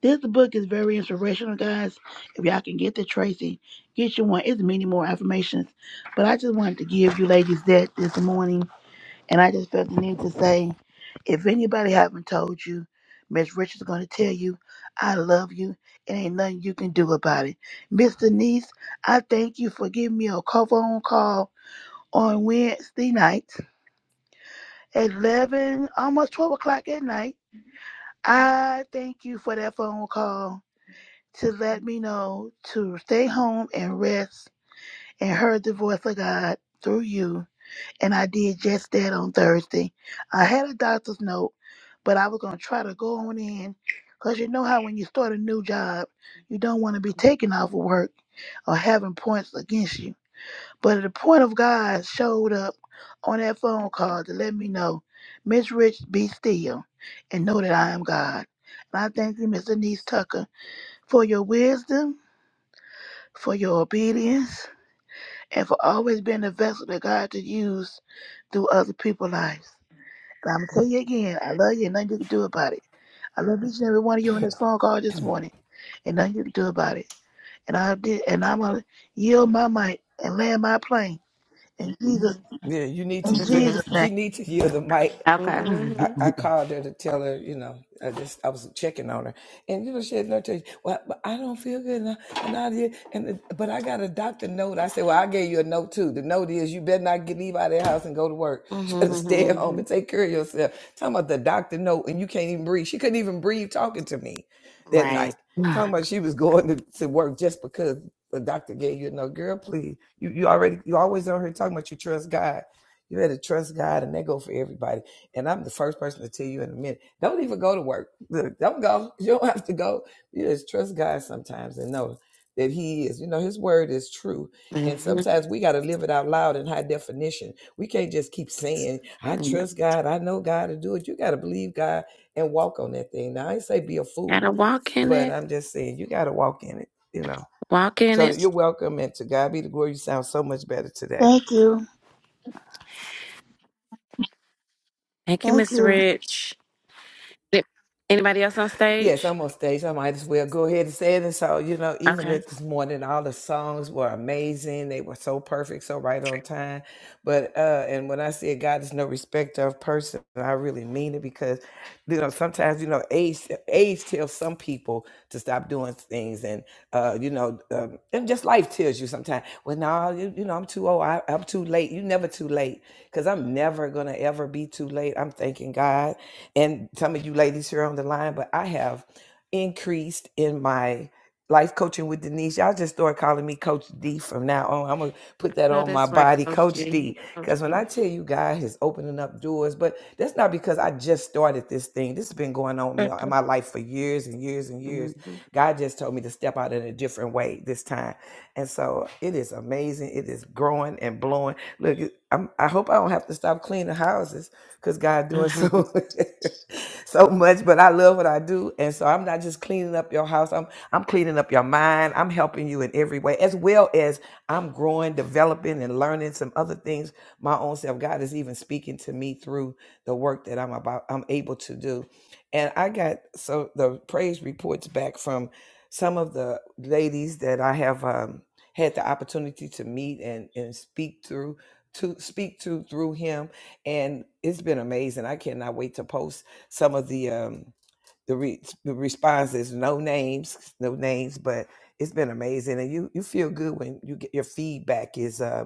Speaker 15: This book is very inspirational, guys. If y'all can get to Tracy, get you one. It's many more affirmations, but I just wanted to give you ladies that this morning, and I just felt the need to say, if anybody haven't told you, Miss Richards going to tell you, I love you, and ain't nothing you can do about it. Miss Denise, I thank you for giving me a co- phone call on Wednesday night at 11, almost 12 o'clock at night. I thank you for that phone call to let me know to stay home and rest and heard the voice of God through you. And I did just that on Thursday. I had a doctor's note, but I was going to try to go on in because you know how when you start a new job, you don't want to be taken off of work or having points against you. But the point of God showed up on that phone call to let me know, Miss Rich, be still and know that I am God. And I thank you, Miss Denise Tucker, for your wisdom for your obedience, and for always being the vessel that God to use through other people's lives. But I'm gonna tell you again, I love you, and nothing you can do about it. I love each and every one of you on this phone call this morning, and nothing you can do about it. And I did, and I'm gonna yield my mic and land my plane in Jesus,
Speaker 13: Yeah, you need
Speaker 15: in
Speaker 13: to yield.
Speaker 9: Mm-hmm.
Speaker 15: Jesus' name.
Speaker 13: She needs to yield the mic
Speaker 6: Okay.
Speaker 13: I,
Speaker 9: Mm-hmm.
Speaker 13: I called her to tell her, you know, I just I was checking on her, and you know she had no tell you, well, but I don't feel good, and I, and I did, and the- but I got a doctor note. I said, well, I gave you a note too. The note is you better not get leave out of the house and go to work. You better stay at home
Speaker 9: Mm-hmm.
Speaker 13: and take care of yourself. Talking about the doctor note, and you can't even breathe. She couldn't even breathe talking to me that
Speaker 9: Right.
Speaker 13: night. Talking about she was going to, to work just because the doctor gave you a note. Girl, please, you you already you always on here talking about you trust God. You better trust God, and that go for everybody and I'm the first person to tell you in a minute. Don't even go to work. Don't go. You don't have to go. You just trust God sometimes and know that He is. You know, His word is true. And
Speaker 9: Mm-hmm.
Speaker 13: sometimes we got to live it out loud in high definition. We can't just keep saying, I
Speaker 9: Mm-hmm.
Speaker 13: trust God. I know God to do it. You got to believe God and walk on that thing. Now, I ain't say be a fool,
Speaker 9: Gotta walk in
Speaker 13: but
Speaker 9: it.
Speaker 13: I'm just saying you got to walk in it, you know.
Speaker 9: Walk in
Speaker 13: So
Speaker 9: it.
Speaker 13: you're welcome. And to God be the glory. You sound so much better today.
Speaker 15: Thank you,
Speaker 9: Thank you,
Speaker 15: thank
Speaker 9: Miss
Speaker 15: you.
Speaker 9: Rich. Yep. Anybody else on
Speaker 13: Yes,
Speaker 9: stage?
Speaker 13: I'm on stage. I might as well go ahead and say it. And so, you know, even
Speaker 9: Okay.
Speaker 13: this morning, all the songs were amazing. They were so perfect, so right on time. But uh, and when I say God is no respecter of person, I really mean it because, you know, sometimes you know age age tells some people to stop doing things, and uh, you know, um, and just life tells you sometimes. Well, no, you, you know, I'm too old. I, I'm too late. You never too late because I'm never gonna ever be too late. I'm thanking God and some of you ladies here on the line, but I have increased in my life coaching with Denise. Y'all just start calling me Coach D from now on. I'm gonna put that
Speaker 9: No,
Speaker 13: on my
Speaker 9: that's right,
Speaker 13: body,
Speaker 9: Coach
Speaker 13: Coach
Speaker 9: G.
Speaker 13: D.
Speaker 9: Coach
Speaker 13: Because when
Speaker 9: G.
Speaker 13: I tell you God is opening up doors, but that's not because I just started this thing. This has been going on in my life for years and years and years.
Speaker 9: Mm-hmm.
Speaker 13: God just told me to step out in a different way this time. And so it is amazing. It is growing and blowing. Look, I'm, I hope I don't have to stop cleaning houses because God doing
Speaker 9: Mm-hmm.
Speaker 13: so so much. But I love what I do, and so I'm not just cleaning up your house. I'm I'm cleaning up your mind. I'm helping you in every way, as well as I'm growing, developing, and learning some other things my own self. God is even speaking to me through the work that I'm about. I'm able to do, and I got so the praise reports back from some of the ladies that I have. Um, had the opportunity to meet and, and speak through to speak to through him and it's been amazing. I cannot wait to post some of the um, the, re- the response no names, no names, but it's been amazing, and you you feel good when you get your feedback is uh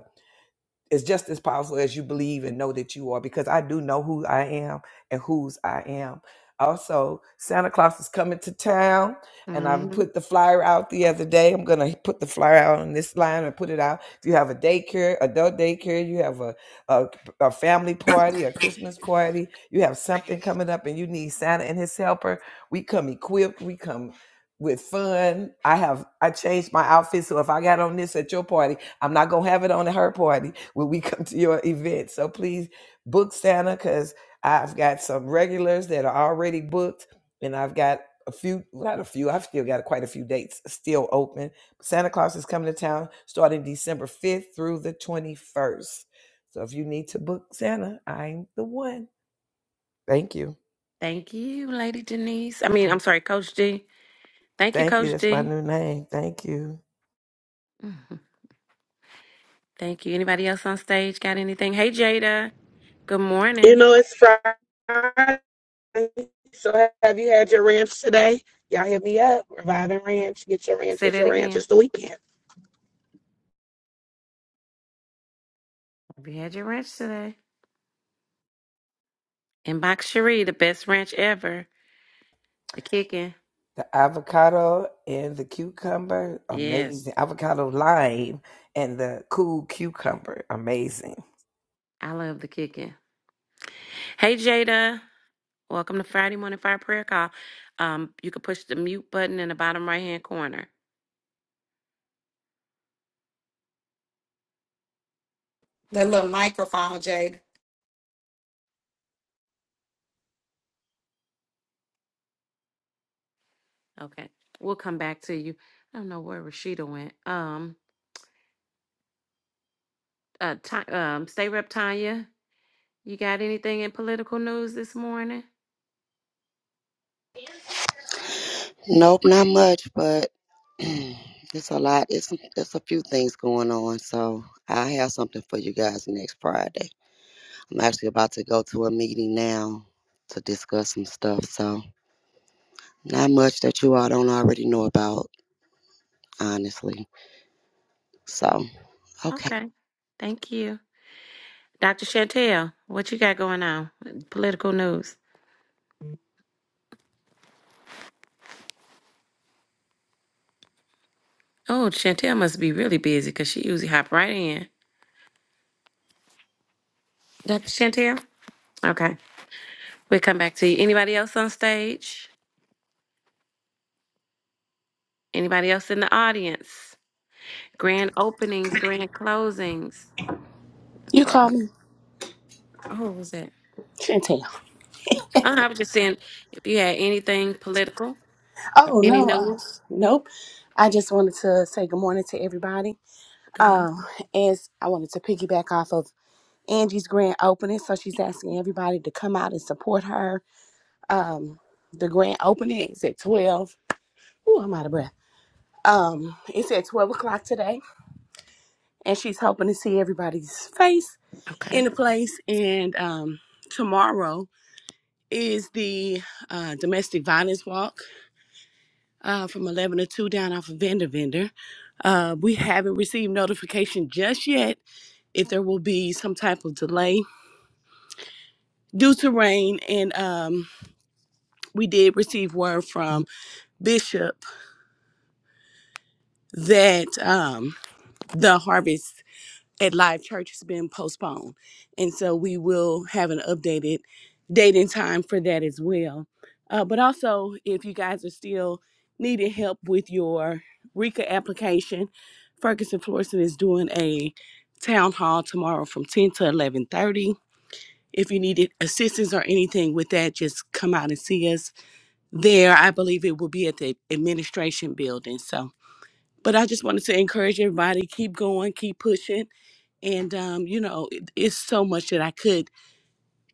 Speaker 13: is just as powerful as you believe and know that you are because I do know who I am and whose I am. Also, Santa Claus is coming to town and I
Speaker 9: Mm-hmm.
Speaker 13: put the flyer out the other day. I'm going to put the flyer out on this line and put it out. If you have a daycare, adult daycare, you have a, a, a family party, a Christmas party, you have something coming up and you need Santa and his helper, we come equipped, we come with fun. I have I changed my outfit so if I got on this at your party, I'm not gonna have it on at her party when we come to your event. So please book Santa because I've got some regulars that are already booked, and I've got a few, not a few, I've still got quite a few dates still open. Santa Claus is coming to town starting December 5th through the 21st. So if you need to book Santa, I'm the one. Thank you.
Speaker 9: Thank you, Lady Denise. I mean, I'm sorry, Coach D. Thank you,
Speaker 13: Thank you.
Speaker 9: Coach
Speaker 13: That's my
Speaker 9: D.
Speaker 13: new name. Thank you.
Speaker 9: Mhm. Thank you. Anybody else on stage got anything? Hey, Jada. Good morning. Say that again. Have you had your ranch today? And Box Cherie, the best ranch ever. The kicking.
Speaker 13: The avocado and the cucumber,
Speaker 9: Yes,
Speaker 13: amazing. Avocado lime and the cool cucumber, amazing.
Speaker 9: I love the kicking. Hey, Jada. Welcome to Friday Morning Fire Prayer Call. Um, you can push the mute button in the bottom right hand corner.
Speaker 1: That little microphone, Jada.
Speaker 9: Okay. We'll come back to you. I don't know where Rashida went. Um, Uh, Ti- um, State Rep Tanya, you got anything in political news this morning?
Speaker 14: Nope, not much, but it's a lot. It's it's a few things going on. So I have something for you guys next Friday. I'm actually about to go to a meeting now to discuss some stuff. So not much that you all don't already know about, honestly. So okay.
Speaker 9: Okay, thank you. Dr. Chantel, what you got going on? Political news. Oh, Chantel must be really busy because she usually hop right in. Dr. Chantel? Okay, we'll come back to you. Anybody else on stage? Anybody else in the audience? Grand openings, grand closings.
Speaker 12: You
Speaker 9: Okay.
Speaker 12: call me
Speaker 9: Oh, what was that?
Speaker 12: Chantel.
Speaker 9: Uh, I was just saying if you had anything political,
Speaker 12: Oh
Speaker 9: any
Speaker 12: no, uh,
Speaker 9: news.
Speaker 12: nope. I just wanted to say good morning to everybody.
Speaker 9: Come on.
Speaker 12: Um, as I wanted to piggyback off of Angie's grand opening, so she's asking everybody to come out and support her. Um, the grand opening is at twelve. Ooh, I'm out of breath. Um, it's at twelve o'clock today, and she's hoping to see everybody's face
Speaker 9: Okay.
Speaker 12: in the place. And um, tomorrow is the uh, domestic violence walk. uh, from 11 to 2 down off of Vendor Vendor. Uh, we haven't received notification just yet if there will be some type of delay due to rain. And um, we did receive word from Bishop that um, the harvest at Live Church has been postponed. And so we will have an updated date and time for that as well. Uh, but also, if you guys are still needing help with your RICA application, Ferguson Florissant is doing a town hall tomorrow from 10 to 11.30. If you needed assistance or anything with that, just come out and see us there. I believe it will be at the administration building. So but I just wanted to encourage everybody keep going, keep pushing. And, um, you know, it, it's so much that I could,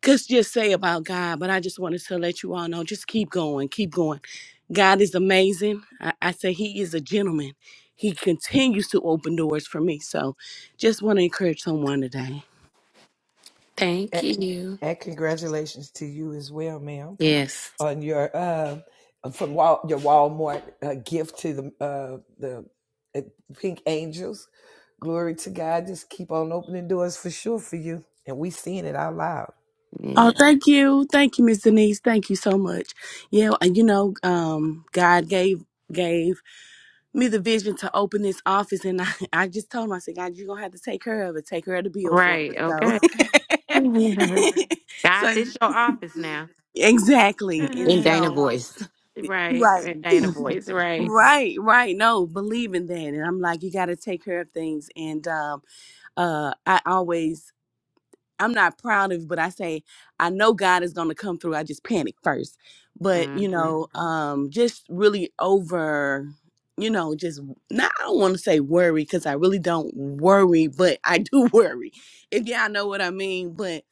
Speaker 12: could just say about God, but I just wanted to let you all know just keep going, keep going. God is amazing. I, I say He is a gentleman. He continues to open doors for me. So just want to encourage someone today.
Speaker 9: Thank
Speaker 13: And,
Speaker 9: you.
Speaker 13: and congratulations to you as well, ma'am,
Speaker 9: Yes.
Speaker 13: on your uh, from Wal- your Walmart uh, gift to the uh, the uh, Pink Angels. Glory to God. Just keep on opening doors for sure for you, and we seeing it out loud.
Speaker 12: Oh,
Speaker 9: Yes.
Speaker 12: thank you. Thank you, Miss Denise. Thank you so much. Yeah, and you know, um, God gave gave me the vision to open this office and I, I just told him, I said, God, you're gonna have to take care of it, take care of the bill for me.
Speaker 9: Right. Okay.
Speaker 12: So
Speaker 9: God,
Speaker 12: so
Speaker 9: this your office now.
Speaker 12: exactly. And
Speaker 6: In Dana
Speaker 9: right.
Speaker 12: so
Speaker 6: voice.
Speaker 12: Right.
Speaker 9: And Dana voice. Right.
Speaker 12: Right, right. No, believe in that. And I'm like, you gotta take care of things. And um uh I always I'm not proud of, but I say I know God is gonna come through. I just panic first, but you
Speaker 9: Mm-hmm.
Speaker 12: know, um, just really over, you know, just not. I don't want to say worry because I really don't worry, but I do worry. If y'all know what I mean. But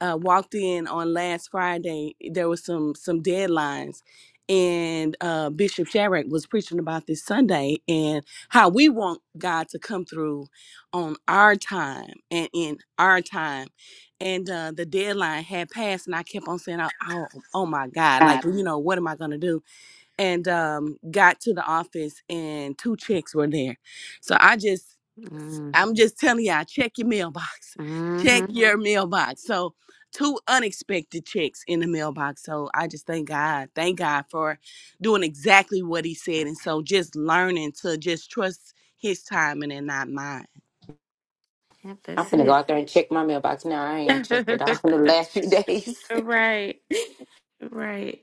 Speaker 12: uh, walked in on last Friday. There was some some deadlines, and uh, Bishop Sharrock was preaching about this Sunday and how we want God to come through on our time and in our time and uh, the deadline had passed and i kept on saying oh, oh, oh my god like
Speaker 9: God.
Speaker 12: well, you know what am i going to do and um, got to the office and two checks were there so i just i'm just telling y'all check your mailbox check
Speaker 9: Mm-hmm.
Speaker 12: Mhm. your mailbox so two unexpected checks in the mailbox so i just thank god thank god for doing exactly what he said and so just learning to just trust his timing and not mine
Speaker 9: Yep,
Speaker 6: I'm
Speaker 9: that's
Speaker 6: gonna go
Speaker 9: it.
Speaker 6: out there and check my mailbox now. I ain't checked it off in the last few days.
Speaker 9: right. Right.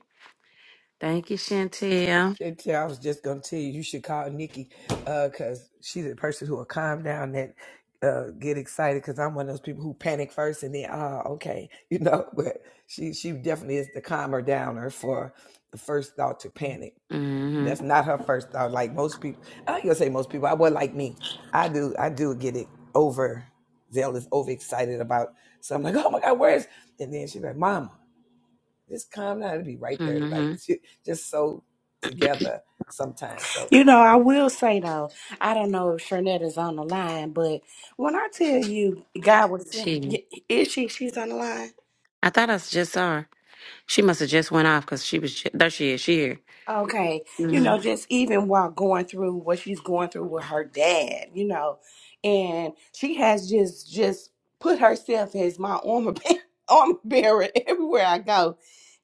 Speaker 9: Thank you, Chantel.
Speaker 13: Shit, yeah, I was just gonna tell you, you should call Nikki, uh, cause she's the person who will calm down and uh get excited because I'm one of those people who panic first and then ah okay, you know, but she she definitely is the calmer downer for the first thought to panic.
Speaker 9: Mm-hmm.
Speaker 13: That's not her first thought. Like most people I ain't gonna say most people, I was like me. I do I do get it over zealous, overexcited about something like, oh my god, where's and then she's like, Mama just calm down. It'll be right there, like
Speaker 9: Mm-hmm.
Speaker 13: just so together sometimes. So
Speaker 12: You know, I will say though, I don't know if Shernette is on the line, but when I tell you God was,
Speaker 9: She.
Speaker 12: yeah, is she? She's on the line.
Speaker 9: I thought I just saw her. She must have just went off because she was. ju- There she is. She here.
Speaker 12: Okay, you know,
Speaker 9: Mm-hmm.
Speaker 12: just even while going through what she's going through with her dad, you know, and she has just just put herself as my armor bear- armor bearer everywhere I go,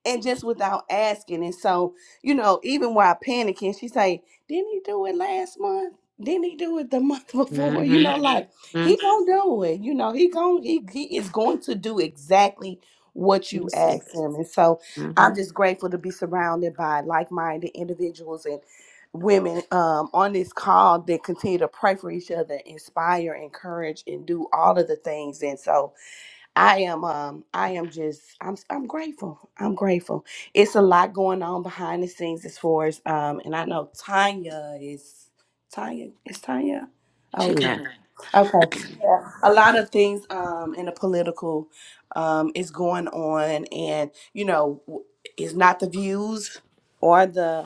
Speaker 12: and just without asking. And so, you know, even while panicking, she say, "Didn't he do it last month? Didn't he do it the month before?
Speaker 9: Mm-hmm.
Speaker 12: You know, like
Speaker 9: Mm-hmm.
Speaker 12: he gonna do it. You know, he going he he is going to do exactly what
Speaker 9: Let
Speaker 12: you
Speaker 9: me see.
Speaker 12: ask him." And so I'm
Speaker 9: Mm-hmm.
Speaker 12: just grateful to be surrounded by like minded individuals and women um, on this call that continue to pray for each other, inspire, encourage, and do all of the things. And so, I am um I am just I'm I'm grateful. I'm grateful. It's a lot going on behind the scenes as far as um and I know Tanya is Tanya is Tanya.
Speaker 9: She
Speaker 12: Okay.
Speaker 9: left.
Speaker 12: Okay. Yeah. A lot of things um in the political um is going on and you know w- it's not the views or the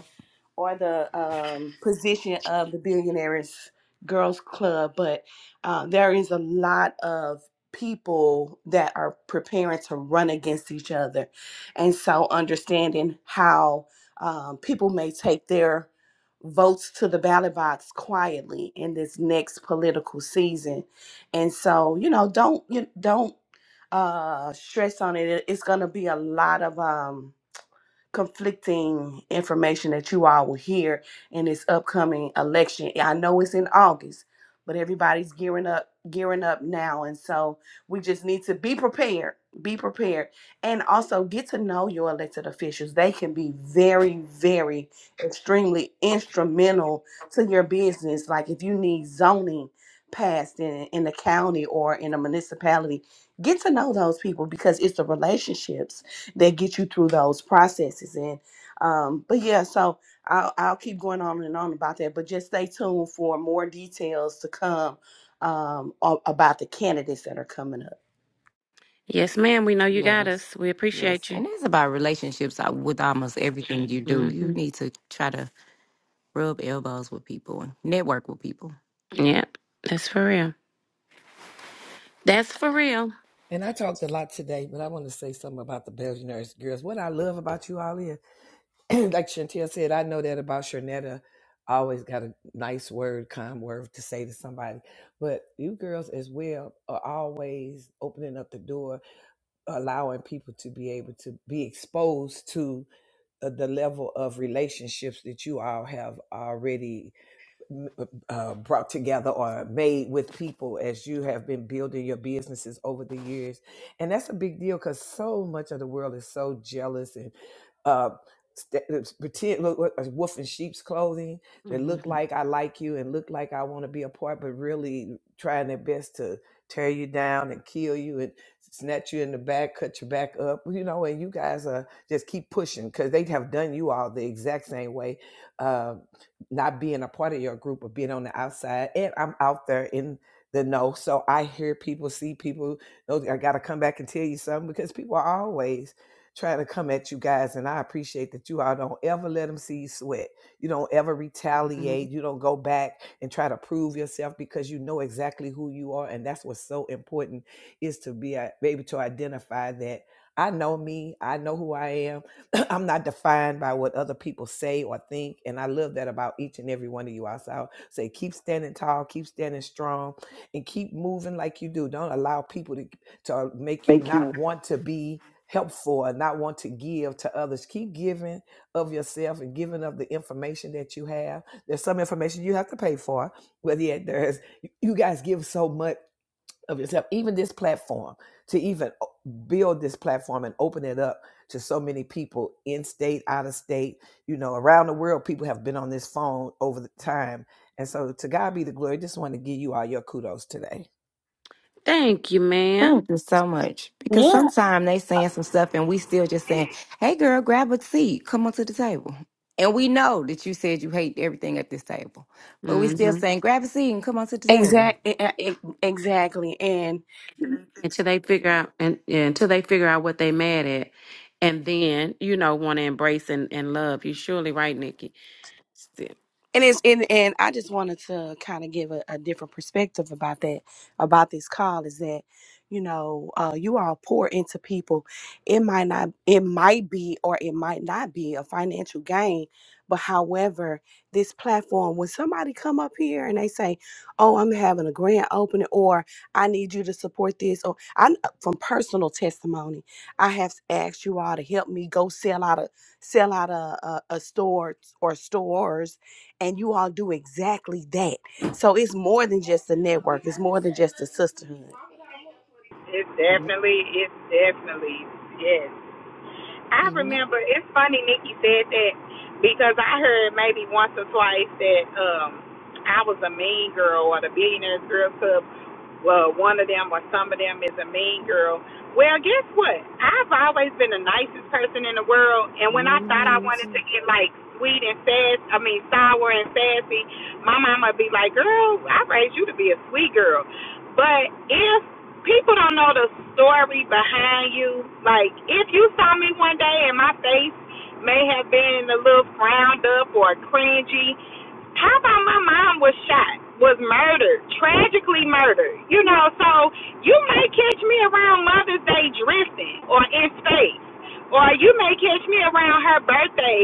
Speaker 12: or the um, position of the Billionaires Girls Club, but uh, there is a lot of people that are preparing to run against each other. And so understanding how um, people may take their votes to the ballot box quietly in this next political season. And so, you know, don't you don't uh stress on it. It- It's going to be a lot of um conflicting information that you all will hear in this upcoming election. I know it's in August, but everybody's gearing up gearing up now and so we just need to be prepared, be prepared and also get to know your elected officials. They can be very very extremely instrumental to your business like if you need zoning passed in in the county or in a municipality, get to know those people because it's the relationships that get you through those processes and um but yeah so I'll, I'll keep going on and on about that but just stay tuned for more details to come um a- about the candidates that are coming up
Speaker 9: Yes, ma'am. We know you got
Speaker 6: Yes.
Speaker 9: us. We
Speaker 6: Yes.
Speaker 9: appreciate you.
Speaker 6: And that's about relationships uh, with almost everything you do. You
Speaker 9: Mm-hmm.
Speaker 6: need to try to rub elbows with people and network with people.
Speaker 9: Yep. That's for real. That's for real.
Speaker 13: And I talked a lot today, but I want to say something about the Billionaires Girls. What I love about you all is, like Chantel said, I know that about Sharnetta. I always got a nice word, kind word to say to somebody. But you girls as well are always opening up the door allowing people to be able to be exposed to uh, the level of relationships that you all have already uh, uh, brought together or made with people as you have been building your businesses over the years. And that's a big deal because so much of the world is so jealous and uh, st- it's pretend look look, a wolf in sheep's clothing that look
Speaker 9: Mm-hmm.
Speaker 13: like I like you and look like I want to be a part, but really trying their best to tear you down and kill you and snatch you in the back, cut your back up, you know. And you guys are just keep pushing because they have done you all the exact same way. Uh, not being a part of your group or being on the outside. And I'm out there in the know. So I hear people, see people, know that I gotta come back and tell you something because people are always trying to come at you guys. And I appreciate that you all don't ever let them see you sweat. You don't ever retaliate. You don't go back and try to prove yourself because you know exactly who you are. And that's what's so important is to be a- able to identify that I know me, I know who I am I'm not defined by what other people say or think. And I love that about each and every one of you. I s- I'll say, keep standing tall, keep standing strong, and keep moving like you do. Don't allow people to, to make you
Speaker 9: Thank
Speaker 13: not
Speaker 9: you.
Speaker 13: want to be helpful or not want to give to others. Keep giving of yourself and giving of the information that you have. There's some information you have to pay for, but yet there's, you guys give so much of yourself, even this platform, to even uh, build this platform and open it up to so many people in state, out of state, you know, around the world. People have been on this phone over the time. And so to God be the glory. Just want to give you all your kudos today.
Speaker 9: Thank you,
Speaker 6: Thank you so much. Because
Speaker 12: yeah
Speaker 6: sometimes they saying some stuff and we still just saying, Hey girl, grab a seat. Come on to the table. And we know that you said you hate everything at this table. But we
Speaker 9: madam
Speaker 6: still saying, Grab a seat and come on to the table.
Speaker 12: exactly exactly and
Speaker 9: until they figure out and yeah, until they figure out what they mad at and then you know want to embrace and, and love you surely right nikki Still.
Speaker 12: And it's and, and I just wanted to kind of give a, a different perspective about that, about this call is that, you know, uh, you all pour into people. It might not it might be or it might not be a financial gain, but however, this platform, when somebody come up here and they say, Oh, I'm having a grand opening or I need you to support this, or I from personal testimony, I have asked you all to help me go sell out a sell out a, a, a store or stores and you all do exactly that. So it's more than just a network. It's more than just a sisterhood.
Speaker 1: It's
Speaker 9: Mhm.
Speaker 1: definitely, it's definitely, yes. I
Speaker 9: yeah
Speaker 1: remember, it's funny Nikki said that because I heard maybe once or twice that um I was a mean girl or the Billionaires Girl Club well, one of them or some of them is a mean girl. Well, guess what? I've always been the nicest person in the world, and when I thought I wanted to
Speaker 9: Mhm.
Speaker 1: get like sweet and fast, I mean sour and sassy, my mama would be like, "Girl, I raised you to be a sweet girl." But if people don't know the story behind you, like if you saw me one day and my face may have been a little frowned up or cringy, how about my mom was shot, was murdered, tragically murdered? You know, so you may catch me around Mother's Day drifting or in space, or you may catch me around her birthday,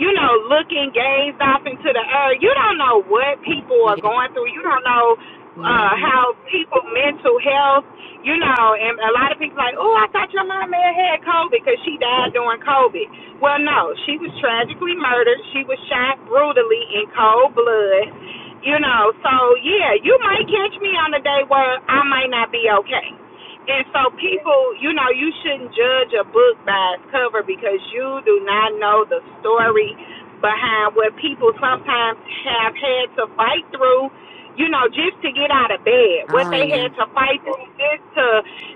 Speaker 1: you know, looking gazed off into the earth. You don't know what people are
Speaker 9: yeah
Speaker 1: going through. You don't know uh
Speaker 9: hmm
Speaker 1: how people mental health, you know, and a lot of people like, Oh, I thought your mom may have had COVID because she died during COVID. Well no, she was tragically murdered. She was shot brutally in cold blood. You know, so yeah, you might catch me on a day where I might not be okay. And so people, you know, you shouldn't judge a book by its cover because you do not know the story behind what people sometimes have had to fight through, you know, just to get out of bed. What
Speaker 9: oh
Speaker 1: they
Speaker 9: yeah
Speaker 1: had to fight through just to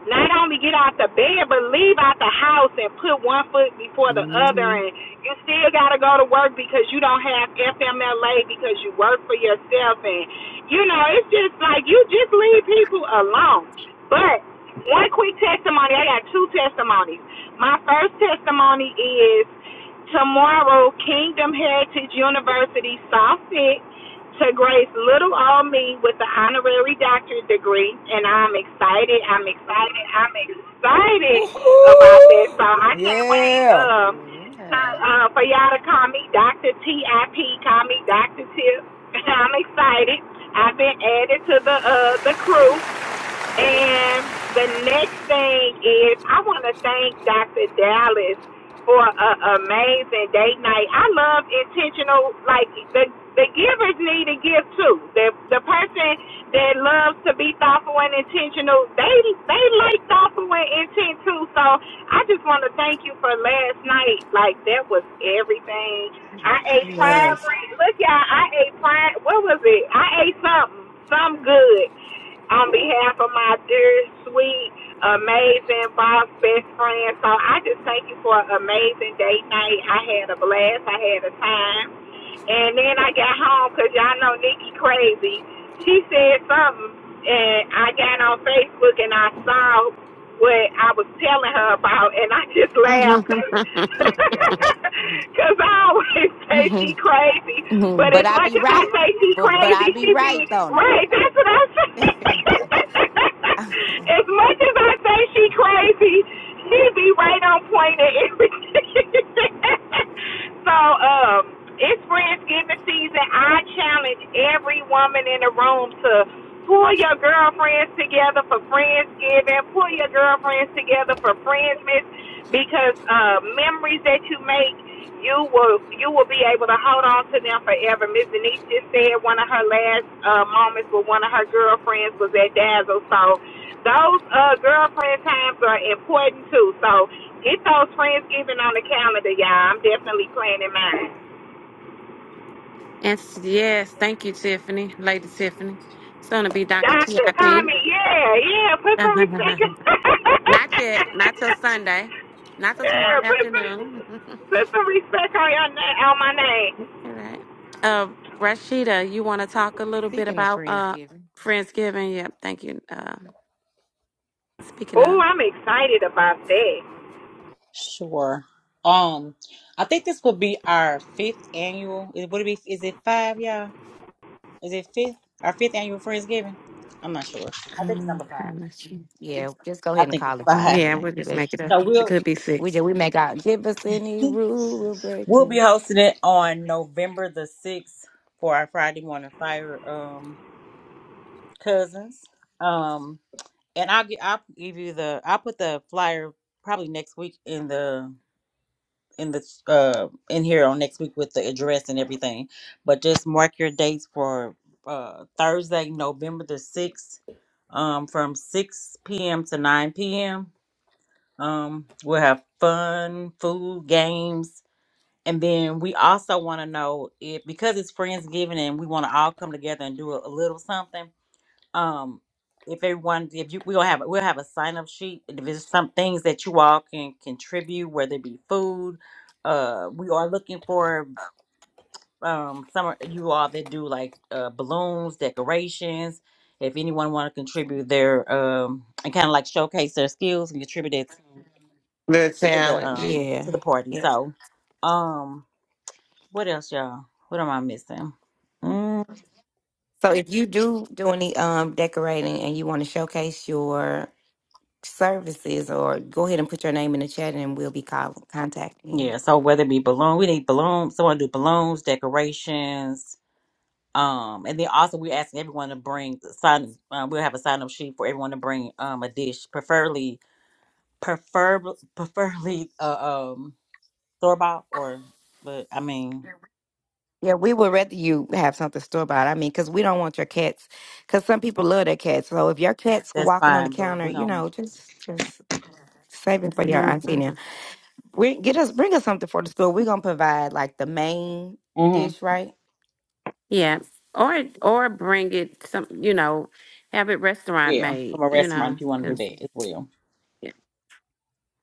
Speaker 1: not only get out the bed but leave out the house and put one foot before the other
Speaker 9: hmm
Speaker 1: and you still gotta go to work because you don't have FMLA because you work for yourself and you know, it's just like you just leave people alone. But one quick testimony. I got two testimonies. My first testimony is tomorrow Kingdom Heritage University saw fit to grace little old me with an honorary doctorate degree and I'm excited, I'm excited, I'm excited about that. So
Speaker 13: Woohoo!
Speaker 1: I can't wait
Speaker 13: Yeah.
Speaker 1: um to,
Speaker 6: Yeah.
Speaker 1: uh, for y'all to call me Dr. T.I.P. Call me Dr. Tip. I'm excited. I've been added to the uh, the crew. And the next thing is, I want to thank Dr. Dallas for an amazing date night. I love intentional, like the the givers need to give too. The the person that loves to be thoughtful and intentional, they they like thoughtful and intent too. So I just want to thank you for last night. Like that was everything. I ate
Speaker 6: It
Speaker 1: fried.
Speaker 6: was.
Speaker 1: Look, y'all, I ate fried. What was it? I ate something, some good on behalf of my dear, sweet, amazing boss, best friend. So I just thank you for an amazing date night. I had a blast. I had a time. And then I got home because y'all know Nikki crazy. She said something, and I got on Facebook and I saw what I was telling her about, and I just
Speaker 9: and
Speaker 1: laughed because I always say she crazy. But
Speaker 6: but
Speaker 1: as
Speaker 6: I
Speaker 1: much
Speaker 6: be
Speaker 1: as I
Speaker 6: right.
Speaker 1: say she
Speaker 6: But but I
Speaker 1: crazy,
Speaker 6: be
Speaker 1: she be
Speaker 6: right, Donna.
Speaker 1: right. That's what I say. as much as I say she crazy, she be right on point at everything. so, um. It's Friendsgiving season. I challenge every woman in the room to pull your girlfriends together for Friendsgiving, pull your girlfriends together for Friendsmas, because uh, memories that you make, you will you will be able to hold on to them forever. Miss Denise just said one of her last uh, moments with one of her girlfriends was at Dazzle, so those uh, girlfriend times are important too. So get those Friendsgiving on the calendar, y'all. I'm definitely planning mine.
Speaker 9: s- yes thank you tiffany lady tiffany soon to be dr tip
Speaker 1: Doctor, call me. Yeah, yeah. Put some respect. yeah,
Speaker 9: not yet not till sunday not till tomorrow
Speaker 1: put, put,
Speaker 9: afternoon
Speaker 1: put some respect on your name, on my name.
Speaker 9: All right. Uh, Rashida, you want to talk a little bit
Speaker 6: Speaking of
Speaker 9: about uh
Speaker 6: Friendsgiving,
Speaker 9: Friendsgiving? Yep. Thank you. Uh, speaking
Speaker 1: Oh,
Speaker 9: of,
Speaker 1: I'm excited about that.
Speaker 2: Sure. Um, I think this will be our fifth annual. It would it be? Is it five, y'all? Is it fifth? Our fifth annual Friendsgiving? I'm not sure. I think it's
Speaker 9: um,
Speaker 2: number five.
Speaker 9: I'm not sure.
Speaker 6: yeah, just go
Speaker 2: I
Speaker 6: ahead and
Speaker 2: think it's
Speaker 6: call it five
Speaker 2: fine.
Speaker 6: every
Speaker 9: Yeah, we'll
Speaker 6: night.
Speaker 9: just
Speaker 6: But
Speaker 9: make it up.
Speaker 2: So
Speaker 9: It
Speaker 2: we'll
Speaker 9: could be
Speaker 6: we
Speaker 9: 6
Speaker 6: just we make out give us any rule, we'll break
Speaker 2: we'll be
Speaker 6: it.
Speaker 2: hosting it on November the sixth for our Friday morning fire um cousins. Um and I'll get I'll give you the I'll put the flyer probably next week in the in the uh in here on next week with the address and everything. But just mark your dates for uh Thursday, November the sixth, um from six PM to nine PM. Um we'll have fun, food, games And then we also want to know if because it's Friendsgiving and we want to all come together and do a, a little something. Um, if everyone, if you, we'll have we'll have a sign up sheet. If there's some things that you all can contribute, whether it be food, uh, we are looking for um some of you all that do like uh balloons, decorations. If anyone want to contribute their um and kind of like showcase their skills and contribute it
Speaker 8: the
Speaker 2: to the
Speaker 8: challenge."
Speaker 2: um
Speaker 6: Yeah.
Speaker 2: to the party.
Speaker 6: Yes.
Speaker 2: So, um. What else, y'all? What am I missing? Mm,
Speaker 6: So if you do do any um decorating and you want to showcase your services or go ahead and put your name in the chat and we'll be call, contacting you.
Speaker 2: yeah, so whether it be balloon, we need balloons. Someone do balloons, decorations. Um, and then also we're asking everyone to bring the sign. Uh, we'll have a sign up sheet for everyone to bring um a dish, preferably prefer preferably uh, um store bought or but I mean
Speaker 6: Yeah, we would rather you have something store bought. I mean, because we don't want your cats. Because some people love their cats. So if your cat's
Speaker 2: that's
Speaker 6: walking on the
Speaker 2: fine. But
Speaker 6: counter,
Speaker 2: we
Speaker 6: you
Speaker 2: um
Speaker 6: know, just just save it for your
Speaker 9: Mm-hmm.
Speaker 6: auntie We get us bring us something for the school. We're gonna provide like the main
Speaker 2: mm-hmm,
Speaker 6: dish, right?
Speaker 9: Yeah, or or bring it some, you know, have it restaurant
Speaker 2: yeah
Speaker 9: made,
Speaker 2: from a
Speaker 9: you
Speaker 2: restaurant
Speaker 9: know,
Speaker 2: if you want
Speaker 6: hmm
Speaker 2: to
Speaker 9: because
Speaker 2: do that as well.
Speaker 9: yeah,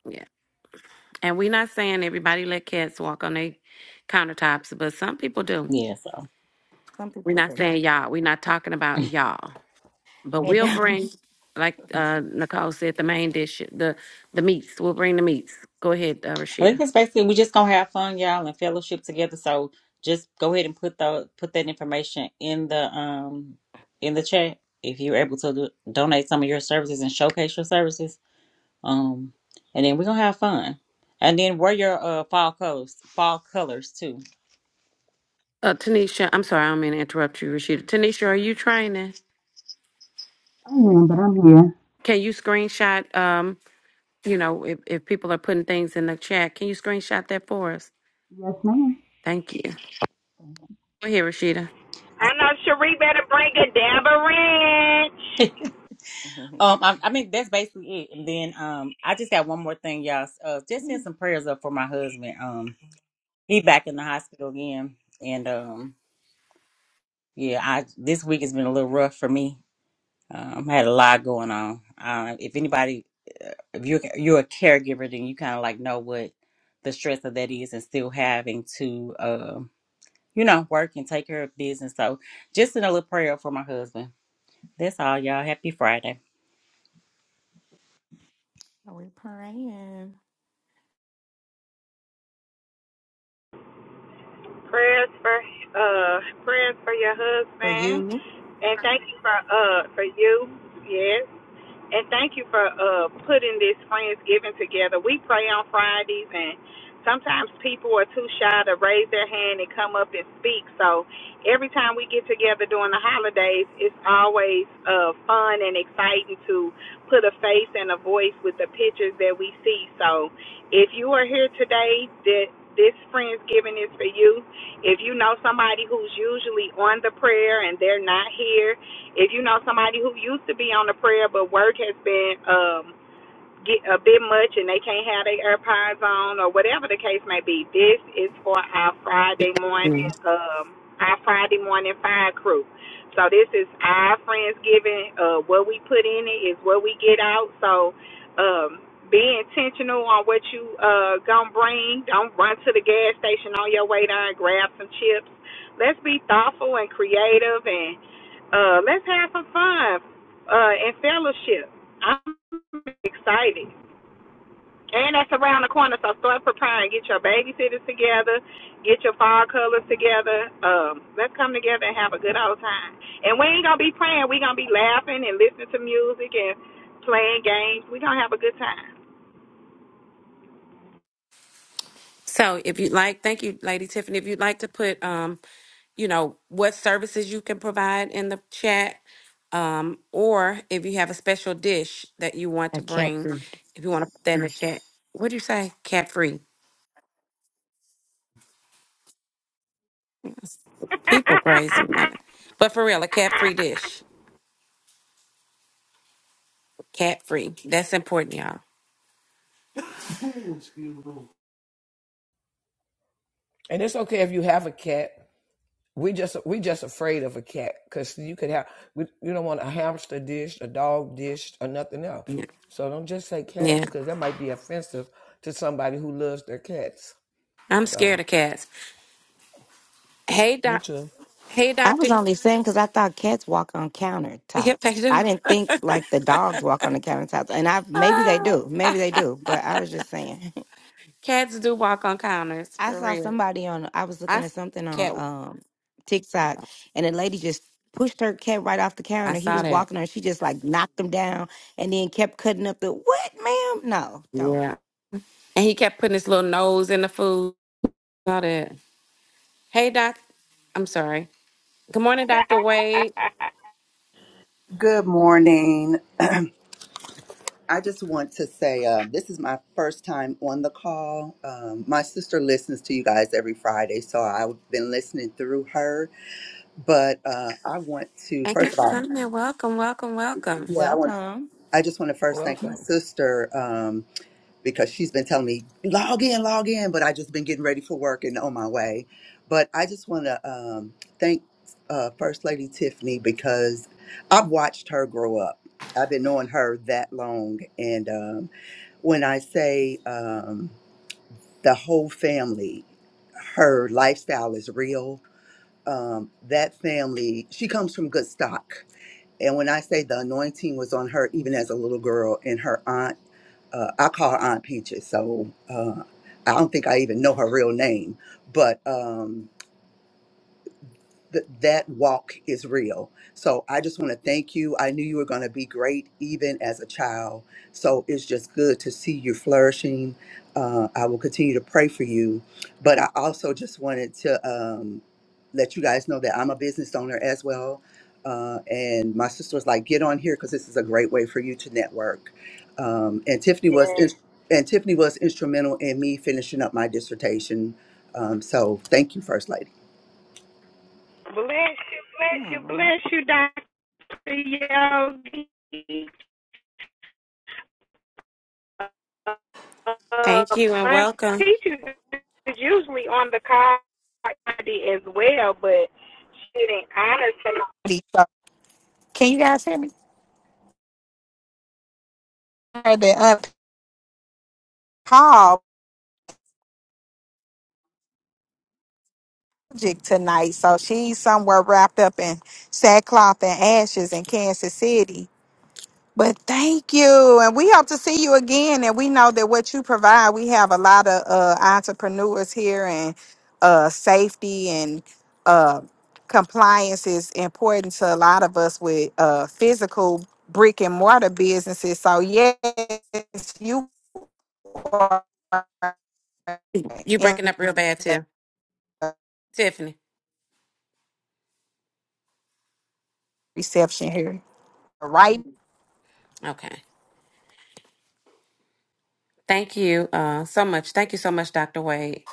Speaker 9: yeah. And we're not saying everybody let cats walk on their countertops, but some people do.
Speaker 2: Yeah. So.
Speaker 6: Some
Speaker 9: We're
Speaker 6: people
Speaker 9: not
Speaker 6: do.
Speaker 9: saying y'all. We're not talking about y'all. But
Speaker 6: And
Speaker 9: we'll
Speaker 6: then-
Speaker 9: bring, like uh Nicole said, the main dish, the the meats. We'll bring the meats. Go ahead, uh,
Speaker 2: I think
Speaker 9: Rashida.
Speaker 2: that's basically we just gonna have fun, y'all, and fellowship together. So just go ahead and put the put that information in the um in the chat if you're able to do, donate some of your services and showcase your services. Um, and then we're gonna have fun. And then wear your uh fall colors, fall colors too.
Speaker 9: Uh, Tanisha, I'm sorry, I don't mean to interrupt you, Rashida. Tanisha, are you training?
Speaker 3: I am, but I'm here.
Speaker 9: Can you screenshot? Um, you know, if if people are putting things in the chat, can you screenshot that for us?
Speaker 3: Yes, ma'am.
Speaker 9: Thank you. Go ahead, Rashida.
Speaker 1: I know Cherie better bring a dab of ranch.
Speaker 6: Mhm.
Speaker 2: Um, I, I mean that's basically it. And then um, I just got one more thing, y'all. Uh, just send
Speaker 6: So
Speaker 2: some prayers up for my husband. Um, he back in the hospital again, and um, yeah, I this week has been a little rough for me Um, I had a lot going on. Uh, if anybody, uh, if you're you're a caregiver, then you kind of like know what the stress of that is, and still having to, um, you know, work and take care of business. So, just another prayer for my husband. That's all, y'all. Happy Friday.
Speaker 6: we're praying
Speaker 1: Prayers for uh prayers for your
Speaker 6: for
Speaker 1: husband.
Speaker 6: you.
Speaker 1: And thank you for uh for you, yes. And thank you for uh putting this Friendsgiving together. We pray on Fridays and sometimes people are too shy to raise their hand and come up and speak. So every time we get together during the holidays, it's always uh fun and exciting to put a face and a voice with the pictures that we see. So if you are here today, that this Friendsgiving is for you. If you know somebody who's usually on the prayer and they're not here, if you know somebody who used to be on the prayer but work has been um get a bit much and they can't have their AirPods on or whatever the case may be. This is for our Friday morning, um, our Friday morning fire crew. So this is our Friendsgiving. Uh, what we put in it is what we get out. So um, be intentional on what you uh, gonna bring. Don't run to the gas station on your way down. and Grab some chips. Let's be thoughtful and creative and uh, let's have some fun uh, and fellowship. I'm excited. And that's around the corner, so start preparing. Get your babysitters together, get your fall colors together. Um, let's come together and have a good old time. And we ain't gonna be praying, we gonna be laughing and listening to music and playing games. we gonna have a good time.
Speaker 9: So if you'd like, thank you, Lady Tiffany. If you'd like to put, um, you know, what services you can provide in the chat, um, or if you have a special dish that you want
Speaker 6: A
Speaker 9: to
Speaker 6: cat
Speaker 9: bring,
Speaker 6: food.
Speaker 9: if you want to put that in the chat. What do you say? Cat free. People crazy. I know. But for real, a cat free dish. Cat free. That's important, y'all.
Speaker 13: And it's okay if you have a cat. We just we just afraid of a cat because you could have we, you don't want a hamster dish, a dog dish, or nothing else.
Speaker 9: Yeah.
Speaker 13: So don't just say cats
Speaker 9: yeah.
Speaker 13: because that might be offensive to somebody who loves their cats.
Speaker 9: I'm scared
Speaker 13: So
Speaker 9: of cats. Hey,
Speaker 13: me
Speaker 9: doc.
Speaker 13: too.
Speaker 9: Hey,
Speaker 6: I
Speaker 9: doctor.
Speaker 6: was only saying because I thought cats walk on
Speaker 9: Yep, they
Speaker 6: countertops. I
Speaker 9: do.
Speaker 6: didn't think like the dogs walk on the countertops, and I maybe they
Speaker 9: Ah,
Speaker 6: do, maybe they do, but I was just saying.
Speaker 9: cats do walk on counters
Speaker 6: I
Speaker 9: for
Speaker 6: saw
Speaker 9: real.
Speaker 6: somebody on. I was
Speaker 9: I
Speaker 6: looking
Speaker 9: s-
Speaker 6: at something
Speaker 9: cat
Speaker 6: on um, TikTok, and a lady just pushed her cat right off the
Speaker 9: I
Speaker 6: counter. He
Speaker 9: saw
Speaker 6: was
Speaker 9: that.
Speaker 6: walking her, she just like knocked him down, and then kept cutting up the what, ma'am? No, don't.
Speaker 9: Yeah. And he kept putting his little nose in the food. Saw that. Hey, Doc. I'm sorry. Good morning, Dr. Wade.
Speaker 16: Good morning. I just want to say uh, this is my first time on the call. Um, my sister listens to you guys every Friday, so I've been listening through her. But uh, I want to
Speaker 9: Thank you
Speaker 16: first of
Speaker 9: for
Speaker 16: all,
Speaker 9: coming. Welcome, welcome, welcome.
Speaker 16: yeah, I want.
Speaker 6: Welcome.
Speaker 16: I just want to first thank my
Speaker 13: Welcome.
Speaker 16: sister. Um, because she's been telling me log in, log in, but I just been getting ready for work and on my way. But I just want to um, thank uh, First Lady Tiffany because I've watched her grow up. I've been knowing her that long, and um, when I say um, the whole family, her lifestyle is real. Um, that family, she comes from good stock. And when I say the anointing was on her, even as a little girl, and her aunt uh, I call her Aunt Peaches, so uh, I don't think I even know her real name. But um, th- that walk is real. So I just want to thank you. I knew you were going to be great even as a child. So it's just good to see you flourishing. Uh, I will continue to pray for you. But I also just wanted to um, let you guys know that I'm a business owner as well. Uh, and my sister was like, get on here because this is a great way for you to network. Um, and Tiffany was ins-
Speaker 1: Yeah.
Speaker 16: and Tiffany was instrumental in me finishing up my dissertation. Um, so thank you, First Lady.
Speaker 1: Bless you, bless you, bless you, Dr. Yogi. Um,
Speaker 9: Thank you and
Speaker 1: i
Speaker 9: welcome.
Speaker 1: Peaches is usually on the card as well, but she didn't honor tonight. So can you guys hear me? Her That uncalled project tonight, so she's somewhere wrapped up in sackcloth and ashes in Kansas City. But thank you. And we hope to see you again. And we know that what you provide, we have a lot of uh, entrepreneurs here, and uh, safety and uh, compliance is important to a lot of us with uh, physical brick and mortar businesses. So, yes, you are
Speaker 9: You
Speaker 1: in
Speaker 9: breaking up real bad too. Tiffany.
Speaker 1: reception here. Right
Speaker 9: Okay. Thank you uh, so much. Thank you so much, Dr. Wade.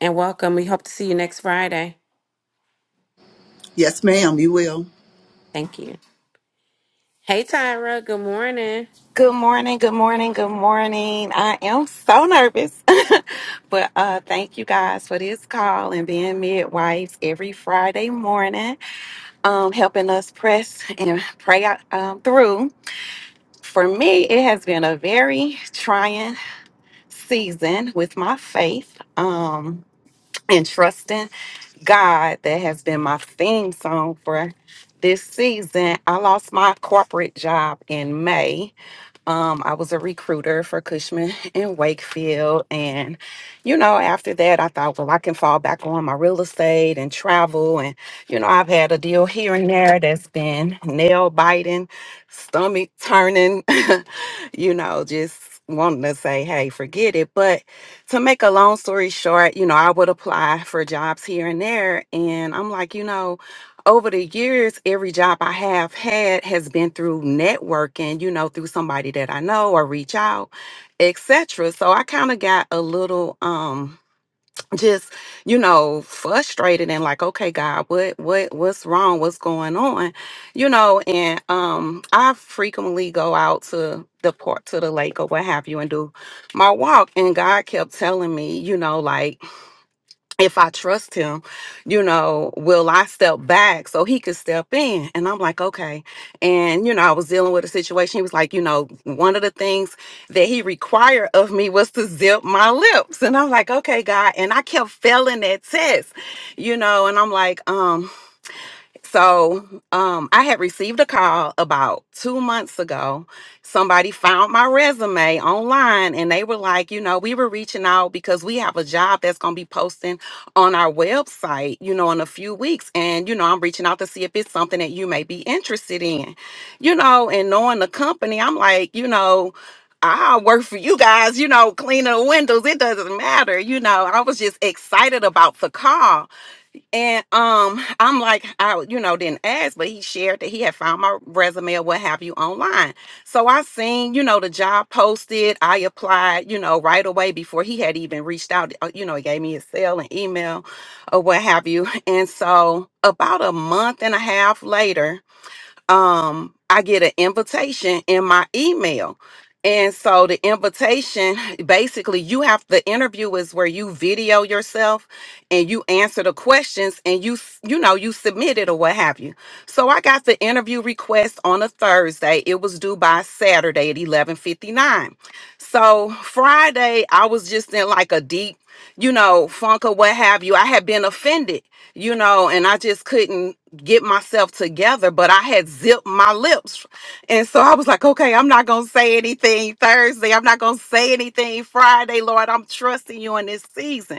Speaker 9: And welcome. We hope to see you next Friday.
Speaker 16: Yes, ma'am, you will.
Speaker 9: Thank you. Hey Tyra, good morning.
Speaker 17: Good morning, good morning, good morning. I am so nervous, but uh, thank you guys for this call and being midwives every Friday morning, um, helping us press and pray out, um, through. For me, it has been a very trying season with my faith um, and trusting God that has been my theme song for this season. I lost my corporate job in May um, I was a recruiter for Cushman in Wakefield. And, you know, after that, I thought, well, I can fall back on my real estate and travel. And, you know, I've had a deal here and there that's been nail biting, stomach turning, you know, just wanting to say, hey, forget it. But to make a long story short, you know, I would apply for jobs here and there. And I'm like, you know, over the years, every job I have had has been through networking, you know, through somebody that I know or reach out, etc. So I kind of got a little um just, you know, frustrated and like, okay, God, what what what's wrong? What's going on? You know, and um I frequently go out to the port to the lake or what have you and do my walk. And God kept telling me, you know, like if I trust him, you know, will I step back so he could step in? And I'm like, okay. And, you know, I was dealing with a situation. He was like, you know, one of the things that he required of me was to zip my lips. And I'm like, okay, God. And I kept failing that test, you know, and I'm like, um, so um, I had received a call about two months ago. Somebody found my resume online and they were like, you know, we were reaching out because we have a job that's going to be posting on our website, you know, in a few weeks. And, you know, I'm reaching out to see if it's something that you may be interested in, you know, and knowing the company, I'm like, you know, I'll work for you guys, you know, cleaning the windows. It doesn't matter. You know, I was just excited about the call. And um, I'm like, I you know didn't ask, but he shared that he had found my resume or what have you online. So I seen you know the job posted. I applied you know right away before he had even reached out. uh, You know, he gave me his cell and email or what have you. And so about a month and a half later, um, I get an invitation in my email. And so the invitation basically you have the interview is where you video yourself and you answer the questions and you s- you know you submit it or what have you. So I got the interview request on a Thursday. It was due by Saturday at 11:59. So Friday I was just in like a deep, you know, funk or what have you. I had been offended, you know, and I just couldn't get myself together, but I had zipped my lips. And so I was like, okay, I'm not going to say anything Thursday. I'm not going to say anything Friday, Lord. I'm trusting you in this season.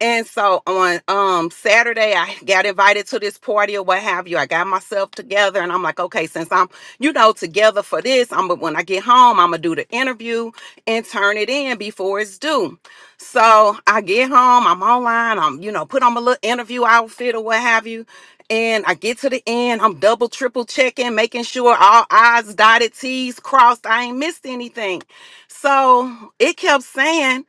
Speaker 17: And so on um Saturday, I got invited to this party or what have you. I got myself together and I'm like, okay, since I'm, you know, together for this, I'm but when I get home, I'm gonna do the interview and turn it in before it's due. So I get home, I'm online, I'm, you know, put on my little interview outfit or what have you. And I get to the end, I'm double, triple checking, making sure all I's dotted, T's crossed, I ain't missed anything. So it kept saying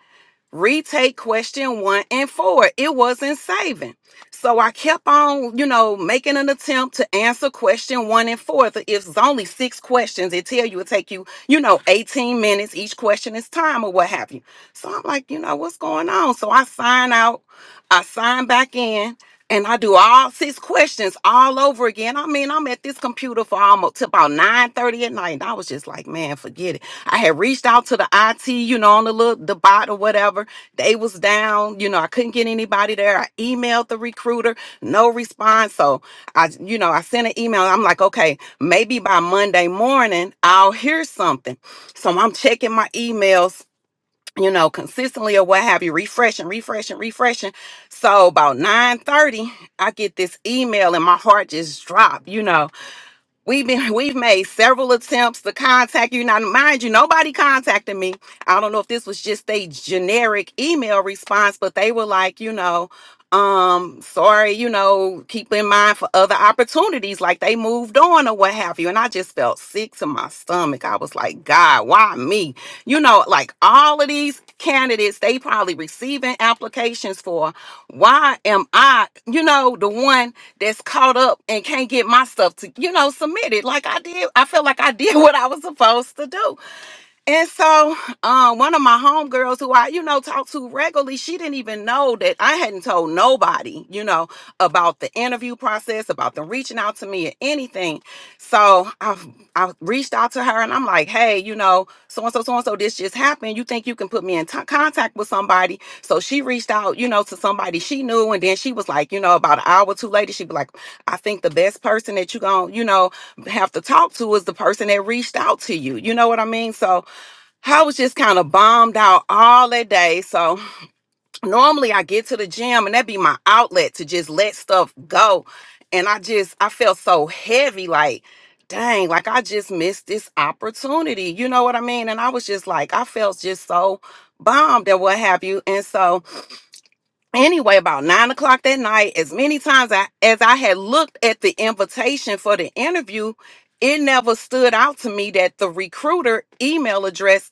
Speaker 17: retake question one and four. It wasn't saving. So I kept on, you know, making an attempt to answer question one and four. If it's only six questions, it tell you it take you, you know, 18 minutes. Each question is time or what have you. So I'm like, you know, what's going on? So I sign out, I sign back in. And I do all six questions all over again. I mean, I'm at this computer for almost to about 9:30 at night. And I was just like, man, forget it. I had reached out to the IT, you know, on the little the bot or whatever. They was down, you know, I couldn't get anybody there. I emailed the recruiter, no response. So I, you know, I sent an email. I'm like, okay, maybe by Monday morning I'll hear something. So I'm checking my emails. You know, consistently or what have you, refreshing, refreshing, refreshing. So about 9:30, I get this email and my heart just dropped, you know. We've been we've made several attempts to contact you. Now, mind you, nobody contacted me. I don't know if this was just a generic email response, but they were like, you know, um, sorry, you know, keep in mind for other opportunities, like they moved on or what have you. And I just felt sick to my stomach. I was like, God, why me? You know, like all of these candidates, they probably receiving applications for why am I, you know, the one that's caught up and can't get my stuff to, you know, submitted like I did. I feel like I did what I was supposed to do. And so, um, one of my homegirls who I, you know, talk to regularly, she didn't even know that I hadn't told nobody, you know, about the interview process, about them reaching out to me or anything. So I, I reached out to her and I'm like, hey, you know, so and so, so and so, this just happened. You think you can put me in t- contact with somebody? So she reached out, you know, to somebody she knew, and then she was like, you know, about an hour or two later, she'd be like, I think the best person that you gonna, you know, have to talk to is the person that reached out to you. You know what I mean? So I was just kind of bombed out all that day. So normally I get to the gym and that'd be my outlet to just let stuff go. And I just I felt so heavy, like, dang, like I just missed this opportunity. You know what I mean? And I was just like, I felt just so bombed and what have you. And so anyway, about nine o'clock that night, as many times I, as I had looked at the invitation for the interview, it never stood out to me that the recruiter email address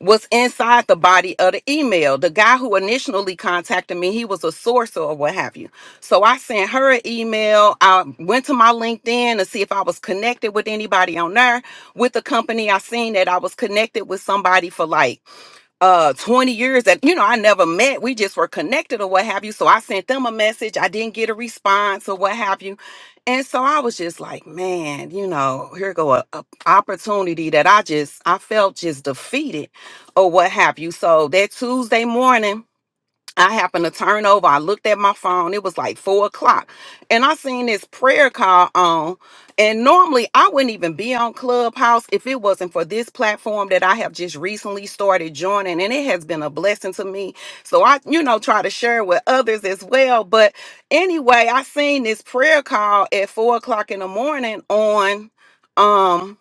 Speaker 17: was inside the body of the email. The guy who initially contacted me, he was a sourcer or what have you. So I sent her an email. I went to my LinkedIn to see if I was connected with anybody on there with the company. I seen that I was connected with somebody for like uh 20 years that you know I never met. We just were connected or what have you. So I sent them a message. I didn't get a response or what have you. And so I was just like, man, you know, here go a, a opportunity that I just I felt just defeated or what have you. So that Tuesday morning I happened to turn over. I looked at my phone. It was like four o'clock. And I seen this prayer call on. And normally I wouldn't even be on Clubhouse if it wasn't for this platform that I have just recently started joining. And it has been a blessing to me. So I, you know, try to share with others as well. But anyway, I seen this prayer call at four o'clock in the morning on um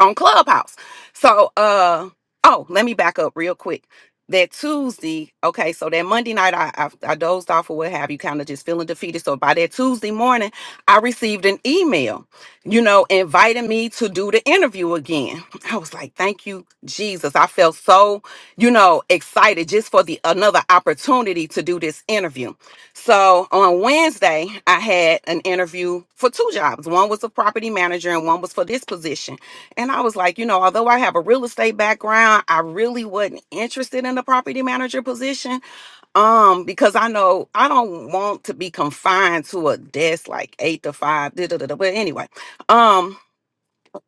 Speaker 17: on Clubhouse. So, uh, oh, let me back up real quick. That Tuesday, okay, so that Monday night, I I, I dozed off or what have you, kind of just feeling defeated. So by that Tuesday morning, I received an email, you know, inviting me to do the interview again. I was like, thank you, Jesus. I felt so, you know, excited just for the another opportunity to do this interview. So on Wednesday, I had an interview for two jobs. One was a property manager, and one was for this position. And I was like, you know, although I have a real estate background, I really wasn't interested in the property manager position. Um, because I know I don't want to be confined to a desk like eight to five. Da, da, da, da. But anyway, um,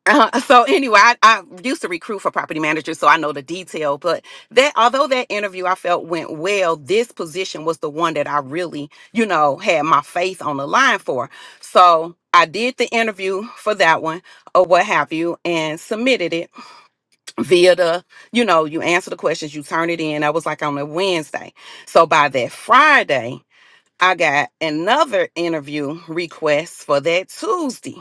Speaker 17: so anyway, I, I used to recruit for property managers, so I know the detail. But that, although that interview I felt went well, this position was the one that I really, you know, had my faith on the line for. So I did the interview for that one or what have you and submitted it via the, you know, you answer the questions, you turn it in. I was like on a Wednesday. So by that Friday, I got another interview request for that Tuesday.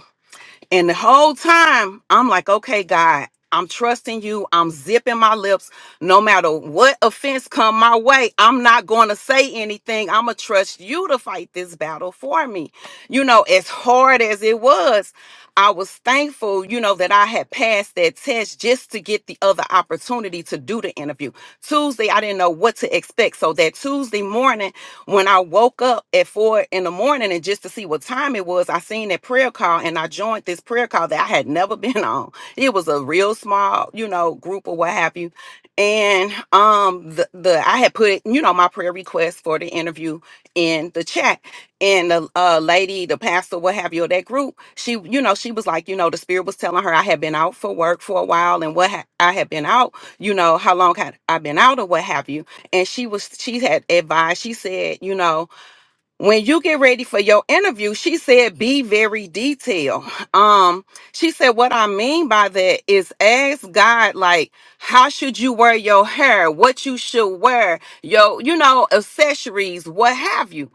Speaker 17: And the whole time, I'm like, okay, God, I'm trusting you. I'm zipping my lips. No matter what offense come my way, I'm not going to say anything. I'm going to trust you to fight this battle for me. You know, as hard as it was, I was thankful, you know, that I had passed that test just to get the other opportunity to do the interview. Tuesday, I didn't know what to expect. So that Tuesday morning, when I woke up at four in the morning and just to see what time it was, I seen that prayer call and I joined this prayer call that I had never been on. It was a real small, you know, group or what have you. And um the, the I had put, you know, my prayer request for the interview in the chat and the uh, lady, the pastor, what have you, of that group, she, you know, she was like, you know, the spirit was telling her I had been out for work for a while and what ha- I had been out, you know, how long had I been out or what have you and she was she had advised she said you know when you get ready for your interview she said be very detailed um she said what i mean by that is ask god like how should you wear your hair what you should wear your you know accessories what have you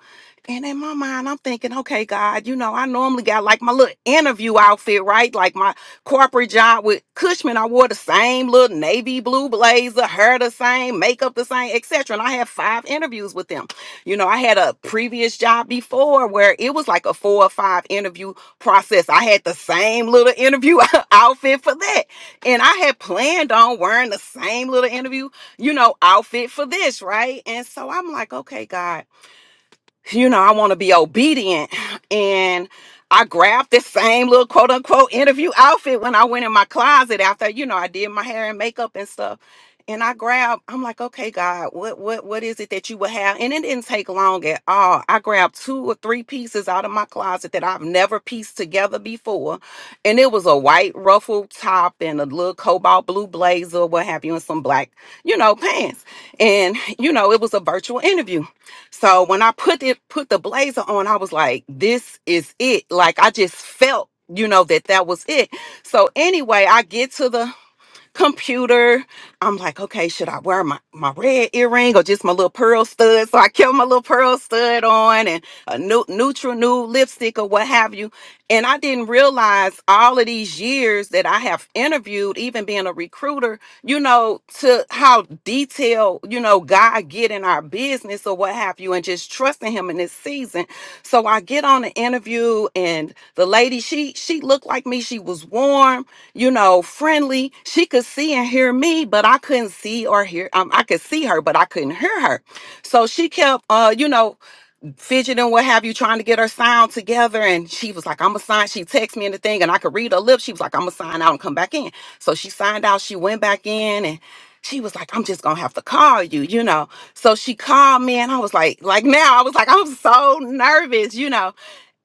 Speaker 17: and in my mind i'm thinking okay god you know i normally got like my little interview outfit right like my corporate job with cushman i wore the same little navy blue blazer hair the same makeup the same etc and i had five interviews with them you know, I had a previous job before where it was like a four or five interview process. I had the same little interview outfit for that. And I had planned on wearing the same little interview, you know, outfit for this, right? And so I'm like, okay, God you know, I want to be obedient. And I grabbed this same little quote unquote interview outfit when I went in my closet after, you know, I did my hair and makeup and stuff. And I grabbed, I'm like, okay, God, what what what is it that you would have? And it didn't take long at all. I grabbed two or three pieces out of my closet that I've never pieced together before. And it was a white ruffled top and a little cobalt blue blazer, what have you, and some black, you know, pants. And, you know, it was a virtual interview. So when I put it put the blazer on, I was like, this is it. Like I just felt, you know, that that was it. So anyway, I get to the computer. I'm like, okay, should I wear my, my red earring or just my little pearl stud? So I kept my little pearl stud on and a new neutral new lipstick or what have you. And I didn't realize all of these years that I have interviewed, even being a recruiter, you know, to how detailed, you know, God get in our business or what have you, and just trusting him in this season. So I get on the interview and the lady, she she looked like me. She was warm, you know, friendly. She could see and hear me, but I couldn't see or hear. Um, I could see her, but I couldn't hear her. So she kept uh, you know, fidgeting, what have you, trying to get her sound together. And she was like, I'm going to sign. She texted me and the thing, and I could read her lips. She was like, I'm going to sign out and come back in. So she signed out. She went back in and she was like, I'm just going to have to call you, you know. So she called me and I was like, like now, I was like, I'm so nervous, you know.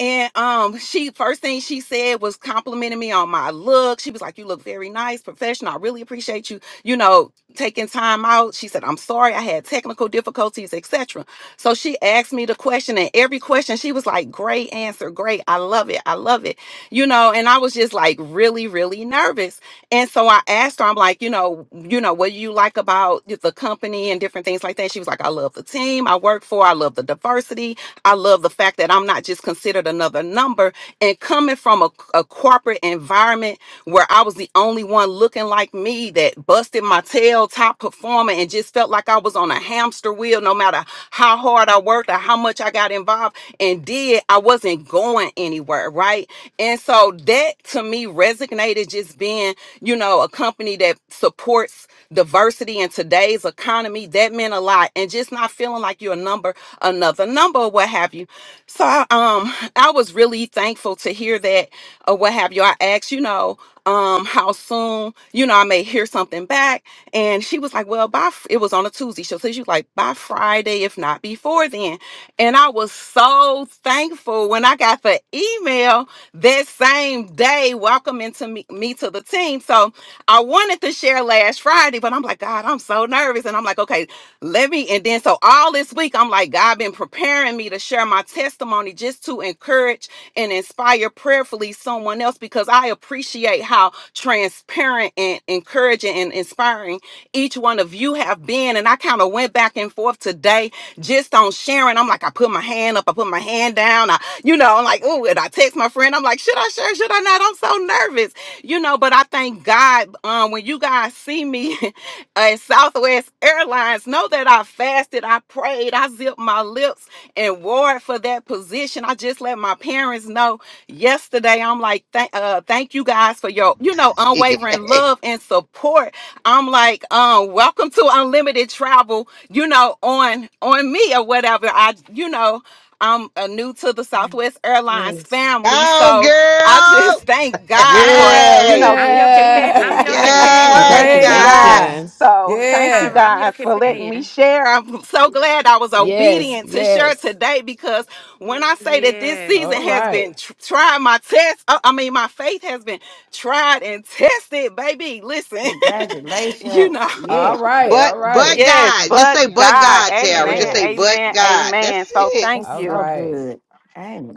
Speaker 17: And um, she first thing she said was complimenting me on my look. She was like, "You look very nice, professional. I really appreciate you, you know, taking time out." She said, "I'm sorry I had technical difficulties, etc." So she asked me the question, and every question she was like, Great answer, great. I love it. I love it. You know, and I was just like really, really nervous. And so I asked her, I'm like, you know, you know, what do you like about the company and different things like that? She was like, I love the team I work for, I love the diversity, I love the fact that I'm not just considered another number. And coming from a, a corporate environment where I was the only one looking like me that busted my tail, top performer, and just felt like I was on a hamster wheel no matter how hard I worked or how much I got involved and did, I wasn't going anywhere, right? And so that to me resonated just being, you know, a company that supports diversity in today's economy. That meant a lot. And just not feeling like you're a number, another number, or what have you. So I, um I was really thankful to hear that or what have you. I asked, you know, um, how soon, you know, I may hear something back. And she was like, well, by, fr- it was on a Tuesday. So she was like, by Friday, if not before then. And I was so thankful when I got the email that same day welcoming to me, me to the team. So I wanted to share last Friday, but I'm like, God, I'm so nervous. And I'm like, okay, let me. And then so all this week, I'm like, God been preparing me to share my testimony just to encourage and inspire prayerfully someone else because I appreciate how transparent and encouraging and inspiring each one of you have been. And I kind of went back and forth today just on sharing. I'm like, I put my hand up, I put my hand down, I, you know, I'm like, oh, and I text my friend, I'm like, should I share? Should I not? I'm so nervous, you know, but I thank God um, when you guys see me at Southwest Airlines, know that I fasted, I prayed, I zipped my lips and warred for that position. I just let my parents know yesterday. I'm like, thank, uh, thank you guys for your, you know, unwavering love and support. I'm like, um, welcome to unlimited travel, you know, on on me or whatever. I, you know, I'm uh, new to the Southwest Airlines
Speaker 9: Yes.
Speaker 17: family,
Speaker 8: Go,
Speaker 17: so I
Speaker 8: girl!
Speaker 17: just thank
Speaker 13: Yeah,
Speaker 17: God for you know
Speaker 8: Hey!
Speaker 9: I'm
Speaker 17: this
Speaker 9: your companion. I'm your
Speaker 17: season
Speaker 6: Yeah,
Speaker 13: yeah.
Speaker 17: and
Speaker 9: companion.
Speaker 8: Yes,
Speaker 17: trusting
Speaker 6: congratulations.
Speaker 13: Praise
Speaker 17: Him
Speaker 13: God.
Speaker 5: Congratulations.
Speaker 17: so thank you
Speaker 13: Yeah.
Speaker 9: Tyra, I'm your
Speaker 17: guys for letting me
Speaker 9: companion.
Speaker 17: share. I'm so glad I was
Speaker 13: Yes,
Speaker 17: obedient to share
Speaker 13: yes.
Speaker 17: today because when I say that this
Speaker 9: Yeah.
Speaker 13: All
Speaker 17: season has
Speaker 13: right.
Speaker 17: been tr- tried, my test, uh, I mean, my faith has been tried and tested, baby. Listen, you know.
Speaker 6: Congratulations. Yeah,
Speaker 13: All right.
Speaker 8: But
Speaker 13: All
Speaker 8: but
Speaker 13: right.
Speaker 17: Yes,
Speaker 8: God, just
Speaker 17: but
Speaker 8: say but
Speaker 17: God,
Speaker 8: God,
Speaker 9: Yeah.
Speaker 8: Tara. Just
Speaker 17: amen,
Speaker 8: say
Speaker 13: Yes.
Speaker 8: but
Speaker 17: amen,
Speaker 8: God.
Speaker 17: amen.
Speaker 8: That's
Speaker 17: So
Speaker 8: it.
Speaker 17: thank
Speaker 6: that's
Speaker 13: All
Speaker 6: so
Speaker 17: you.
Speaker 13: right.
Speaker 6: good.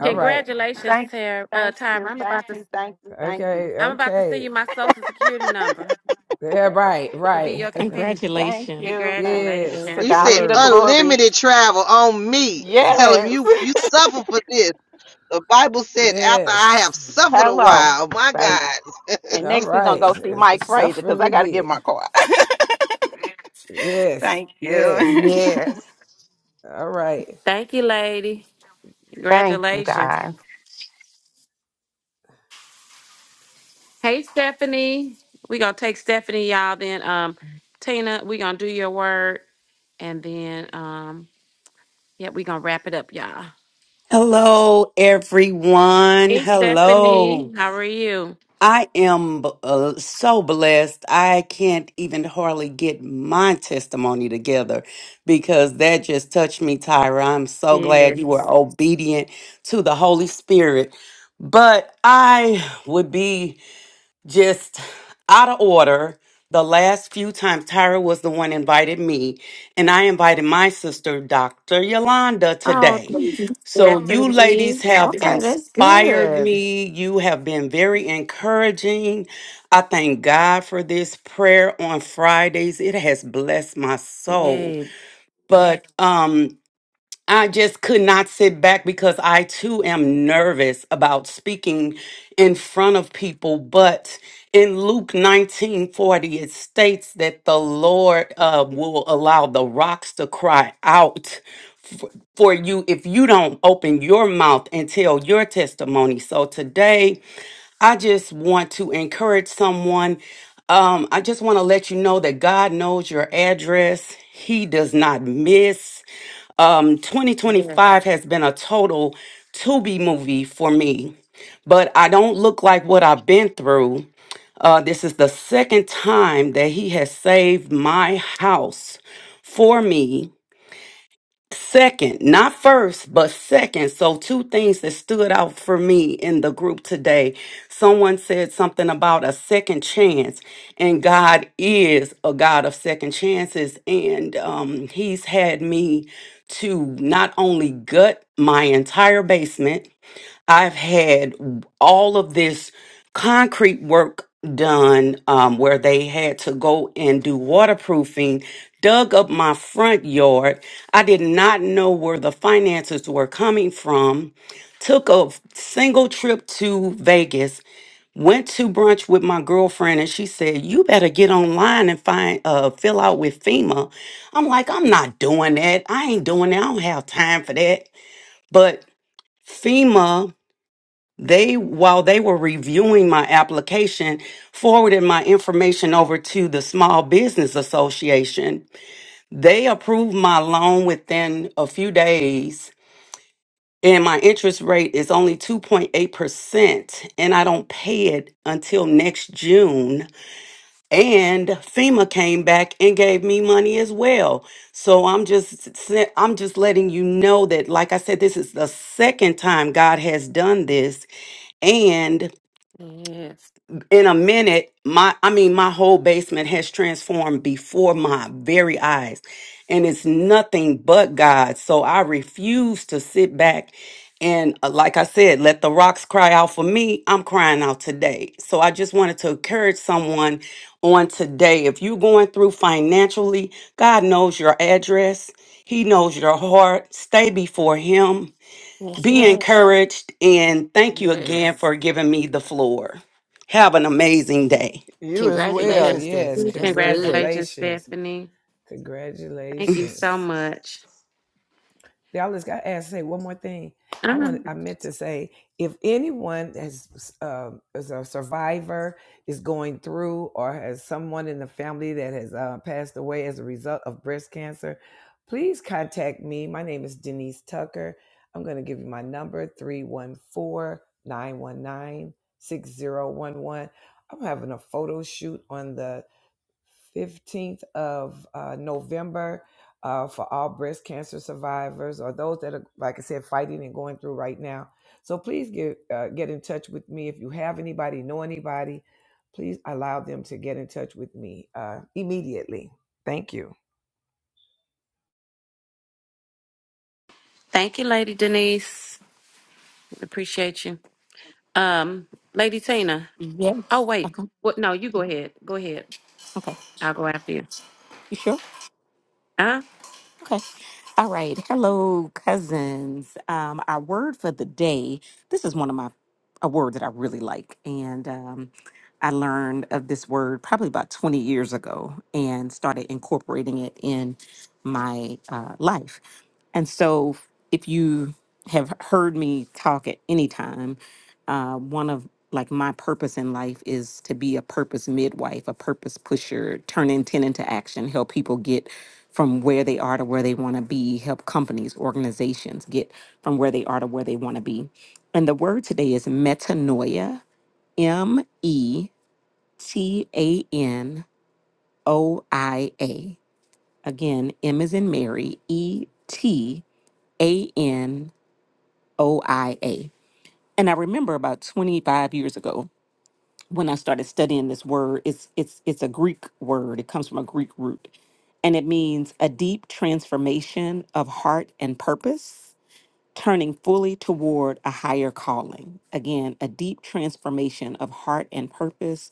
Speaker 13: All right.
Speaker 9: Congratulations,
Speaker 17: Thank,
Speaker 9: Tara. Uh,
Speaker 17: thank
Speaker 9: Tyra.
Speaker 17: you,
Speaker 9: I'm
Speaker 17: thank
Speaker 9: about to.
Speaker 17: you, thank you, thank you.
Speaker 13: Okay.
Speaker 9: I'm about to send
Speaker 13: Okay.
Speaker 9: you my social security number
Speaker 13: Yeah, right,
Speaker 9: to be
Speaker 13: right.
Speaker 9: your companion.
Speaker 17: Thank
Speaker 5: Congratulations.
Speaker 17: you, thank
Speaker 13: yes,
Speaker 17: you. To
Speaker 8: You
Speaker 9: Congratulations.
Speaker 17: God
Speaker 8: said
Speaker 17: be the
Speaker 13: glory.
Speaker 17: glory.
Speaker 8: unlimited travel on me. Tell him
Speaker 17: Yes.
Speaker 8: you you suffer for this. The Bible said, after I have
Speaker 13: Yes.
Speaker 8: suffered a
Speaker 17: Hello,
Speaker 8: while, my
Speaker 17: baby.
Speaker 8: God.
Speaker 17: And
Speaker 13: All
Speaker 17: next we're gonna
Speaker 13: right.
Speaker 17: go see
Speaker 13: It's- it's
Speaker 17: Mike Frazier
Speaker 13: Suffering
Speaker 17: because I
Speaker 13: we
Speaker 17: gotta get
Speaker 13: did.
Speaker 17: my car.
Speaker 13: Yes,
Speaker 17: Thank
Speaker 13: yes.
Speaker 17: you.
Speaker 6: Yeah.
Speaker 13: All right.
Speaker 9: Thank you, lady.
Speaker 17: Thank you
Speaker 9: Congratulations.
Speaker 17: guys.
Speaker 9: Hey, Stephanie. We gonna take Stephanie, y'all. Then, um, Tina, we gonna do your word, and then, um, yeah, we gonna wrap it up, y'all.
Speaker 18: Hello, everyone.
Speaker 9: Stephanie,
Speaker 18: Hello.
Speaker 9: how are you?
Speaker 18: I am uh, so blessed. I can't even hardly get my testimony together because that just touched me, Tyra. I'm so glad you were obedient to the Holy Spirit. But I would be just out of order. The last few times Tyra was the one invited me, and I invited my sister, Dr. Yolanda,
Speaker 9: Oh,
Speaker 18: today.
Speaker 9: thank you,
Speaker 18: So you ladies
Speaker 9: Stephanie.
Speaker 18: have
Speaker 6: Okay, that's
Speaker 18: inspired
Speaker 6: good.
Speaker 18: me. You have been very encouraging. I thank God for this prayer on Fridays. It has blessed my soul.
Speaker 9: Yes,
Speaker 18: But um I just could not sit back because I too am nervous about speaking in front of people. But in Luke 19 40, it states that the Lord uh, will allow the rocks to cry out for you if you don't open your mouth and tell your testimony. So today, I just want to encourage someone. Um, I just want to let you know that God knows your address, He does not miss um
Speaker 9: yes,
Speaker 18: 2025 has been a total to be movie for me but i don't look like what i've been through uh this is the second time that he has saved my house for me Second, not first, but second. So, two things that stood out for me in the group today. Someone said something about a second chance, and God is a God of second chances. And um, He's had me to not only gut my entire basement, I've had all of this concrete work done um, where they had to go and do waterproofing, dug up my front yard. I did not know where the finances were coming from. Took a single trip to Vegas, went to brunch with my girlfriend, and she said, You better get online and find uh fill out with FEMA. I'm like, I'm not doing that. I ain't doing that. I don't have time for that. But FEMA they while they were reviewing my application forwarded my information over to the small business association they approved my loan within a few days and my interest rate is only 2.8% and i don't pay it until next june and fema came back and gave me money as well so i'm just sen- i'm just letting you know that like i said this is the second time god has done this and.
Speaker 9: yes.
Speaker 18: in a minute my i mean my whole basement has transformed before my very eyes and it's nothing but god so i refuse to sit back and uh, like i said let the rocks cry out for me i'm crying out today so i just wanted to encourage someone on today if you're going through financially god knows your address he knows your heart stay before him
Speaker 9: Yes, it
Speaker 18: be
Speaker 9: is.
Speaker 18: encouraged and thank you again
Speaker 6: Yes.
Speaker 18: for giving me the floor. Have an amazing day.
Speaker 13: You as well.
Speaker 9: Yeah.
Speaker 6: Congratulations,
Speaker 13: Yes.
Speaker 6: Stephanie. That's good.
Speaker 9: Congratulations,
Speaker 13: Congratulations.
Speaker 9: Stephanie. Thank you so
Speaker 13: Congratulations.
Speaker 9: much.
Speaker 13: Dallas got asked to say one more thing. I want
Speaker 9: Um,
Speaker 13: I meant to say if anyone has um, is a survivor is going through or has someone in the family that has uh, passed away as a result of breast cancer, please contact me. My name is Denise Tucker. I'm going to give you my number three one four nine one nine, six zero one one. I'm having a photo shoot on the 15th of uh, November uh, for all breast cancer survivors or those that are, like I said, fighting and going through right now. So please get uh, get in touch with me if you have anybody, know anybody. Please allow them to get in touch with me uh, immediately. Thank you.
Speaker 9: thank you, Lady Denise. Appreciate you. Um, Lady Tina. Oh
Speaker 5: Yes.
Speaker 9: wait.
Speaker 5: Okay.
Speaker 9: What no, you go ahead. Go ahead.
Speaker 5: Okay.
Speaker 9: I'll go after you.
Speaker 5: You sure?
Speaker 9: Huh?
Speaker 5: Okay. All right. Hello, cousins. Um, our word for the day. This is one of my a word that I really like, and um, I learned of this word probably about 20 years ago and started incorporating it in my uh, life. And so, if you have heard me talk at any time, uh, one of like my purpose in life is to be a purpose midwife, a purpose pusher, turn intent into action, help people get from where they are to where they want to be, help companies, organizations get from where they are to where they want to be. And the word today is metanoia, M E T A N O I A. Again, M is in Mary, E T A N O I A. And I remember about 25 years ago when I started studying this word, it's it's it's a Greek word. It comes from a Greek root. And it means a deep transformation of heart and purpose turning fully toward a higher calling. Again, a deep transformation of heart and purpose,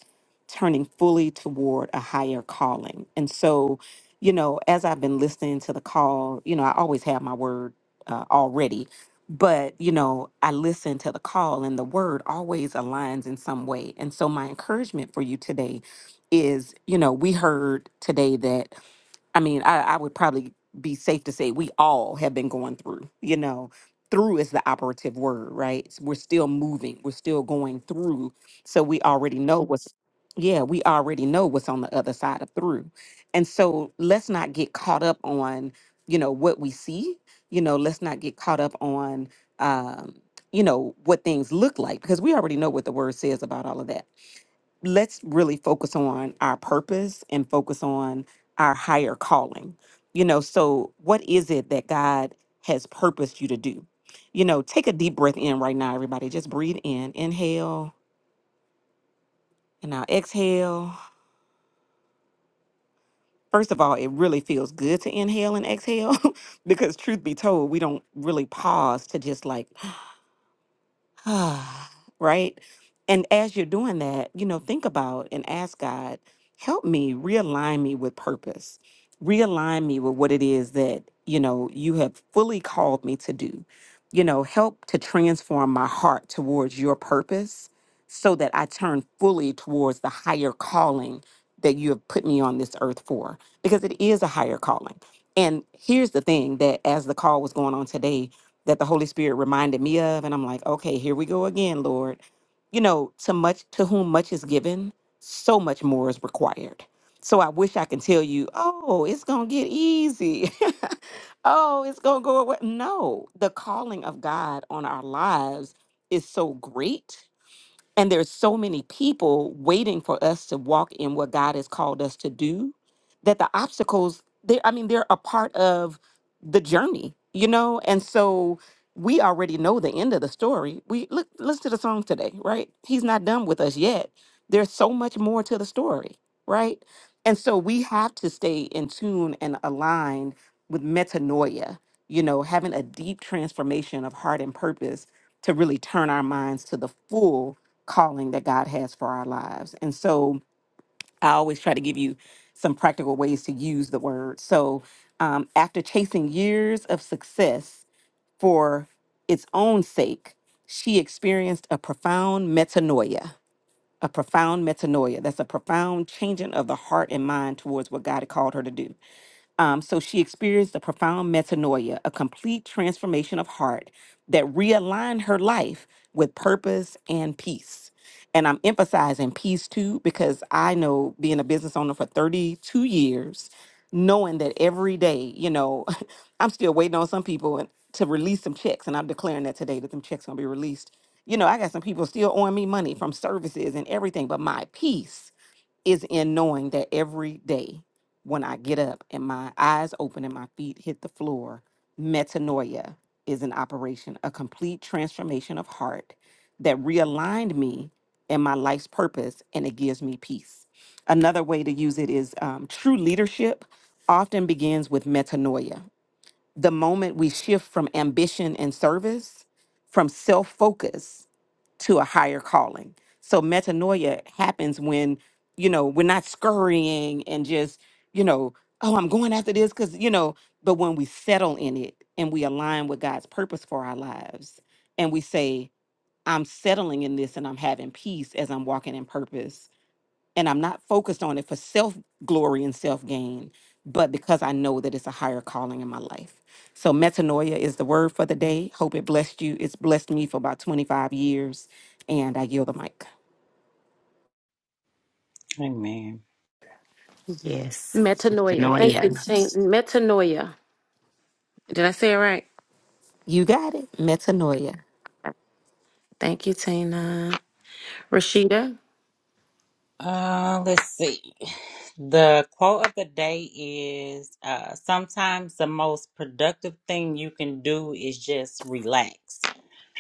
Speaker 5: turning fully toward a higher calling. And so, you know, as I've been listening to the call, you know, I always have my word uh, already, but, you know, I listen to the call and the word always aligns in some way. And so, my encouragement for you today is, you know, we heard today that. I mean, I, I would probably be safe to say we all have been going through, you know, through is the operative word, right? S- We're still moving, we're still going through. So we already know what's, yeah, we already know what's on the other side of through. And so let's not get caught up on, you know, what we see, you know, let's not get caught up on, um, you know, what things look like because we already know what the word says about all of that let's really focus on our purpose and focus on our higher calling. You know, so what is it that God has purposed you to do? You know, take a deep breath in right now, everybody. Just breathe in, inhale, and now exhale. First of all, it really feels good to inhale and exhale because, truth be told, we don't really pause to just like Ah, right? And as you're doing that, you know, think about and ask God, help me realign me with purpose, realign me with what it is that, you know, you have fully called me to do. You know, help to transform my heart towards your purpose so that I turn fully towards the higher calling that you have put me on this earth for, because it is a higher calling. And here's the thing that as the call was going on today, that the Holy Spirit reminded me of. And I'm like, okay, here we go again, Lord. You know, to much to whom much is given, so much more is required. So I wish I can tell you, oh, it's gonna get easy. oh, it's gonna go away. No, the calling of God on our lives is so great and there's so many people waiting for us to walk in what God has called us to do that the obstacles, they I mean, they're a part of the journey, you know? And so we already know the end of the story. We look listen to the song today, right? He's not done with us yet. There's so much more to the story, right? And so we have to stay in tune and aligned with metanoia, you know, having a deep transformation of heart and purpose to really turn our minds to the full calling that God has for our lives. And so I always try to give you some practical ways to use the word. So um, after chasing years of success for its own sake, she experienced a profound metanoia. A profound metanoia. That's a profound changing of the heart and mind towards what God had called her to do. Um, so she experienced a profound metanoia, a complete transformation of heart that realigned her life with purpose and peace. And I'm emphasizing peace too, because I know being a business owner for 32 years, knowing that every day, you know, I'm still waiting on some people and- to release some checks. And I'm declaring that today that them checks gonna be released. You know, I got some people still owing me money from services and everything, but my peace is in knowing that every day when I get up and my eyes open and my feet hit the floor, metanoia is an operation, a complete transformation of heart that realigned me and my life's purpose, and it gives me peace. Another way to use it is um, true leadership often begins with metanoia. The moment we shift from ambition and service, from self focus to a higher calling. So metanoia happens when, you know, we're not scurrying and just, you know, oh, I'm going after this because, you know, but when we settle in it and we align with God's purpose for our lives and we say, I'm settling in this and I'm having peace as I'm walking in purpose and I'm not focused on it for self glory and self gain, but because I know that it's a higher calling in my life. So metanoia is the word for the day. Hope it blessed you. It's blessed me for about 25 years, and I yield the mic.
Speaker 2: Amen.
Speaker 6: Yes.
Speaker 9: Metanoia. Thank you,
Speaker 6: Noia.
Speaker 9: Tina. Metanoia. Did I say it right?
Speaker 5: You got it. Metanoia.
Speaker 9: Thank you, Tina. Rashida.
Speaker 2: Uh, let's see. The quote of the day is uh, sometimes the most productive thing you can do is just relax.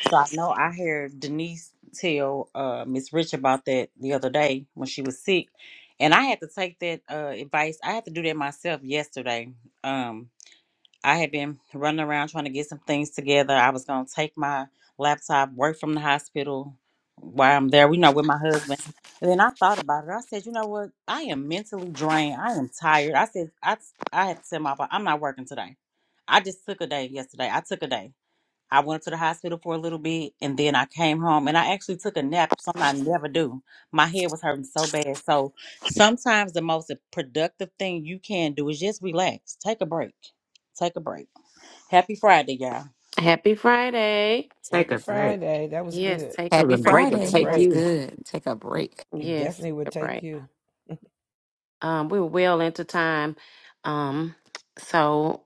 Speaker 2: So I know I heard Denise tell uh, Miss Rich about that the other day when she was sick. And I had to take that uh, advice. I had to do that myself yesterday. Um. I had been running around trying to get some things together. I was gonna take my laptop, work from the hospital while I'm there, you know, with my husband. And then I thought about it. I said, you know what? I am mentally drained. I am tired. I said, I I had to tell my boss, I'm not working today. I just took a day yesterday. I took a day. I went to the hospital for a little bit and then I came home and I actually took a nap, something I never do. My head was hurting so bad. So sometimes the most productive thing you can do is just relax. Take a break. Take a break. Happy Friday, y'all.
Speaker 9: Happy Friday.
Speaker 6: Take
Speaker 13: Happy
Speaker 6: a break.
Speaker 13: Friday. That was
Speaker 9: Yes,
Speaker 13: good.
Speaker 9: take a
Speaker 6: Take
Speaker 5: Happy
Speaker 6: a
Speaker 9: break.
Speaker 6: break
Speaker 13: Take
Speaker 6: and
Speaker 13: a
Speaker 5: Friday.
Speaker 6: take
Speaker 5: That's
Speaker 6: you.
Speaker 13: break.
Speaker 5: good. Take a break.
Speaker 13: It
Speaker 9: Yes,
Speaker 13: definitely would
Speaker 9: take a
Speaker 13: take
Speaker 9: break.
Speaker 13: you.
Speaker 9: Um, we were well into time. Um, so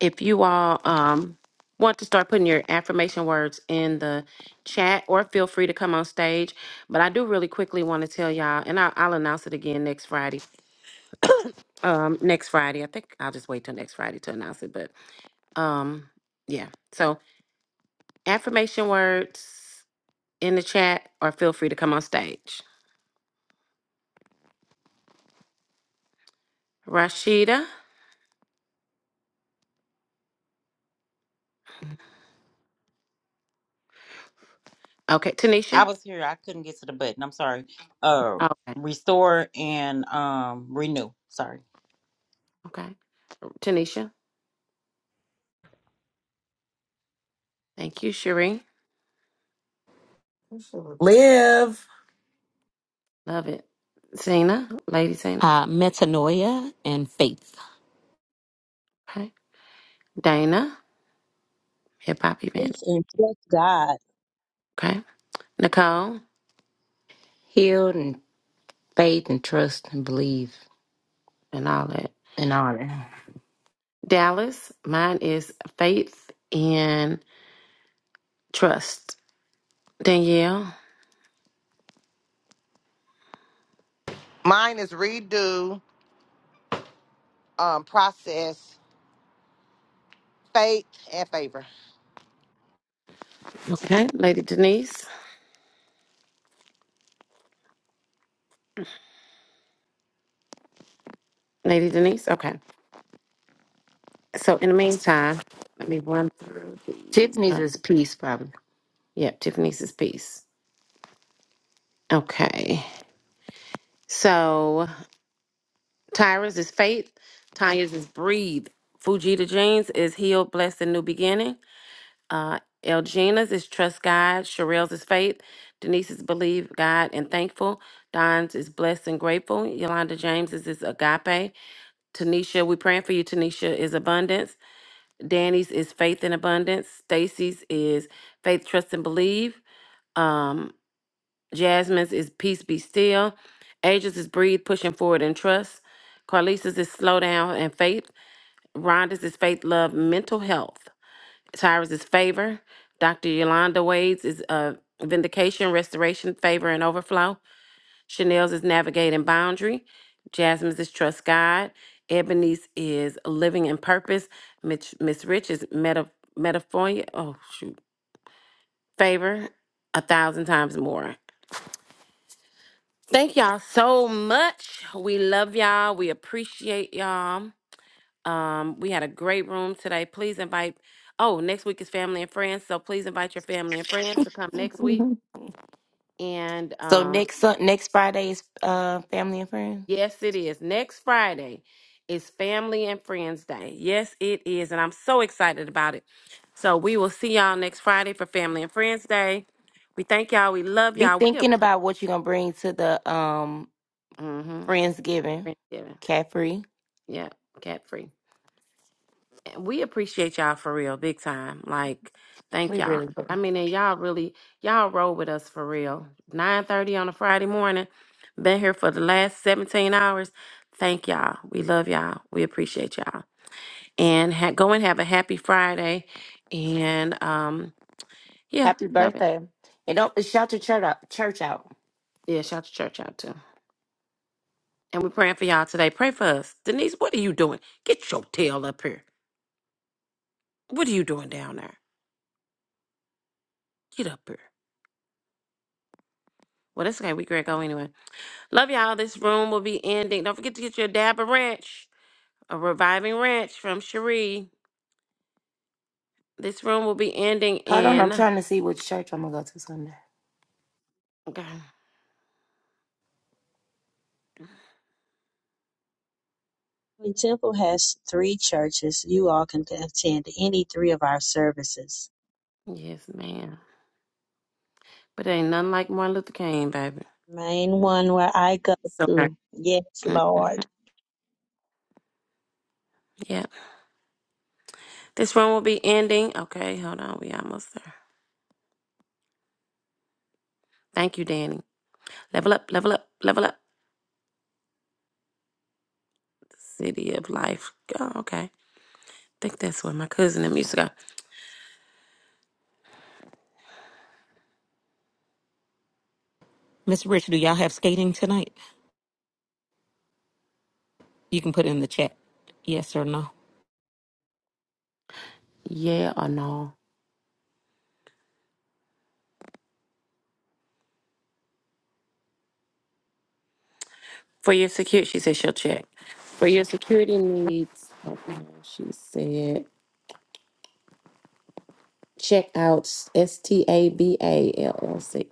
Speaker 9: if you all um, want to start putting your affirmation words in the chat or feel free to come on stage but i do really quickly want to tell y'all and I'll, I'll announce it again next friday um next friday i think i'll just wait till next friday to announce it but um yeah so affirmation words in the chat or feel free to come on stage rashida okay
Speaker 2: I
Speaker 9: tanisha
Speaker 2: was here, I couldn't get to the button. I'm sorry. Uh
Speaker 9: okay
Speaker 2: restore and um renew. Sorry.
Speaker 9: okay tanisha thank you Sheree.
Speaker 4: Live.
Speaker 9: love it zena lady zena
Speaker 5: Uh, metanoia and faith.
Speaker 9: okay dana hip hop event.
Speaker 7: Faith and trust God.
Speaker 9: Okay. Nicole
Speaker 6: Healed and faith and trust and believe
Speaker 9: and all that.
Speaker 6: and all that.
Speaker 9: Dallas, mine is faith and trust. Danielle.
Speaker 8: Mine is redo, um, process, faith, and favor.
Speaker 9: Okay. Lady Denise. Lady Denise. Okay. So in the meantime, let me run through these.
Speaker 6: Tiffany's
Speaker 9: Uh,
Speaker 6: is peace, probably.
Speaker 9: Yep, Tiffany's is peace. Okay. So Tyra's is faith. Tanya's is breathe. Fujita Jeans is healed, blessed, and new beginning. Uh, Elgina's is trust God. Sherelle's is faith. Denise's believe God and thankful. Don's is blessed and grateful. Yolanda James's is agape. Tanisha, we praying for you. Tanisha is abundance. Danny's is faith and abundance. Stacy's is faith, trust, and believe. Um, Jasmine's is peace be still. Ages is breathe, pushing forward and trust. Carlisa's is slow down and faith. Rhonda's is faith, love, mental health. Tyrus's favor. Dr. Yolanda Wade's is uh, vindication, restoration, favor, and overflow. Chanel's is navigating boundary. Jasmine's is trust God. Ebony's is living in purpose. Mitch, Miss Rich is meta, metaphoria. Oh, shoot. Favor a thousand times more. Thank y'all so much. We love y'all. We appreciate y'all. Um, we had a great room today. Please invite. Oh, next week is family and friends, so please invite your family and friends to come next week.
Speaker 6: Mhm.
Speaker 9: And
Speaker 6: So
Speaker 9: um,
Speaker 6: next Sun- next Friday's uh, family and friends.
Speaker 9: yes, it is. Next Friday is Family and Friends Day. Yes, it is, and I'm so excited about it. So we will see y'all next Friday for Family and Friends Day. We thank y'all. We love
Speaker 6: Be
Speaker 9: y'all. We are
Speaker 6: thinking about what you're gonna bring to the um
Speaker 9: mm-hmm,
Speaker 6: Friendsgiving.
Speaker 9: Friendsgiving.
Speaker 6: Caffrey,
Speaker 9: Yeah, cat free. we appreciate y'all for real, big time. Like, thank
Speaker 6: We
Speaker 9: y'all.
Speaker 6: really
Speaker 9: I
Speaker 6: do.
Speaker 9: mean, and y'all really, y'all roll with us for real. Nine thirty on a Friday morning. Been here for the last seventeen hours. Thank y'all. We love y'all. We appreciate y'all. And ha- go and have a happy Friday. And um, yeah,
Speaker 6: Happy
Speaker 9: love it.
Speaker 6: birthday! And don't shout your church out. Church out.
Speaker 9: Yeah, shout the church out too. And we're praying for y'all today. Pray for us, Denise. What are you doing? Get your tail up here. What are you doing down there? Get up here. Well, that's okay. We great go anyway. Love y'all. This room will be ending. Don't forget to get your dab of ranch, a reviving ranch from Cherie. This room will be ending
Speaker 6: Hold on, I'm
Speaker 9: in.
Speaker 6: trying to see which church I'm gonna go to Sunday.
Speaker 9: Okay.
Speaker 7: The temple has three churches. You all can attend any three of our services.
Speaker 9: Yes, ma'am. But ain't nothing like Martin Luther King, baby.
Speaker 7: Main one where I go
Speaker 9: So,
Speaker 7: to. Yes,
Speaker 9: hmm
Speaker 7: Lord.
Speaker 9: yeah. This room will be ending. Okay, hold on. We almost there. Thank you, Danny. Level up, level up, level up. City of Life. Oh, okay. I think that's where my cousin and music go.
Speaker 5: Miss Rich, do y'all have skating tonight? You can put it in the chat. Yes or no.
Speaker 9: Yeah or no? For your security, she said she'll check. For your security needs, hold on, she said, check out S T A B A L L C.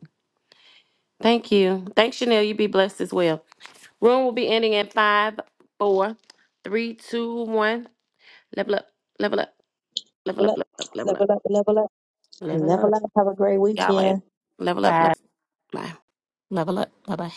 Speaker 9: Thank you. Thanks, Chanel. You be blessed as well. Room will be ending in five, four, three, two, one. Level up, level up, level up, level up, level up.
Speaker 6: Live Level
Speaker 7: Level
Speaker 6: up.
Speaker 7: up. Have a great
Speaker 9: Y'all, eh?
Speaker 7: weekend.
Speaker 9: level up,
Speaker 6: Bye.
Speaker 9: level up. Bye.
Speaker 5: Level up. Bye bye.